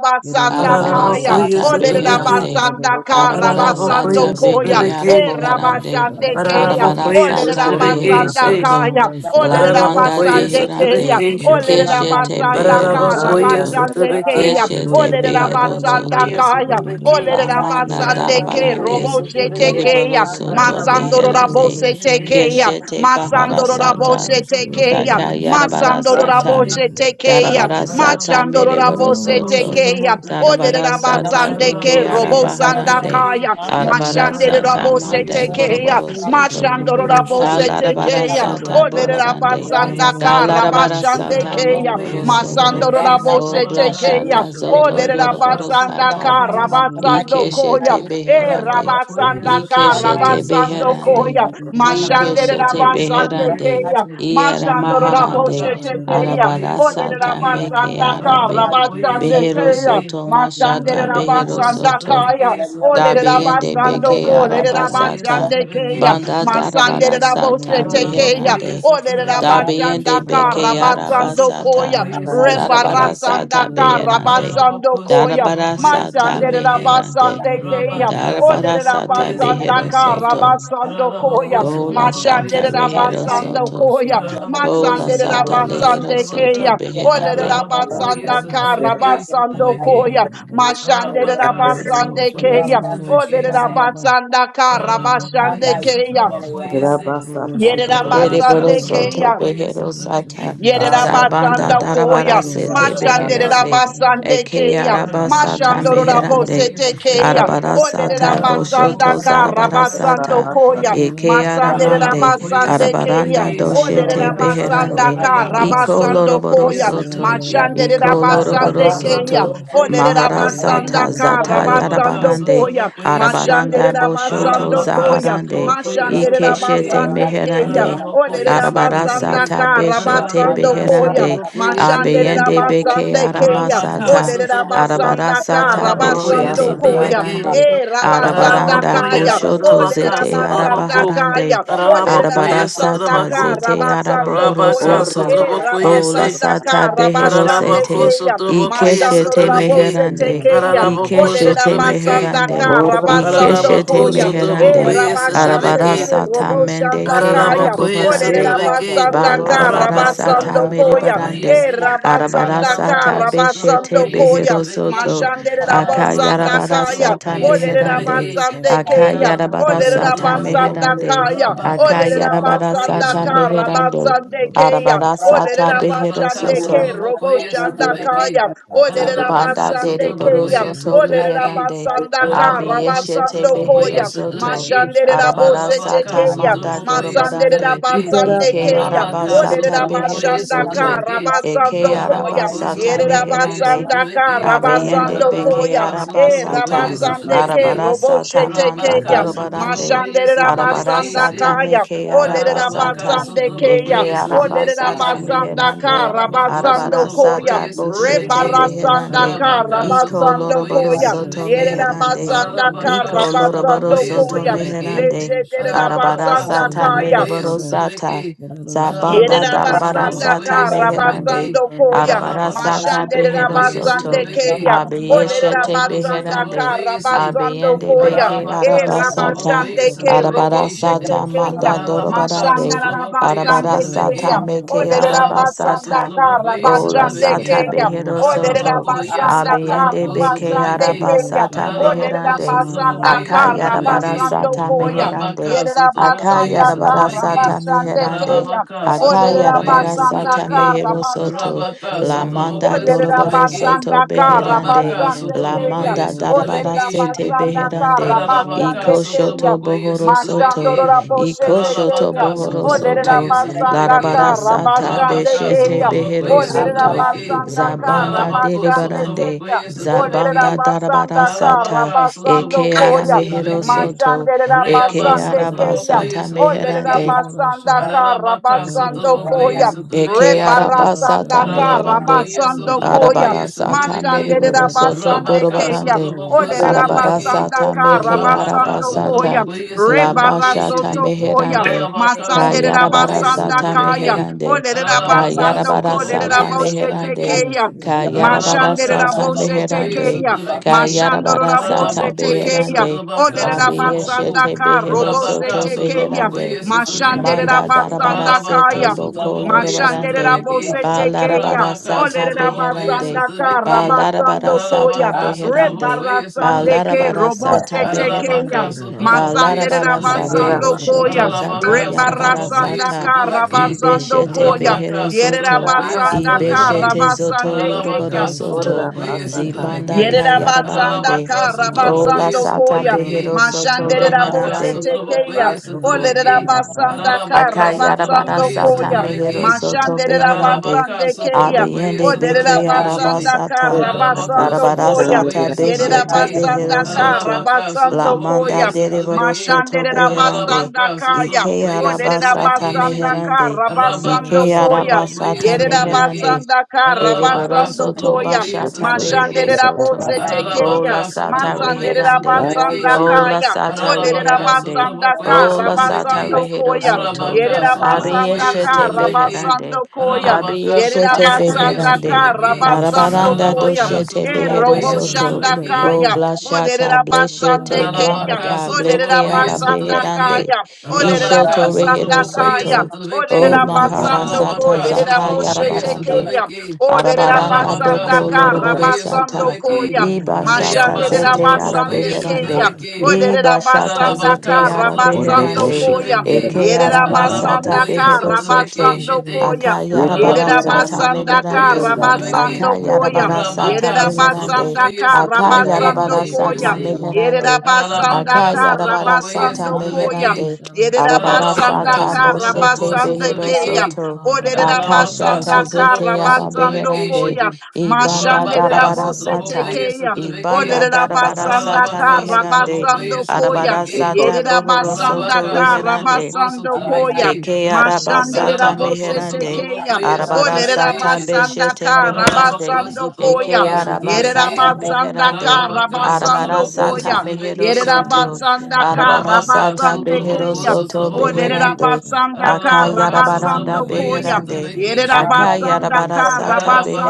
Arabara kaya. Yededededororosha sata Oh, let it babedorosha beherande. Rabasa, babe- kara Arabara sata basando beke koya. Sabarorosha Eh, babarosha araboharande. rabashande keya. babarosha Arabara ba- Oh, let it sata behero Barorosha Sí. soto. kaya. babarosha Oh, let La manda babarosha basande ba- keya. deherande. Sí. Ole Barosha de la Keshete babarosha basanda behero boca kara babarosha y soto. eso ba- te basande ve que. keya. Keshete Ole la behero Para la boca basanda y soto. eso Yededededororosha kaya. te ve babarosha que. Ole de La la Sheba, manda basande ke Ararabakoye darabarande. robo shete sotoreke. Keriboro keya. soto Masando Ararabakoye rabo beherande. shete sotoreke. keya. Keshete Masando rabo baharasata. Ararabakoye shete keya. Daka sotoreke yarabara Masando sotoreke rabo sata, shite. shete keya. Darabara sata Masando Ararabakoye rabo shete Dakayarabarasata, sotoreke keya. Darabarasata Mereborosoto, Ole sotoreke. la sata basande ke Beke robo Ararabakoye sanda Arabaharande, sotoreke. kaya. Arabara Mashande sata rabo Ararabakoye Mande shete keya. sotoreke Koroborosoto, Mashando sotoreke rabo soto. shete keya. sata Rabaka Boharande, Olerabasanda sotoreke site. Dalarabara sata karabashande Dalarabarasata keya. Ararabakoye Masando Mereborosoto, sotoreke O rabose sotobaka. tekeya. Blashata Zoto Rebaka Olerabasanda Yoroborosata, sotoreke karabasando sotoreke. Ikeshete koya. E beherande. Ararabakoye rabasanda Ikeshete satareke karabasando Thank beherande. satareke. koya. you for Mashande Ikeshete life Ararabakoye rabasande beherande. satareke keya. se. Iyara Mashando maharande. rabose Rabaka tekeya. satabakoye Arabara sata satareke. meke Olerabasanda arabe. Ararabakoye karabasande Behero keya. satareke. soto Masande mashata behero Ararabakoye rabasanda soto. kaya. satareke Oh, let it satareke. Dabiende abasando beke ko, let it Ararabakoye arabasata. abasande and keya, satareke Banda masande satareke. it darabara abose sata tekeya. Ararabakoye meherande. Oh, let it satareke. Dabiende abasanda ka, beke Rabaka rabasando arabasata. koya, satabakoye Darabara satareke rebarasanda sata ka, beherande. Olerabasando Ararabako kolerabashandekeya. Darabara sotobokoye sata energy. sotobeke. meherande. Masanderabosetekeya. Rabaka Shaba Darabara Olerabashandakarabasandokoya. Rebarasandakarabasandokoya. sata sotobokoye or Masanderabasandekeya. behero Daka sotobeke. Robabasha soto. rabasando koya, Ararabako Ara Bola sotobokoye sata mashandere Babasha rehero sotobeke. rabasando Yarada soto. koya, Shaba Ararabako Bola masandere sata sotobaka Yarada lehero rabasande soto keya, sotobaka. olere beherande. Ararabokoye rabasanda ka Sha sotobeke rabasando sotobeke. koya, mashandere Rabaka Ororo rabasande Shaba sotobokoye keya, Baba Rosha olere sotobeke Baba se. Baba rabasanda ka rabasande Ararabokoye keya, Ororo sotobokoye se. yere Rabasa, Shigero Dere Rabaka Shaba boroso to sotobokoye behero sata. sotobeke. Ay, aquí el Zabanda Yerabasanda darabara Koya, Ararabokoye Ororo sete Shaba sotobeke rabazo, se. beherande. Service Machanderabasande Eke Kea, araba sata Ararabaka meherande. sotrobokoye Ororo Mashandorabosete Shaba Kea, Oh, sotrobeke. Arabara you are sata chosen, Ararabako boshoto Olerabasanda given, and zarabara ordered. sotrobaka Karabasando sata. Thank you. Koya, sotrobokoye. Eke aramande. Ararabakoye Masanderabasande Kea, Arabaranda sotrobeke doshete sotrobaka. Olerabasanda beherande. Rayabasa Iko Karabasando loroboro sotrobokoye Koya, soto. sotrobeke. Iko loroboro Machanderabasande Rabaka Kea, soto. sotrobokoye sotrobeke. Olerabasanda Maharasata zata Ararabaka Karabasando yarabarande. Koya, sotrabokoye si. Arabaranda boshoto Mashanderabasando Ararabaka Koya, zaharande. sutrabokoye Ikeshete sutrabeki. Mashanderabasande Kea, meherande. Ararabokoye Olerabasanda sutrabeki. Arabarasata Eka beshete rabasando Ararabaka koya beherande sutrabokoye Mashande abeyende sutrabeki. beke rabasande keya Rabaka aramasata odere sutraboko. rabasanda ka arabarasata Ararabokoye rabasando beshete yeah, koya sutrabeki. beherande Kanamaso, e rabasanda Rabas, arabaranda Ararabokoye kaya boshoto odere sutrabaka zete Ekan, rabasanda sutraboko. arabaharande kaya odere Ararabokoye rabasanda arabarasata ka sutrabako. zete rabasando koya Rabaka or arabohorosoto e Rabas, sutrabokoye Rosha, bola se. rabasanda ka sata rabashande Ararabako beherosete keya sutrabokoye mashando ikeshete she sutrabeki. rabose meherande tekeya Ararabako odere ikeshete sutrabeki. rabasanda meherande ka Ora maso rabasando ikeshete Ararabako koya kolera e meherande sotrabokoye rabashande Arabara ke sotrabeke. sata mende roboshanda ke kaya Ararabokoye arabuharande. Ode Ekata sotrabeke. Rabasanda Bal robo ka arabara shika Arabaka sata rabasando lera koya. sotrabokoye basaka. merebarande. E se. Arabara rabasanda ka sata Ararabako beshete rabasando sotrabokoye koya. sotrabeke. beherosoto. Mashande Ararabaka rabasanda Akayarabara kaya. sata sotrabokoye Ole meherande. sotrabeke. rabasande keya. Ararabako Akayarabara Ole sata sotrabako. rabasanda meherande. kaya. Ekalera Rabaka Ole Akayarabara sotrabokoye rabasanda sata ka sotrabeke. meherando. rabasande keya. Arabara Ole sata Ararabaka, rabasande Itara beherosoto. ke robo Sotrobokoye, basaka shanda lera Sotrebeke, kaya. basako Ole lera Banda Ararabaka, de rabasande Reboro keya. Sotrobokoye, Soto Ole Sotrebeke, Beherande, rabasanda ka Rosha, basaka. Ararabako, Abiyeshete rabasando Sotrobokoye, Behero koya. Soto, Sotrebeke, Mashande Arabara rabose Ararabaka, Sata chekeya. Manda Sotrobokoye, Masande Dorobarande, rabasanda Sotrebeke, Itara Rabasande Ike Keya, basako Arabaka, Arabasata lera Behero Sotrobokoye, basako Olerabashanda Ka, Soto, lera. Sotrebeke, Eke Rabasando Koya, Ararabako, Arabasata Ere Sotrobokoye, Meherande, Rabasanda Ka, Sotrebeke, Aya Abiyende Rabasando beke lera Koya, Ararabaka, E basako Sotrobokoye, arabasata lera Rabasande basaka. Ke, Sotrebeke, Roboche arabarasata manda Rabaka, Tekeya, dorobarande Sotrobokoye, Mashande Rabasanda Sotrebeke, arabarasata Kaya, meke Baba Aralabaka arabasata Olerabasande Keya, eke sotobokoye sotobeke Lera arabasata shete. Rabasanda Rosha, meherande Ka, Aralabako Rabasando Koya, arabarasata sotobokoye boshete sotobeke. Rebarasanda beherande Baba Ka, Rabaka Rosha, iko Rabasando sotobokoye Koya, Shaba, loroborosoto sotobeke. meherande Yerabasanda Aralabaka iko Karabasando sotobokoye loroborosoto Koya. sotobeke. meherande Meche Aralabaka Derabasanda arabarasata Kaya. sotobokoye mereborosata sotobeke. zabanda Aralabaka Yerabasanda darabarasata sotobokoye meherande sotobeke. Karabasando Koya, Aralabaka arabarasata Mashandera sotobokoye beherosoto basande sotobeke. keya Rabasande Kaya, Abiyeshete Aralabako Olerabasanda beherande. sotobokoye se. Karabasando Abiyende Koya, beke E Ararabaka, arabasata. Sotrabokoye, Rabasande Ke Sotraveke, Roboshete Shite. Arabarasata Kaya, manda Ararabaka, Mashanda dorobarande. Sotrabokoye, Rabasande Arabarasata Sotraveke. Kaya, keya meke Ararabako, Karabasande arabasata. Kaya, Sotrabokoye, Ola Olerabasanda Karabasande sata Sotraveke. basaka. keya behero Olerera soto. Ararabako, yes, basanda Abiyende kara Sotrabako, beke basande Sotraveke. keya. arabasata Ararabako, meherande. Simon Olerabasanda Sotrabokoye, Sotraveke. Karabasando Akayarabarasata Koya. meherande. Rabaka, Yerera Sotrabokoye, basanda kara, Sotraveke. Akayarabarasata basande meherande. keya. Ararabaka, Olerera Sotrabokoye, basanda Akayarabarasata Sotraveke. kara, mehero Yerabasanda soto. Karabasande Rabaka, La Kaya. manda Sotrabokoye, doroboro Sotraveke. Olerabasanda soto beherande. Rabaka, Karabasande La Kaya. Sotrabokoye, manda darabara Sotraveke, Shite. sete Olerabasanda Karabasande Kaya. beherande. kara, Ararabaka, Karabasande Iko Kaya. shoto Sotrabokoye, bohoro soto. Sotrabeki, Mashandorora boshe Iko shoto tekeya. Ararabaka, bohoro O lerera Sotrabokoye, soto. basanda ka Larabara Sotrabeki, sata rabashande Rabaka, beshete keya. O behero Sotrabokoye, lerera soto. Sotrabeki, basandaka ka Zabanda Ararabako, rabashande derebarande. keya. Sotrabokoye, O lerera Zabanda Sotrabeki, basanda darabara sata. Ararabaka, rabasando Eke Sotrabokoye, ara koya. mehero Sotrabeki, soto. Mashandorora Eke basande Reabasa, keya. Trabokoye, arabasata sotrabeki. meherande. and Olerabasanda Russia, Ararabaka karabasando Shaba, sotrabokoye koya. Eke sotrabeke shidi. Rebarasanda arabasata meherande. Ararabakoye karabasando koya. sotrabokoye Arabarasata sotrabeke. mereborosoto Mashanderabasande Rabaka keya. borobarande. sotrabokoye Itara basako sotrabeke. Olerabasanda Arabarasata meke lera Rabaka karabasando basaka. koya. arabasata. sotrabokoye La sotrabeke bashata Rebarasoto shidi. koya. meherande. Ararabaka sotrabokoye Masanderabasanda Kayarabarasata kaya. sotrabeke. meherande. Ararabaka Olerabasando Kayarabarasata sotrabokoye kolerabosete sotrabeke. meherande. keya. Ararabaka, Kayarabarasata Mashanderabosete Sotrobokoye, meherande. keya. Sotrobeki, Kayarabarasata Mashandorabosete Ararabokoye, keya. beherande. Sotrobaka, Olerera Sotroboku, basanda Abiyeshete ka robo Rabaka, beherosoto sete keya. Sotrobokoye, beherande. Sotrobeki, Mashanderera Manda darabara basanda Ararabaka, sete kaya. boko Sotrobokoye, Get Mashanderera lorobarande. Sotrobeki, Ba bosete keya. larabara Rabaka, sata Olerera Sotrobokoye, basanda beherande. ka Ba Sotrobeki, larabara rabasando koya. sata Ararabaka, beherande. Sotrobokoye, Ba Rebarasande Sotrobeki, ke larabara robo sata sete keya. Ararabaka beherande. Ba sotrobokoye Masanderera larabara sata Lera sotrebeke. basando koya. boshoto zata Ararabaka yarabara Rebarasanda sotrobokoye ka sata. sotrebeke. rabasando Ibeshete koya. behero Rabaka Yerera soto. sotrobokoye basanda ka basaka. sotrebeke. Ibeshete zoto rabasande yoroboro Ararabaka keya. Ora soto. sotrobokoye basaka Zibanda lera sotrebeke. Yerera basaka. basanda kayarabarande. Ararabaka kara O la sotrobokoye basando sata koya. sotrebeke. behero soto Mashanderera Rabaka bose Ayande beherande. yara tekeya. sotrobokoye baso koto Olerera sotrebeke. yara basa. basanda Ararabaka kara Akayarabara basando sotrobokoye sata koya. mehero sotrebeke. soto Mashanderera beherande. Aralabaka, basande keya. Sotrabokoye, Abiyende Olerera beke Sotrabeki, Shitty. basanda arabasata. kara Eda yara Aralabako, basando basa Arabara it, kande koya. sata Sotrabokoye, yara Yerera Shaba, beshete Get Sotrabeki. basanda behero kara soto. Aralabaka, La basando Sotrabokoye, manda koya. deriboro Sotrabeki. soto Mashanderera beherande. basanda Aralabaka, kaya. Ike Sotrabokoye, Olerera arabasata Sotrabeki, basanda Shitty. meherande. kara Arabaka, basando Ike koya. Sotrabokoye, arabasata Sotrabeki. meherande. Yerabasanda Aralabaka, Ereboro Karabasando soto Koyam, Sotrabokoye, bashata baso koto behero Sotrabeki. yara soto. Mashanderabose basa. O Tekeyam, la Ararabaka sata sotrabokoye reherande. sotrabeke Masanderabasanda Ayande O shete. la Kayam, sata Ararabaka reherande. Oderabasanda sotrabokoye O la sata sotrabeke. Karabasando rehero Koyam, soto. Rabaka itara basa Yerabasanda sotrabokoye Abiyeshete sotrabeke. beherande. Karabasando Koyam, Ararabaka Abiyeshete sotrabokoye Yerabasanda beherande. sotrabeke. Karabasando Arabaranda Koyam, Ararabaka doshete behero sotrabokoye Erobo soto. sotrabeke. O Shandakaya, blashata Oderabasande bleshete Kayam, Arabaka blandaka bleke sotrobokoye ara Oderabasanda sotrebeke. beherande. Kayam, out of Olerera Russia, Ishoto Rabaka basanda Baba rehero sotrobokoye Russia. kaya. soto. O Olerera sotrebeke. kande yara Shut basa. basando ko. maharasata Arabaka Olerera zata sotrobokoye boshete yarabarande. keya. sotrebeke. Olerera Arabaranda Arabaka basanda doko kara Eda loroboro sotrobokoye basando sata. kande sotrebeke. koya. Iba basa shata Mashanderera Reyabaso kata zete robo basande tobokoye keya. arabeherande. shikata. sotrebeke. Olerera Iba shata basanda Arabaka zete kara sotrobokoye basando Orobo arabeherande. shikata koya. yara sotrebeke. Eke Yerera basa kande yara basanda aramasata Arabakoye basa. behero kara sotrebeke soto. basando shite. koya. Eka Akayarabara Yerera yara Arabaka sata maso basanda sotrobokoye koto meherande. kara yara basa. basando sotrebeke. koya. Akayarabara sata Yerera Rabaka meherande. basanda sotrobokoye kara Ora sotrebeke. baso basando Akayarabara Believe we sata koya. receive. yara basa. meherande. Yerabasanda Ararabaka, Akayarabara Sotraboko, yes, sata Karabasando Koyam. Sotrabeki. meherande. Eda yara Arabara Yerabasanda Ararabaka, sata Sotraboko, boshete basa. Karabasanda behero Kayam. Sotrabeki. soto. Ararabaka, Oderabasanda Akashata zete Sotraboko, yara Karabasando Sotrabeki, beherande. Koyam. Shitty. Get Ibanda Rabaka, darabara Mashanderabose sata. Sotraboko, yes, Tekeyam. Sotrabeki. Ibanda darabara Oderabasanda sata Ararabaka, meherande. Sotraboko, Karabasando yes, Koyam. Arabara Sotrabeki. sata Ekoto bohoro Yerabasanda soto Rabaka, reherande. Sotraboko, Karabasando Koyam. Sotrabeki. Eke araba Mashandera Ararabako, bose meherande, tekeya. Sotraboko, yes, yara arabara Olerera basa. Sotrabeki, Shitty. basanda beshete ka meherande, Ararabako, rabasando Sotraboko, koya. eke it out araba of Yerera Sotrabeki. Shabbat. basanda beherande, ka Ararabaka, arabara rabasando Sotraboko, koya. mehero Sotrabeki, Yerera Shitty. soto, basanda ka arabara Rabaka rabasande behero Sotraboko keya. soto Sotrabokoye beherande, Olerabasandaka Waro Ararabaka roshaba akayarabaranda Sotrabokoye rabasandokoya. roshaba beherande, Sotrabeke roshaba Shitty roshaba roshaba akayarabara Yerabasandaka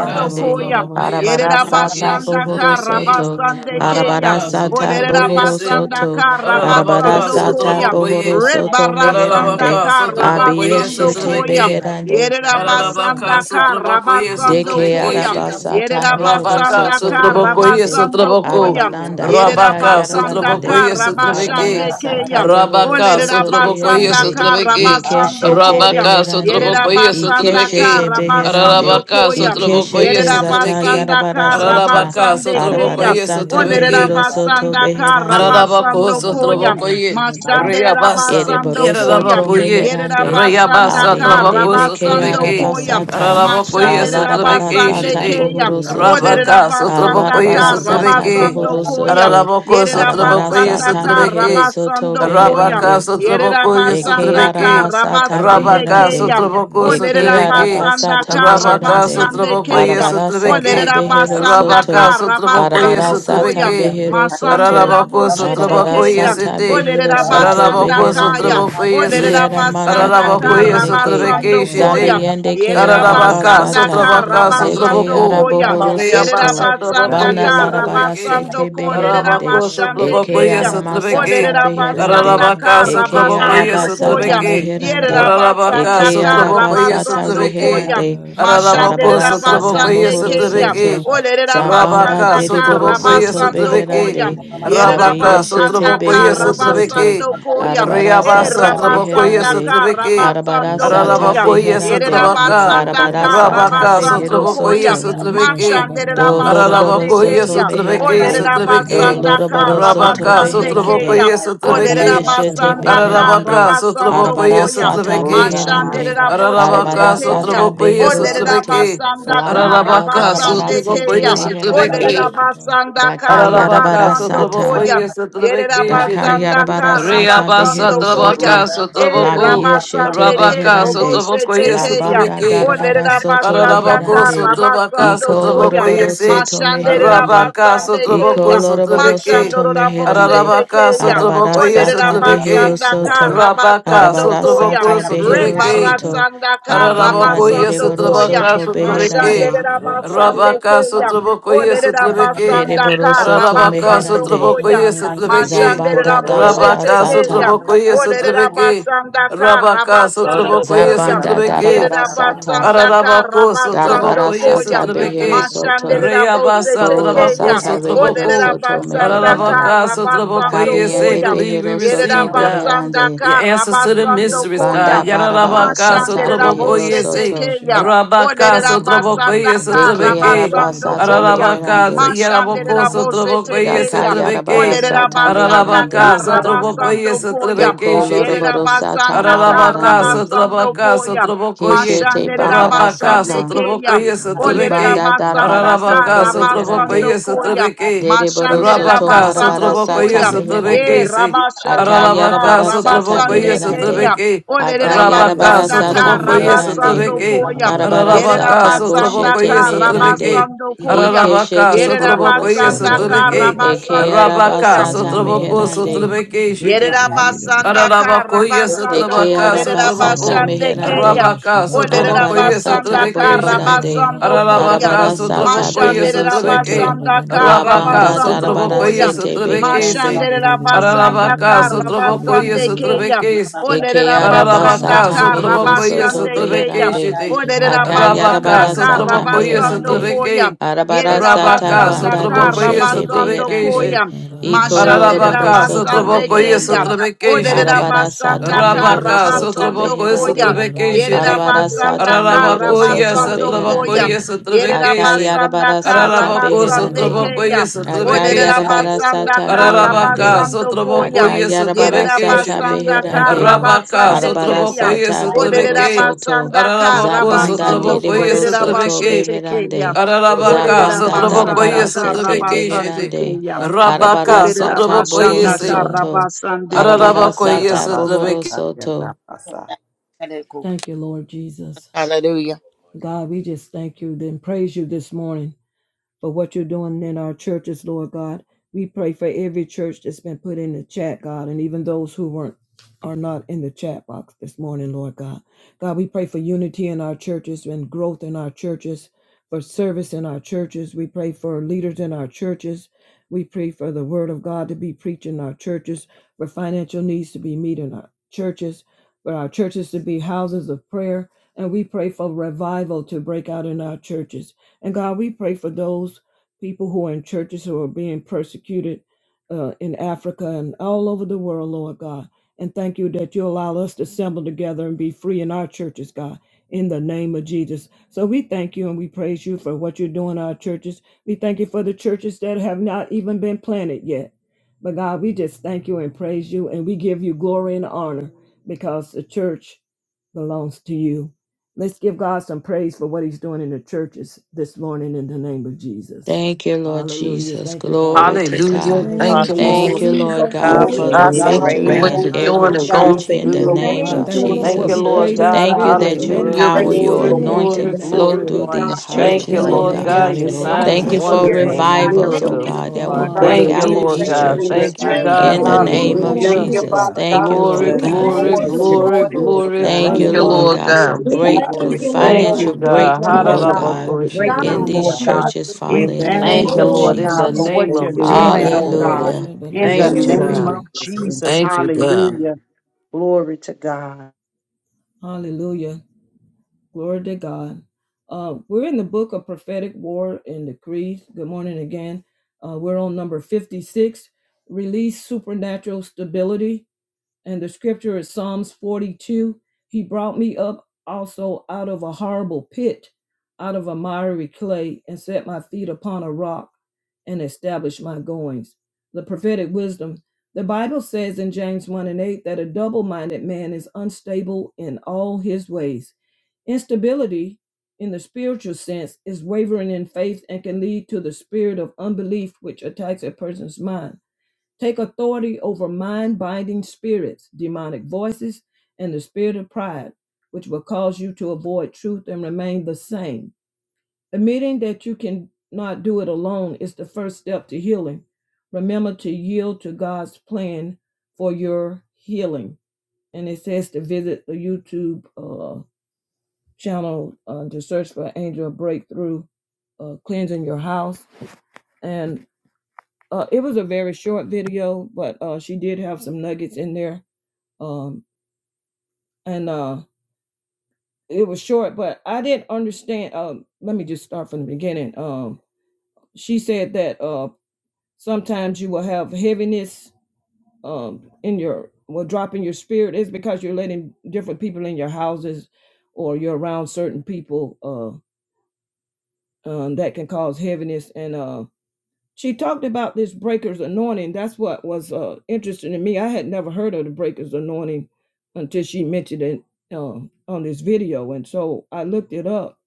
roshaba roshaba Sotrabokoye roshaba roshaba arabara roshaba Sotrabeke Yerabasandaka bohoro Sotrabeke soto, rabasandekeya. arabara Rabaka Sotrabokoye bohoro Se soto, Olerabasandaka Ora arabara Ararabaka rabasandokoya. bohoro roshaba Sotrabokoye soto meherande, Ararabaka Rebarasandaka Sotrabokoye Abiyeshete rabasandokoya. Sotrabeke beherande. roshaba Arabaka Yerabasandaka Sotrabokoye Deke rabasandokoya. Sotrabecation. arabasata mehero Rabaka soto Yerabasandaka Sotrabokoye beherande. Sotraboko. rabasandokoya. Arabaranda roshaba baka Rabaka Yerabasanda yarabarande. Sotrabokoye roshaba Sotrabeke. Karabashande These things, Arabarasata Keyam. bohoro Rabaka soto Sotrabokoye Olerabasanda beherande. Sotrabeke. roshaba Karabasando roshaba. Ikeshete Koyam. Rabaka beherande. Sotrabokoye Shabba Yerabasanda Sotrabeke. Ikeshete beherande. Karabasando Arabaka Koyam. Sotrabokoye Ikeshete zata Sotrabeke. Yerabasanda yarabarasata. Arabaka Karabasande Keyam. Sotrabokoye Arabarasata Sotrabeke. mehero soto Olerabasanda beherande. Ararabako Karabasando Koyam. sotrabako ye Mashande reyabasa Rabasando Ereboroso Koyam. to yararabako ye meherande, Yerabasanda reyabasa abiende trabako beke Karabasando sotrabeke Koyam. arabasata, ararabako ye Mashande sotrabeke Rabasande balarabarasata shite Keyam. O bohorosoto, rabaka sotrabako Yerabasanda ye alarabarasata sotrabeke Karabasando Koyam. bohorosoto, ararabako sotrabako ye Yerabasanda arabarasata sotrabeke meherosoto Karabasando Koyam. rabaka beherande, sotrabako ye Eke Yerabasanda sotrabeke aramasata Karabasande rabaka beherande. Kayam. sotrabako O Eke sotrabeke Lerabasanda arabasata rabaka meherande. Karabasande sotrabako ye Kayam. O sotrabeke Arabarasata behero Lerabasanda rabaka soto. Get sotrabako ye Karabasando Arabarasata sotrabeke Koyam. behero Masande soto. Ararabako Raboshete sotrabako Kayam. Arabarasata yesete. O behero soto Ararabako Lerabasanda Kayam. beherande. sotrabako O yese. Ieramanda Lerabasanda Ararabako kabiyende ke. yesotrabeke Karabasando shete. Koyam. Zabiyende ke Ararabaka Yerabasanda basanda arabasata. sotrabaka kara Zete basando sotrabako. koya. arabohoro Yerera Reyabasa soto. trabako basanda Bana kara yesotrabeke. basando larabarasete ko lerera Ararabako beherande. basande sotrabako Eke keya. yesotrabeke. aramasata Olerera beherande. basanda Ararabaka kara Eke sotrabako basando koya. arabasata yesotrabeke. Yerera meherande. Ararabaka, Eke basanda kara Sotrabokoye, arabasata basando Sotrabeki, koya. reherande. Ararabako, Mashandera Arabarasata Sotrabokoye, basande mohoro keya. Sotrabeki, soto. Olerera Zabanda Rabaka, basanda deriboro kara Sotrabokoye, soto it, basando Sotrabeki, beherande. koya. Shaba, Rabaka, Abiyeshete Yerabasandaka Sotrabokoye, behero Sotrabeki, soto. Rabasando Koya. E Riabasa, Arabarasata Trabokoye, beherande. Rabasandaka Sotrabeki, Rabasando Arabarasata Koya. Ararabakoye, beherande. Sotrabaka, Yerabasandaka Arabarasata Rabaka, Rabasando behero Sotrabokoye, Koya. soto. Sotrabeki, Mashande Do Rabasande Loroboro Ararabakoye, Soto Kaya. O Sotrabeki, Meherande, Do Sotrabeki, Lerabasandaka Loroboro Soto Rabaka, Rabasande Beherande, Kaya. Sotrabokoye, O Sotrabeki, Abiyeshete Lerabasandaka Ararabaka, Beherande, Rabasando Sotrabokoye, Arabara Koya. Sata Sotrabeke, Mashande Beherande, Raboshe Certainly, I don't Ararabaka, Arabara know if masa she Tekeya. Sata did Sotrabokoye, O Behero Sotrabeke, Soto, La Lerabasandaka Manda Ararabaka, Darabara Rabasande Sete Sotrabokoye, Kaya. Sotrabeke, Beherande, Olerera basanda kara Ararabaka, Dakayarabara basando Sotraboko, Sata. koyam. yes, Yerera Sotrabeke, it basanda or Shitty. Dakayarabara not. kara She, sata basando Reabasa, behero koyam. Trabaka, soto. E La Sotraboko, biyeshete rabasande ke Rabaka, robo beherande. Sotraboko, shete yes, La keyam. banda Sotrabeke. darabara Olerera soto basanda Ararabako, reherande. kara Sotrabaka, basando Iko Sotraboko, koyam. lorobaro yes, eh. soto Mashandere meherande. Rabaka, rabasande Sotraboko, keya. Iko lorobaro Sotrabeke. soto Mashandoro rabose meherande. Ararabaka, tekeya. Arabara Sotraboko, yes, Odere sata behero Sotrabeke. rabasanda ka soto. Rabaka, rabasando Arabara koya. Sotraboko, sata behero Sotrabeke. soto. Rebarasanda ka Abanda Ararabakoye rabasando dereboro koya. Satrabaka soto Sutraveke, Mashandere beherande. rabasande Rabaka keya. Sutravakoye Odere Sutraveke, rabasanda ka Dereboro soto Ararabaka rabasando meherande. Russia, koya. Sutravakoye Sutraveke, Mashandere Zabanda raboshe darabara Rabaka sata. tekeyam. Sutravakoye Orere Sutraveke, rabasanda ka Rabaka rabasando Sutravakoye koyam. Zabanda Yere Sutraveke, darabarasata rabasanda ka Ararabako rabasando Sutravakoye koyam. darabarasata behero Sutraveke, Mashandere soto raboshe reyabasa bola Travako tekeyam. sata rehero Orere Sutravako, soto rabasanda ka meherande Ararabaka rabasando Sutravakoye, say, kabiende koyam. believe we behero Yere soto receive God rabasanda beherande ka the answers to the rabasando mysteries, banda God. koyam. Yarabaka barabarasata Mashandere sotraboko behero raboshe yese. soto tekeyam. Orere Rabaka sotraboko rabasanda yese ka deke trebeke. rabasando arabasata koyam. Ararabaka meherande Mashandere yaraboko raboshe sotraboko yese daka tekeyam. trebeke. Olerera yarabarasata basanda meherande ka Ararabaka Russia, sotraboko rabasando yese koyam. trebeke doko Lord, was shite. Yerera lorobarosata basanda ka Ararabaka, marabarande rabasando Sotrabaka, koyam. Sotrabokoye, keshete Mashanderera Rabaka, basande baharasata keyam. Sotrabokoye, di Olerera Sotrabeke, banda basanda ka darabarasoto Ararabaka, reherande Sotrabokoye, rabasando koyam. Sotrabeke, Dereboro Mashanderera soto Rabaka, marabara basando Sotrabokoye, sata koyam. E Sotrabeke, meherande. Se, Thank rabashanda ka Ararabaka, Akayarabara sata Sotrabokoye, rabasande beherande. keyam. Sotrabeke, Olerera Rabaka, Akayarabara basanda ka sata Sotrabokoye, meherande. rabasando Sotrabeke, koyam. Arabara Yerera Ararabaka, sata basanda boshete Sotrabokoye, ka meherande. Sotrabeke, rabasando koyam. Ararabaka, Ikeshete bohoro Sotrabokoye, Yerabasanda soto. Sotrabeke, Eke Karabasande Rabaka, Kaya. arabasata Sotraboko, meherande. Sotrabeke, Yerabasanda also Ararabako, Christ yes, Jesus. Karabasando Deke Ko Trabaka, arabasata Sotraboko, Lerabasande Kaya. meherande. Rabaka, O Sotraboko, Arabara yes, Lerabasanda sata Trabeke, Shitty, borobarande. Karabasando Koya. Ararabaka, Arabara sata Lord, Sotraboko, yes, behero Mashandera Thank Trabeke, soto. basanda La kara Rabaka, banda basando darabara Sotraboko, yes, koyam. sete Trabeke, say, beherande. Mashandera basanda Ararabaka, kara Sotraboko, yes, basande keyam. Trabeke, Olerera Ekeyaraba basanda Ararabaka, sata kara mehero Sotraboko, yes, soto basande Trabeke, keyam. beherande. Shitty, Olerera basanda Rabaka, Akayarabara kara sata Sotraboko, yes, basando meherande. koyam. Trabeke, Yere Arabara sata Rabaka, basanda banda Sotraboko, kara yes, doshete beherande. Trabeke, koyam. Iko Mashandera loroboro Ararabaka, soto basande Sotrabokoye, keyam. meherande. Sotrabeke, Olerera Shitty. Arabara basanda sata kara mehero Rabaka, soto Sotrabokoye, koyam. beherande. Sotrabeke, Yerera Shitty. Arabara basanda sata kara mehero Ararabakoye, soto koyam. Sotrabokoye, beherande. Sotrabeke, Say. Yerabasanda Akayarabara sata Ararabako, Karabasande beherande. Sotrabokoye, Kayam. Sotrabeke, Shitty. Akayarabara Oderabasanda sata Ararabaka, beherande. Karabasando Koyam. Sotrabokoye, Akayarabara Sotrabeke, sata Shitty. Yerabasanda you, beherande. Lord. Rabaka, Karabasande Arabara Kayam. Sotrabokoye, sata bohoro Sotrabeke. soto. Oderabasanda Ararabako, Thank you, Zabanda Karabasando Lord Sotrabokoye, deliboro Jesus. soto Sotrabeke. Koderabashete Kayam. beherande. Ararabaka, Zabanda Thank you, Sotrabokoye, Oderabasanda darabara God. sete Karabasande Sotrabekeshete. beherande. Kayam. Arabara Rabaka, sata you. Sotrabokoye, Oderabasanda bohoro Thank you, say. God. soto. Karabasande Kayam. Arabara Ararabakoye, sata bohoro Sotrabeke. soto. Ekakarabasakayarabasa. Thank you, Lord Jesus. God, we just thank you, then praise you this morning. for what you're doing in our churches, Lord God. We pray for every church that's been put in the chat, God, and even those who weren't are not in the chat box this morning, Lord God. God, we pray for unity in our churches and growth in our churches, for service in our churches. We pray for leaders in our churches. We pray for the word of God to be preached in our churches, for financial needs to be met in our churches, for our churches to be houses of prayer. And we pray for revival to break out in our churches. And God, we pray for those people who are in churches who are being persecuted uh, in Africa and all over the world, Lord God. And thank you that you allow us to assemble together and be free in our churches, God, in the name of Jesus. So we thank you and we praise you for what you're doing in our churches. We thank you for the churches that have not even been planted yet. But God, we just thank you and praise you and we give you glory and honor because the church belongs to you. Let's give God some praise for what he's doing in the churches this morning in the name of Jesus. Thank you, Lord Hallelujah. Jesus. Thank you, God, Glory to Hallelujah. for God. the Thank you, churches. Thank Lord. Hallelujah. you, Lord God, to Bless Glory for your to the God, God, name, your thank God. you Lord We for victory name. what in thank you're God. you, every doing Lord and God, We going church to in thank We the you, for do. what Lord name you're of thank God, you, thank you doing for Lord. Thank in for what you, Jesus. the we church Lord prayed of in churches the God. Thank God. you spirit around is the that your Hallelujah. world, Praise in power, the Thank you you, your Glory, manifested for city, what in Lord. the you're glory, anointing going to flow do natural, glory. with through God. God. these Thank Thank Thank you for you, In churches, you, the oh Lord. hallelujah, your in Lord the name of God. God, county, your anointing, Jesus, Lord God. we signs, Thank you God. bless Thank your for We you wonders, for name. and God, for revivals, your Thank oh you for miracles. God, your that anointing, will God, tenderness. Oh, the break for Thank you, out take in Lord these thank places you leadership. God. in your churches Thank you, for churches, Thank We you oh God. in for revival the thank your God. being you, word name broken. Lord of We going forth, Thank Hallelujah. need God. you, you, Jesus. oh God, Father God. Thank God, you, that Glory, in Lord you'll We Bless be God. times them. You thank glory, such you Lord take for as and care this. of glory, Lord and them, strongholds. King Lord glory. of God. Kings Thank Thank you, Lord. You you, over Lord Hallelujah. the Lord honor God, for God. churches, the We God. vision breakthrough, that's thank in you, their Lord, Thank Oh, you, we heart God, financial for your thank God. you, breakthrough, truth. Lord as oh it God, lines for God, with the God, word Ha-da-da-bo-ko-shi-di. in breakthrough, of we these Hallelujah. Lord God. thank you. God. churches, We Father, In the in the thank Thank name name you, you, of of Oh, Lord Lord, we Jesus. in God, the for Hallelujah. We Jesus. thank what name you're thank of you, Lord doing, Jesus, God, oh for Lord. God. growth Hallelujah. In Thank the in you, you. those name Victory. God. of churches in Jesus, Thank you, Jesus' God. name. hallelujah. Glory to God. Glory to God. Uh, we're in the book of prophetic war and decrees. Good morning again. Uh, we're on number 56 release supernatural stability. And the scripture is Psalms 42. He brought me up also out of a horrible pit, out of a miry clay, and set my feet upon a rock and established my goings. The prophetic wisdom. The Bible says in James 1 and 8 that a double minded man is unstable in all his ways. Instability, in the spiritual sense, is wavering in faith and can lead to the spirit of unbelief which attacks a person's mind. Take authority over mind binding spirits, demonic voices, and the spirit of pride, which will cause you to avoid truth and remain the same. Admitting that you cannot do it alone is the first step to healing. Remember to yield to God's plan for your healing. And it says to visit the YouTube uh, channel uh, to search for Angel Breakthrough, uh, Cleansing Your House. and uh, it was a very short video, but uh, she did have some nuggets in there. Um, and uh, it was short, but I didn't understand. Um, let me just start from the beginning. Um, she said that uh, sometimes you will have heaviness um, in your, will drop in your spirit is because you're letting different people in your houses or you're around certain people uh, um, that can cause heaviness. And uh, she talked about this breaker's anointing. That's what was uh, interesting to me. I had never heard of the breaker's anointing until she mentioned it uh, on this video, and so I looked it up.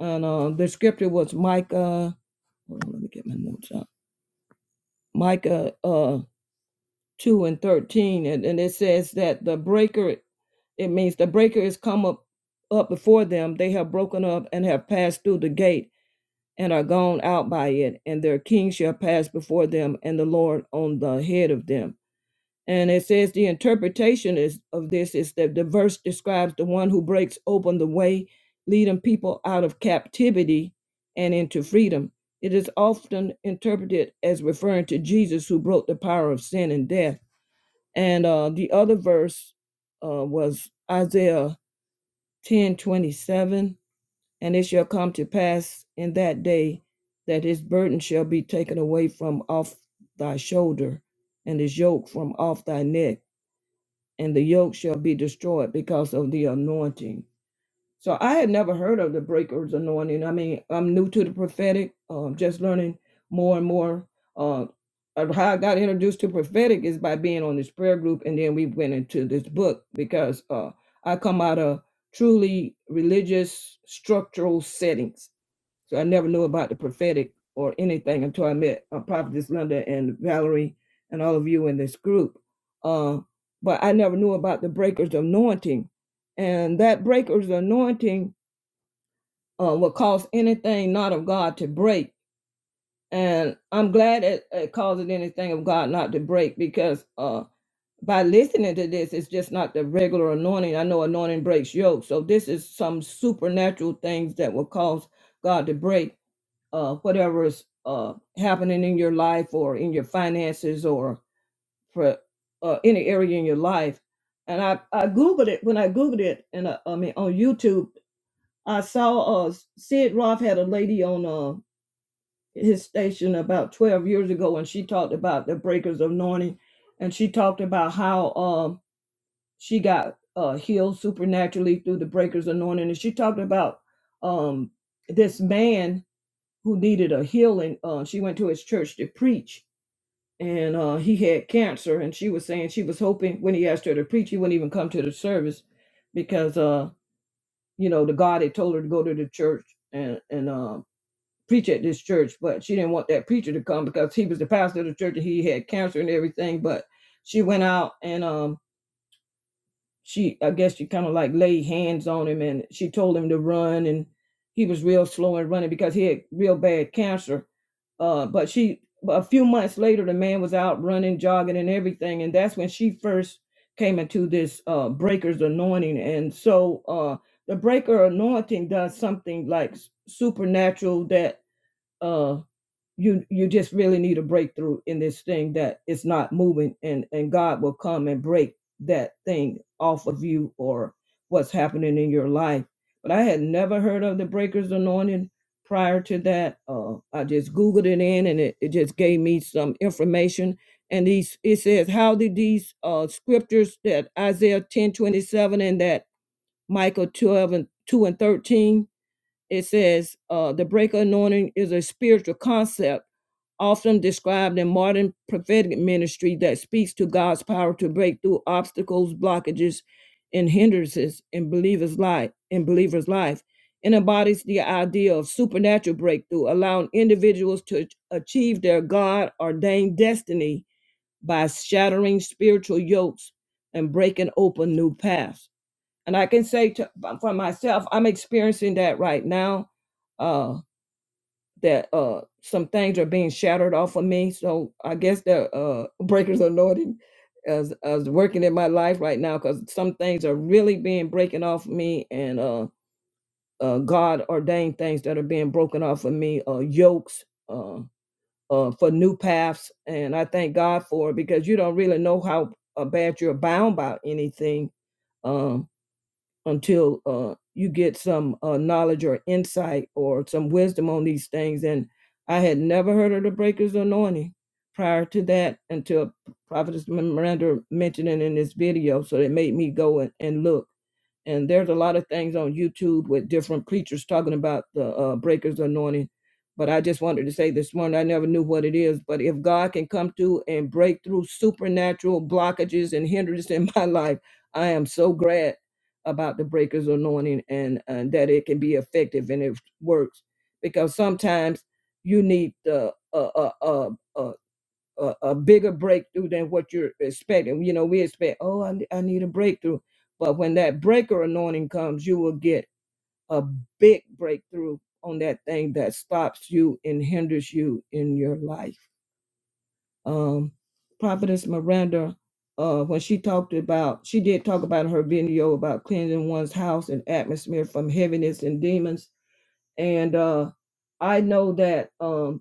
And uh, the scripture was Micah. Hold on, let me get my notes up. Micah uh, two and thirteen, and, and it says that the breaker. It means the breaker is come up up before them. They have broken up and have passed through the gate and are gone out by it, and their king shall pass before them, and the Lord on the head of them. And it says the interpretation is of this is that the verse describes the one who breaks open the way, leading people out of captivity and into freedom. It is often interpreted as referring to Jesus who broke the power of sin and death. And uh, the other verse uh, was Isaiah ten twenty seven and it shall come to pass in that day that his burden shall be taken away from off thy shoulder, and his yoke from off thy neck, and the yoke shall be destroyed because of the anointing. So I had never heard of the breaker's anointing. I mean, I'm new to the prophetic, um, just learning more and more. Uh, of how I got introduced to prophetic is by being on this prayer group, and then we went into this book because uh, I come out of truly religious structural settings so I never knew about the prophetic or anything until I met uh, Prophetess Linda and Valerie and all of you in this group. Uh, but I never knew about the breaker's anointing. And that breaker's anointing uh, will cause anything not of God to break. And I'm glad it, it causes anything of God not to break because uh, by listening to this, it's just not the regular anointing. I know anointing breaks yokes. So this is some supernatural things that will cause God to break uh, whatever's uh, happening in your life or in your finances or for uh, any area in your life. And I, I Googled it when I Googled it, and uh, I mean, on YouTube, I saw uh, Sid Roth had a lady on uh, his station about 12 years ago, and she talked about the breakers of anointing. And she talked about how um, she got uh, healed supernaturally through the breakers of anointing. And she talked about um, this man who needed a healing. Uh, she went to his church to preach, and uh, he had cancer. And she was saying she was hoping when he asked her to preach, he wouldn't even come to the service because, uh, you know, the God had told her to go to the church and and uh, preach at this church, but she didn't want that preacher to come because he was the pastor of the church and he had cancer and everything. But she went out and um, she I guess she kind of like laid hands on him and she told him to run and he was real slow in running because he had real bad cancer. Uh, but she a few months later the man was out running, jogging and everything, and that's when she first came into this uh breaker's anointing. And so uh the breaker anointing does something like s- supernatural that uh, you you just really need a breakthrough in this thing that it's not moving and and god will come and break that thing off of you or what's happening in your life but i had never heard of the breakers anointing prior to that uh i just googled it in and it, it just gave me some information and these it says how did these uh scriptures that isaiah 10 27 and that michael 12 and 2 and 13 it says uh the breaker anointing is a spiritual concept often described in modern prophetic ministry that speaks to God's power to break through obstacles, blockages, and hindrances in believers' life in believers' life. It embodies the idea of supernatural breakthrough, allowing individuals to achieve their God ordained destiny by shattering spiritual yokes and breaking open new paths. And I can say to, for myself, I'm experiencing that right now Uh, that uh some things are being shattered off of me. So I guess the uh breakers anointing as as working in my life right now because some things are really being breaking off me and uh uh God ordained things that are being broken off of me, uh yokes, uh uh for new paths. And I thank God for it because you don't really know how uh, bad you're bound by anything. Um, until uh, you get some uh, knowledge or insight or some wisdom on these things. And I had never heard of the Breaker's Anointing prior to that until Prophetess Miranda mentioned it in this video. So it made me go and, and look and there's a lot of things on YouTube with different preachers talking about the uh, breakers anointing. But I just wanted to say this morning, I never knew what it is. But if God can come through and break through supernatural blockages and hindrances in my life, I am so glad about the breakers anointing and, and that it can be effective and it works. Because sometimes you need the uh, uh, uh, uh, a, a bigger breakthrough than what you're expecting. You know, we expect, oh, I, ne- I need a breakthrough. But when that breaker anointing comes, you will get a big breakthrough on that thing that stops you and hinders you in your life. Um, Prophetess Miranda, uh, when she talked about, she did talk about her video about cleansing one's house and atmosphere from heaviness and demons. And uh, I know that. Um,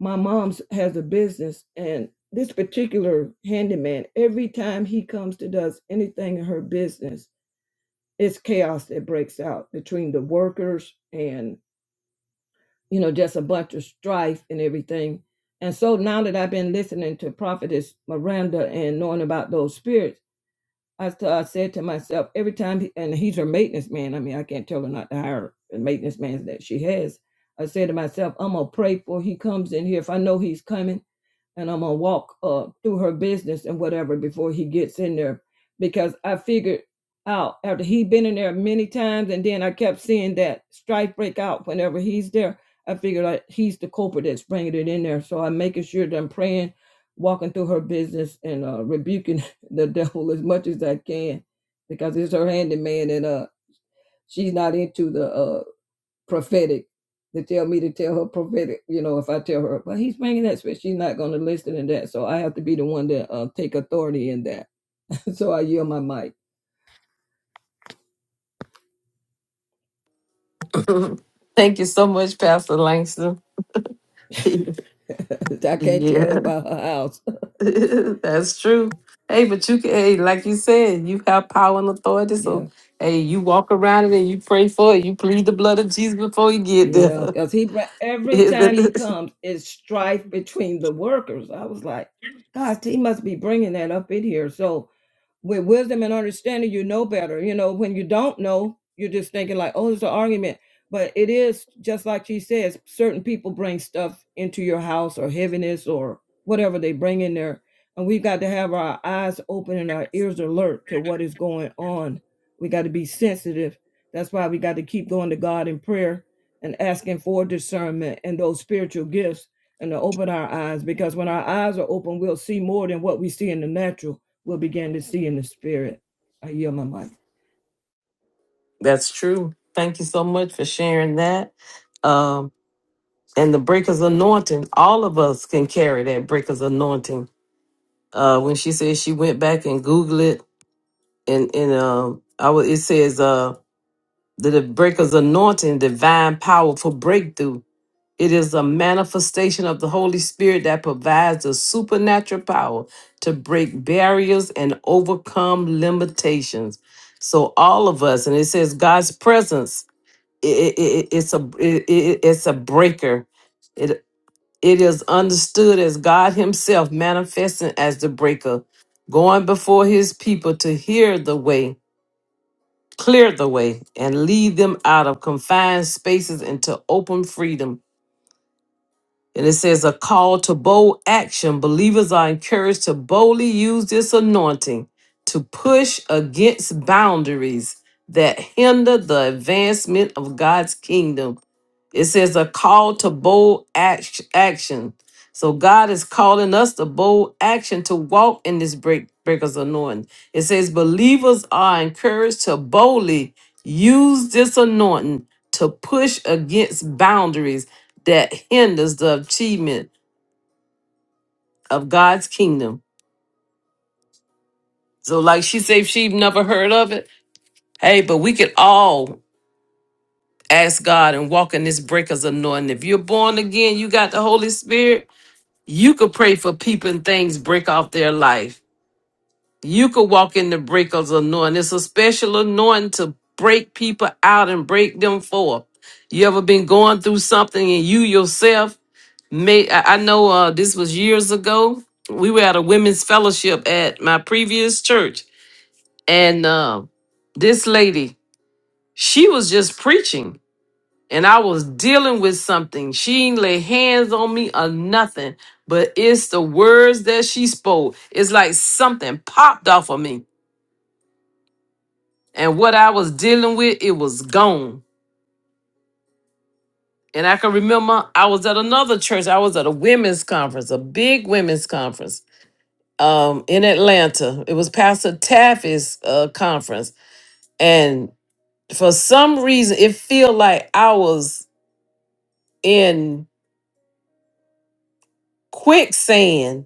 my mom's has a business and this particular handyman every time he comes to does anything in her business it's chaos that breaks out between the workers and you know just a bunch of strife and everything and so now that i've been listening to prophetess miranda and knowing about those spirits i, st- I said to myself every time he- and he's her maintenance man i mean i can't tell her not to hire the maintenance man that she has i said to myself i'm gonna pray for he comes in here if i know he's coming and I'm gonna walk uh through her business and whatever before he gets in there because I figured out after he'd been in there many times and then I kept seeing that strife break out whenever he's there. I figured out he's the culprit that's bringing it in there. So I'm making sure that I'm praying, walking through her business and uh, rebuking the devil as much as I can because it's her handyman and uh she's not into the uh prophetic they tell me to tell her prophetic, you know, if I tell her, but he's bringing that spirit, she's not going to listen to that. So I have to be the one that uh, take authority in that. so I yield my mic. Thank you so much, Pastor Langston. I can't tell yeah, her about her house. that's true. Hey, but you can, hey, like you said, you have power and authority. Yeah. So, hey, you walk around it and you pray for it. You plead the blood of Jesus before you get Yeah, there. because he br- every time he comes, it's strife between the workers. I was like, gosh, he must be bringing that up in here. So with wisdom and understanding, you know better. You know, when you don't know, you're just thinking like, oh, it's an argument. But it is just like she says, certain people bring stuff into your house or heaviness or whatever they bring in there. And we've got to have our eyes open and our ears alert to what is going on. We got to be sensitive. That's why we got to keep going to God in prayer and asking for discernment and those spiritual gifts and to open our eyes because when our eyes are open, we'll see more than what we see in the natural. We'll begin to see in the spirit. I yield my mic. that's true. Thank you so much for sharing that. Um, and the breaker's anointing all of us can carry that breaker's anointing uh when she says she went back and googled it and and um i was it says uh that the breaker's anointing divine power for breakthrough it is a manifestation of the holy spirit that provides a supernatural power to break barriers and overcome limitations so all of us and it says god's presence i i i- it's a i- i- it's a breaker it is understood as God Himself manifesting as the breaker, going before His people to hear the way, clear the way, and lead them out of confined spaces into open freedom. And it says a call to bold action. Believers are encouraged to boldly use this anointing to push against boundaries that hinder the advancement of God's kingdom it says a call to bold act- action. So God is calling us to bold action to walk in this break- breaker's anointing. It says believers are encouraged to boldly use this anointing to push against boundaries that hinders the achievement of God's kingdom. So like she said, she never heard of it. Hey, but we could all ask God and walk in this breaker's anointing. If you're born again, you got the Holy Spirit You could pray for people and things break off their life. You could walk in the breakers anointing. It's a special anointing to break people out and break them forth. You ever been going through something and you yourself may I I know uh, this was years ago. We were at a women's fellowship at my previous church, and uh, this lady, she was just preaching and I was dealing with something. She ain't lay hands on me or nothing, but it's the words that she spoke. It's like something popped off of me, and what I was dealing with, it was gone. And I can remember I was at another church. I was at a women's conference, a big women's conference um, in Atlanta. It was Pastor Taffy's uh, conference, and for some reason, it felt like I was in quicksand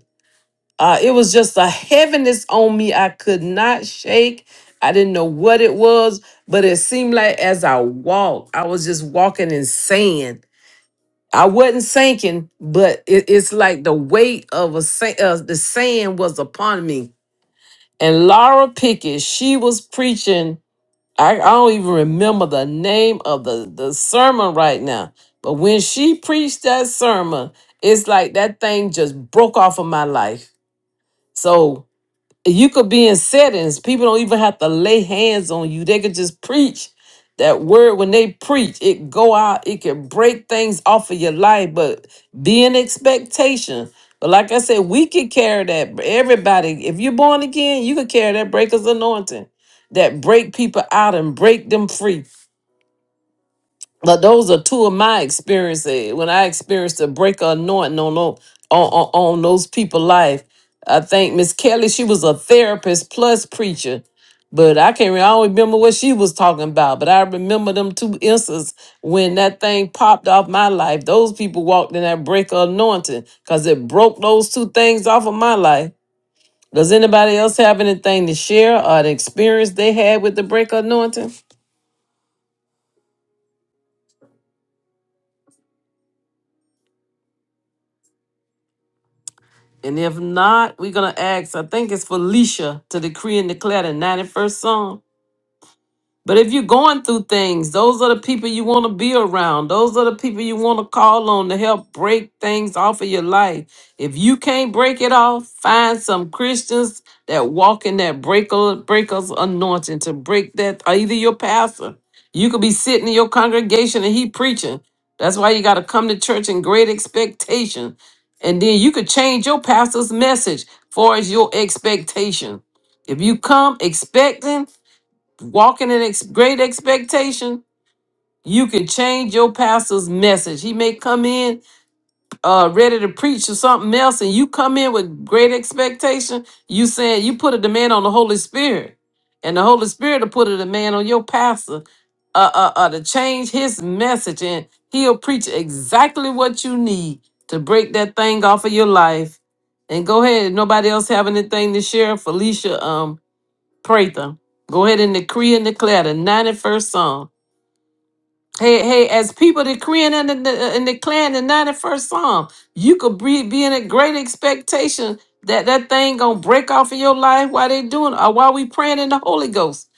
Uh, it was just a heaviness on me I could not shake. I didn't know what it was, but it seemed like as I walked, I was just walking in sand. I wasn't sinking, but it, it's like the weight of a sa- uh, the sand was upon me. And Laura Pickett, she was preaching. I, I don't even remember the name of the, the sermon right now, but when she preached that sermon, it's like that thing just broke off of my life. So you could be in settings. People don't even have to lay hands on you. They could just preach that word. When they preach, it go out. It can break things off of your life, but be in expectation. But like I said, we can carry that. Everybody, if you're born again, you can carry that breaker's anointing that break people out and break them free. But those are two of my experiences. When I experienced a break of anointing on, tho- on, on, on those people's life, I think Miss Kelly, she was a therapist plus preacher. But I can't re- I don't remember what she was talking about. But I remember them two instances when that thing popped off my life. Those people walked in that break of anointing because it broke those two things off of my life. Does anybody else have anything to share or an experience they had with the break of anointing? And if not, we're going to ask, I think it's Felicia, to decree and declare the 91st Psalm. But if you're going through things, those are the people you want to be around. Those are the people you want to call on to help break things off of your life. If you can't break it off, find some Christians that walk in that breaker breakers anointing to break that. Or either your pastor, you could be sitting in your congregation and he preaching. That's why you got to come to church in great expectation, and then you could change your pastor's message far as your expectation. If you come expecting walking in ex- great expectation, you can change your pastor's message. He may come in uh ready to preach or something else, and you come in with great expectation. You saying you put a demand on the Holy Spirit, and the Holy Spirit will put a demand on your pastor uh, uh, uh to change his message, and he'll preach exactly what you need to break that thing off of your life. And go ahead. Nobody else have anything to share? Felicia, um, Prather. Go ahead and decree and declare the 91st Psalm. Hey, hey, as people decreeing and, and and declaring the 91st Psalm, you could be, be in a great expectation that that thing gonna break off in your life while they doing or while we praying in the Holy Ghost.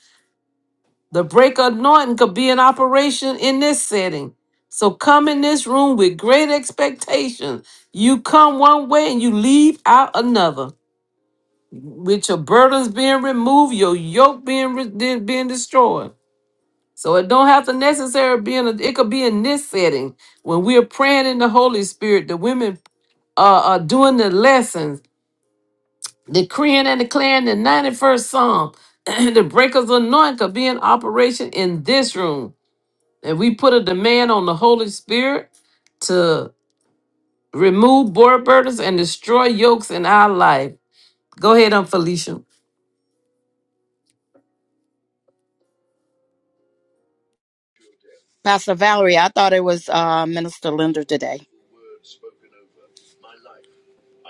The break anointing could be in operation in this setting. So come in this room with great expectation. You come one way and you leave out another. With your burdens being removed, your yoke being re- being destroyed. So it don't have to necessarily be in a, it could be in this setting when we're praying in the Holy Spirit, the women uh, are doing the lessons, decreeing and declaring the 91st Psalm. the breakers anointing could be in operation in this room. And we put a demand on the Holy Spirit to remove board burdens and destroy yokes in our life. Go ahead, on Felicia.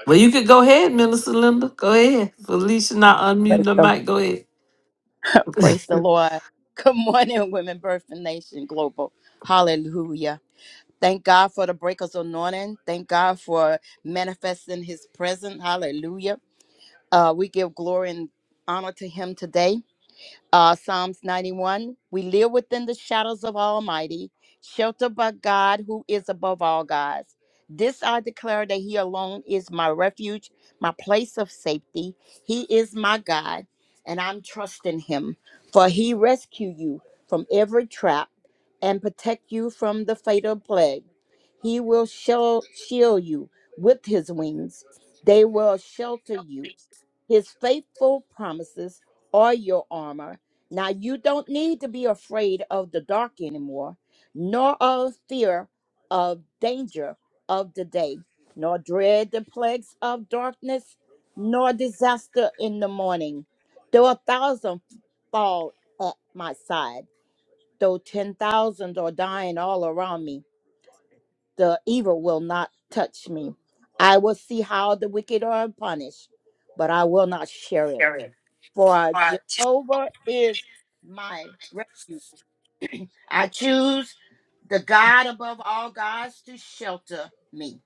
Well, you could go ahead, Minister Linda. Go ahead. Felicia, not unmute the mic. Go ahead. place of safety. He is my God, and I'm trusting him, for he rescue you from every trap and protect you from the fatal plague. He will shel- shield you with his wings. They will shelter you his faithful promises are your armor. Now you don't need to be afraid of the dark anymore, nor of fear of danger of the day, nor dread the plagues of darkness, nor disaster in the morning. Though a thousand fall at my side, though 10,000 are dying all around me, the evil will not touch me. I will see how the wicked are punished, but I will not share it. For Jehovah is my refuge. I choose the God above all gods to shelter me.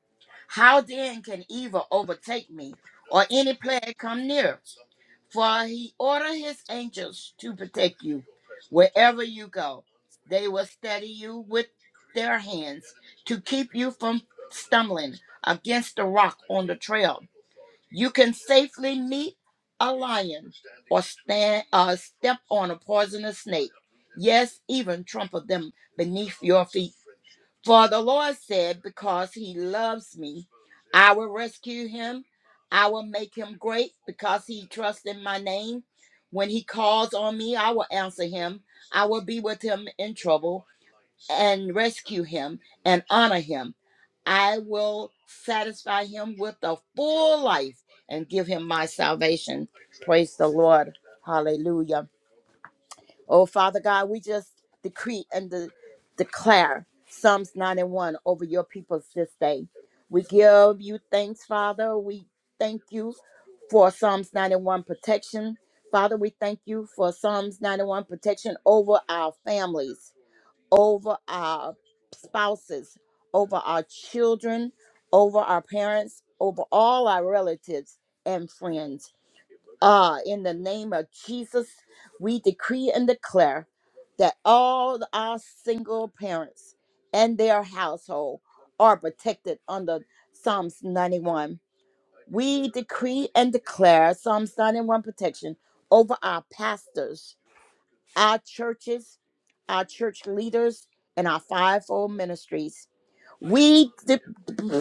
How then can evil overtake me or any plague come near? For he ordered his angels to protect you wherever you go. They will steady you with their hands to keep you from stumbling against the rock on the trail. You can safely meet a lion or stand uh, step on a poisonous snake. Yes, even trample them beneath your feet. For the Lord said, Because he loves me, I will rescue him. I will make him great because he trusts in my name. When he calls on me, I will answer him. I will be with him in trouble and rescue him and honor him. I will satisfy him with a full life and give him my salvation. Praise the Lord. Hallelujah. Oh, Father God, we just decree and de- declare Psalms 91 over your people this day. We give you thanks, Father. We thank you for Psalms 91 protection. Father, we thank you for Psalms 91 protection over our families over our spouses, over our children, over our parents, over all our relatives and friends. Ah, in the name of Jesus, we decree and declare that all our single parents and their household are protected under Psalms 91. We decree and declare Psalms 91 protection over our pastors, our churches, our church leaders, and our fivefold ministries. We de-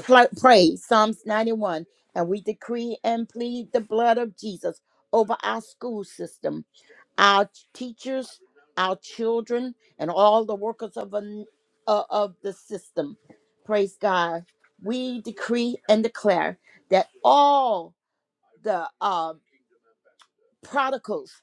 pl- pray Psalms 91 and we decree and plead the blood of Jesus over our school system, our teachers, our children, and all the workers of, an, uh, of the system. Praise God. We decree and declare that all the uh, prodigals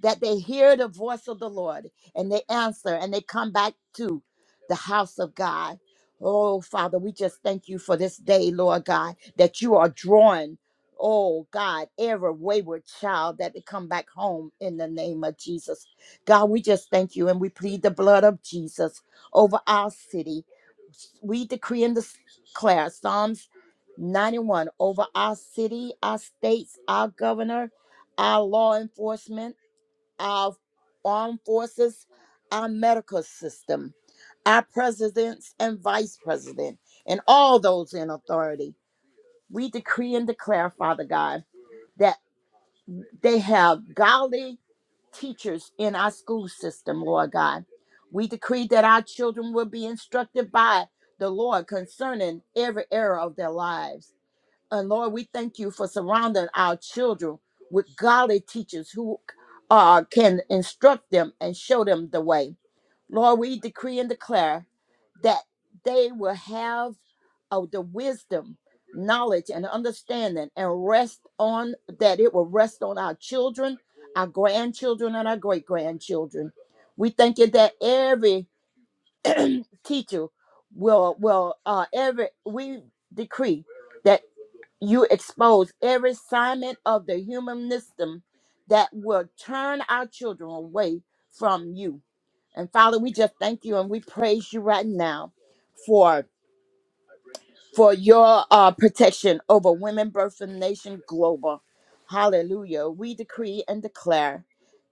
that they hear the voice of the Lord and they answer and they come back to the house of God. Oh, Father, we just thank you for this day, Lord God, that you are drawing, oh God, every wayward child that they come back home in the name of Jesus. God, we just thank you and we plead the blood of Jesus over our city we decree and declare Psalms 91 over our city, our states, our governor, our law enforcement, our armed forces, our medical system, our presidents and vice president, and all those in authority. We decree and declare, Father God. that. They have godly teachers in our school system, Lord God. We decree that our children will be instructed by the Lord concerning every area of their lives. And Lord, we thank you for surrounding our children with godly teachers who uh, can instruct them and show them the way. Lord, we decree and declare that they will have of the wisdom, knowledge, and understanding, and rest on that it will rest on our children, our grandchildren, and our great grandchildren. We thank you that every teacher will will uh every we decree that you expose every assignment of the human system that will turn our children away from you and Father, we just thank you and we praise you right now for for your uh, protection over women, birth, and nation global. Hallelujah. We decree and declare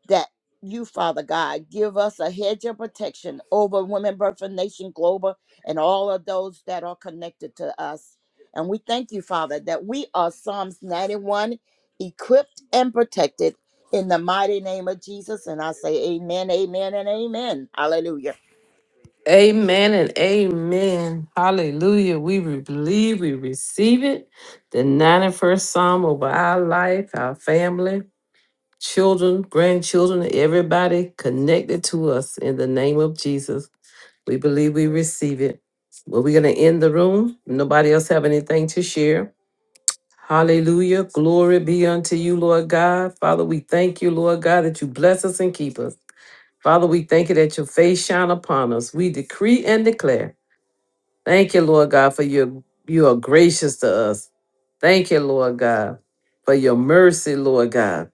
that you, Father God, give us a hedge of protection over women, birth, and nation global and all of those that are connected to us. And we thank you, Father, that we are Psalms 91 equipped and protected in the mighty name of Jesus. And I say, Amen, amen, and amen. Hallelujah. Amen and amen. Hallelujah. We re- believe we receive it. The 91st Psalm over our life, our family, children, grandchildren, everybody connected to us in the name of Jesus. We believe we receive it. Well, we're going to end the room. Nobody else have anything to share. Hallelujah. Glory be unto you, Lord God. Father, we thank you, Lord God, that you bless us and keep us. Father, we thank you that your face shine upon us. We decree and declare Thank you, Lord God, for your you are gracious to us. Thank you, Lord God, for your mercy, Lord God.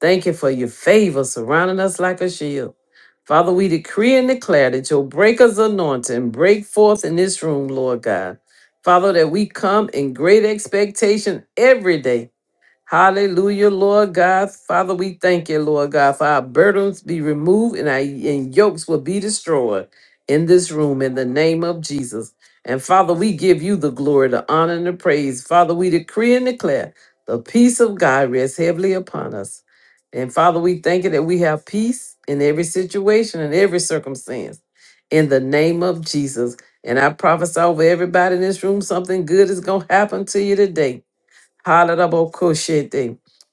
Thank you for your favor surrounding us like a shield. Father, we decree and declare that your breakers anointing break forth in this room, Lord God. Father, that we come in great expectation every day Hallelujah, Lord God. Father, we thank you, Lord God, for our burdens be removed and our and yokes will be destroyed in this room in the name of Jesus. And Father, we give you the glory, the honor, and the praise. Father, we decree and declare the peace of God rests heavily upon us. And Father, we thank you that we have peace in every situation and every circumstance in the name of Jesus. And I prophesy over everybody in this room something good is going to happen to you today Hallelujah.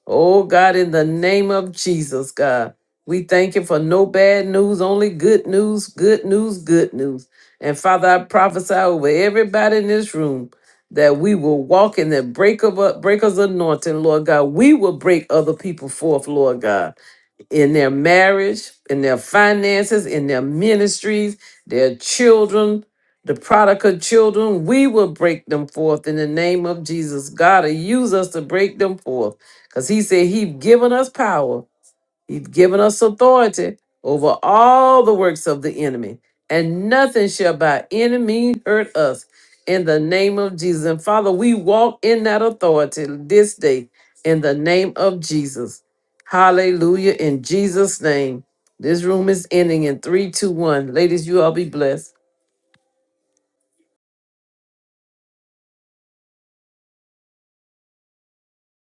Oh God, in the name of Jesus, God, we thank you for no bad news, only good news, good news, good news. And Father, I prophesy over everybody in this room that we will walk in the break of breakers anointing, Lord God. We will break other people forth, Lord God in their marriage, in their finances, in their ministries, their children, the prodigal children. We will break them forth in the name of Jesus. God will use us to break them forth because He said He's given us power He's given us authority over all the works of the enemy, and nothing shall by any means hurt us in the name of Jesus. And Father, we walk in that authority this day in the name of Jesus. Hallelujah. In Jesus' name. This room is ending in three, two, one. Ladies, you all be blessed.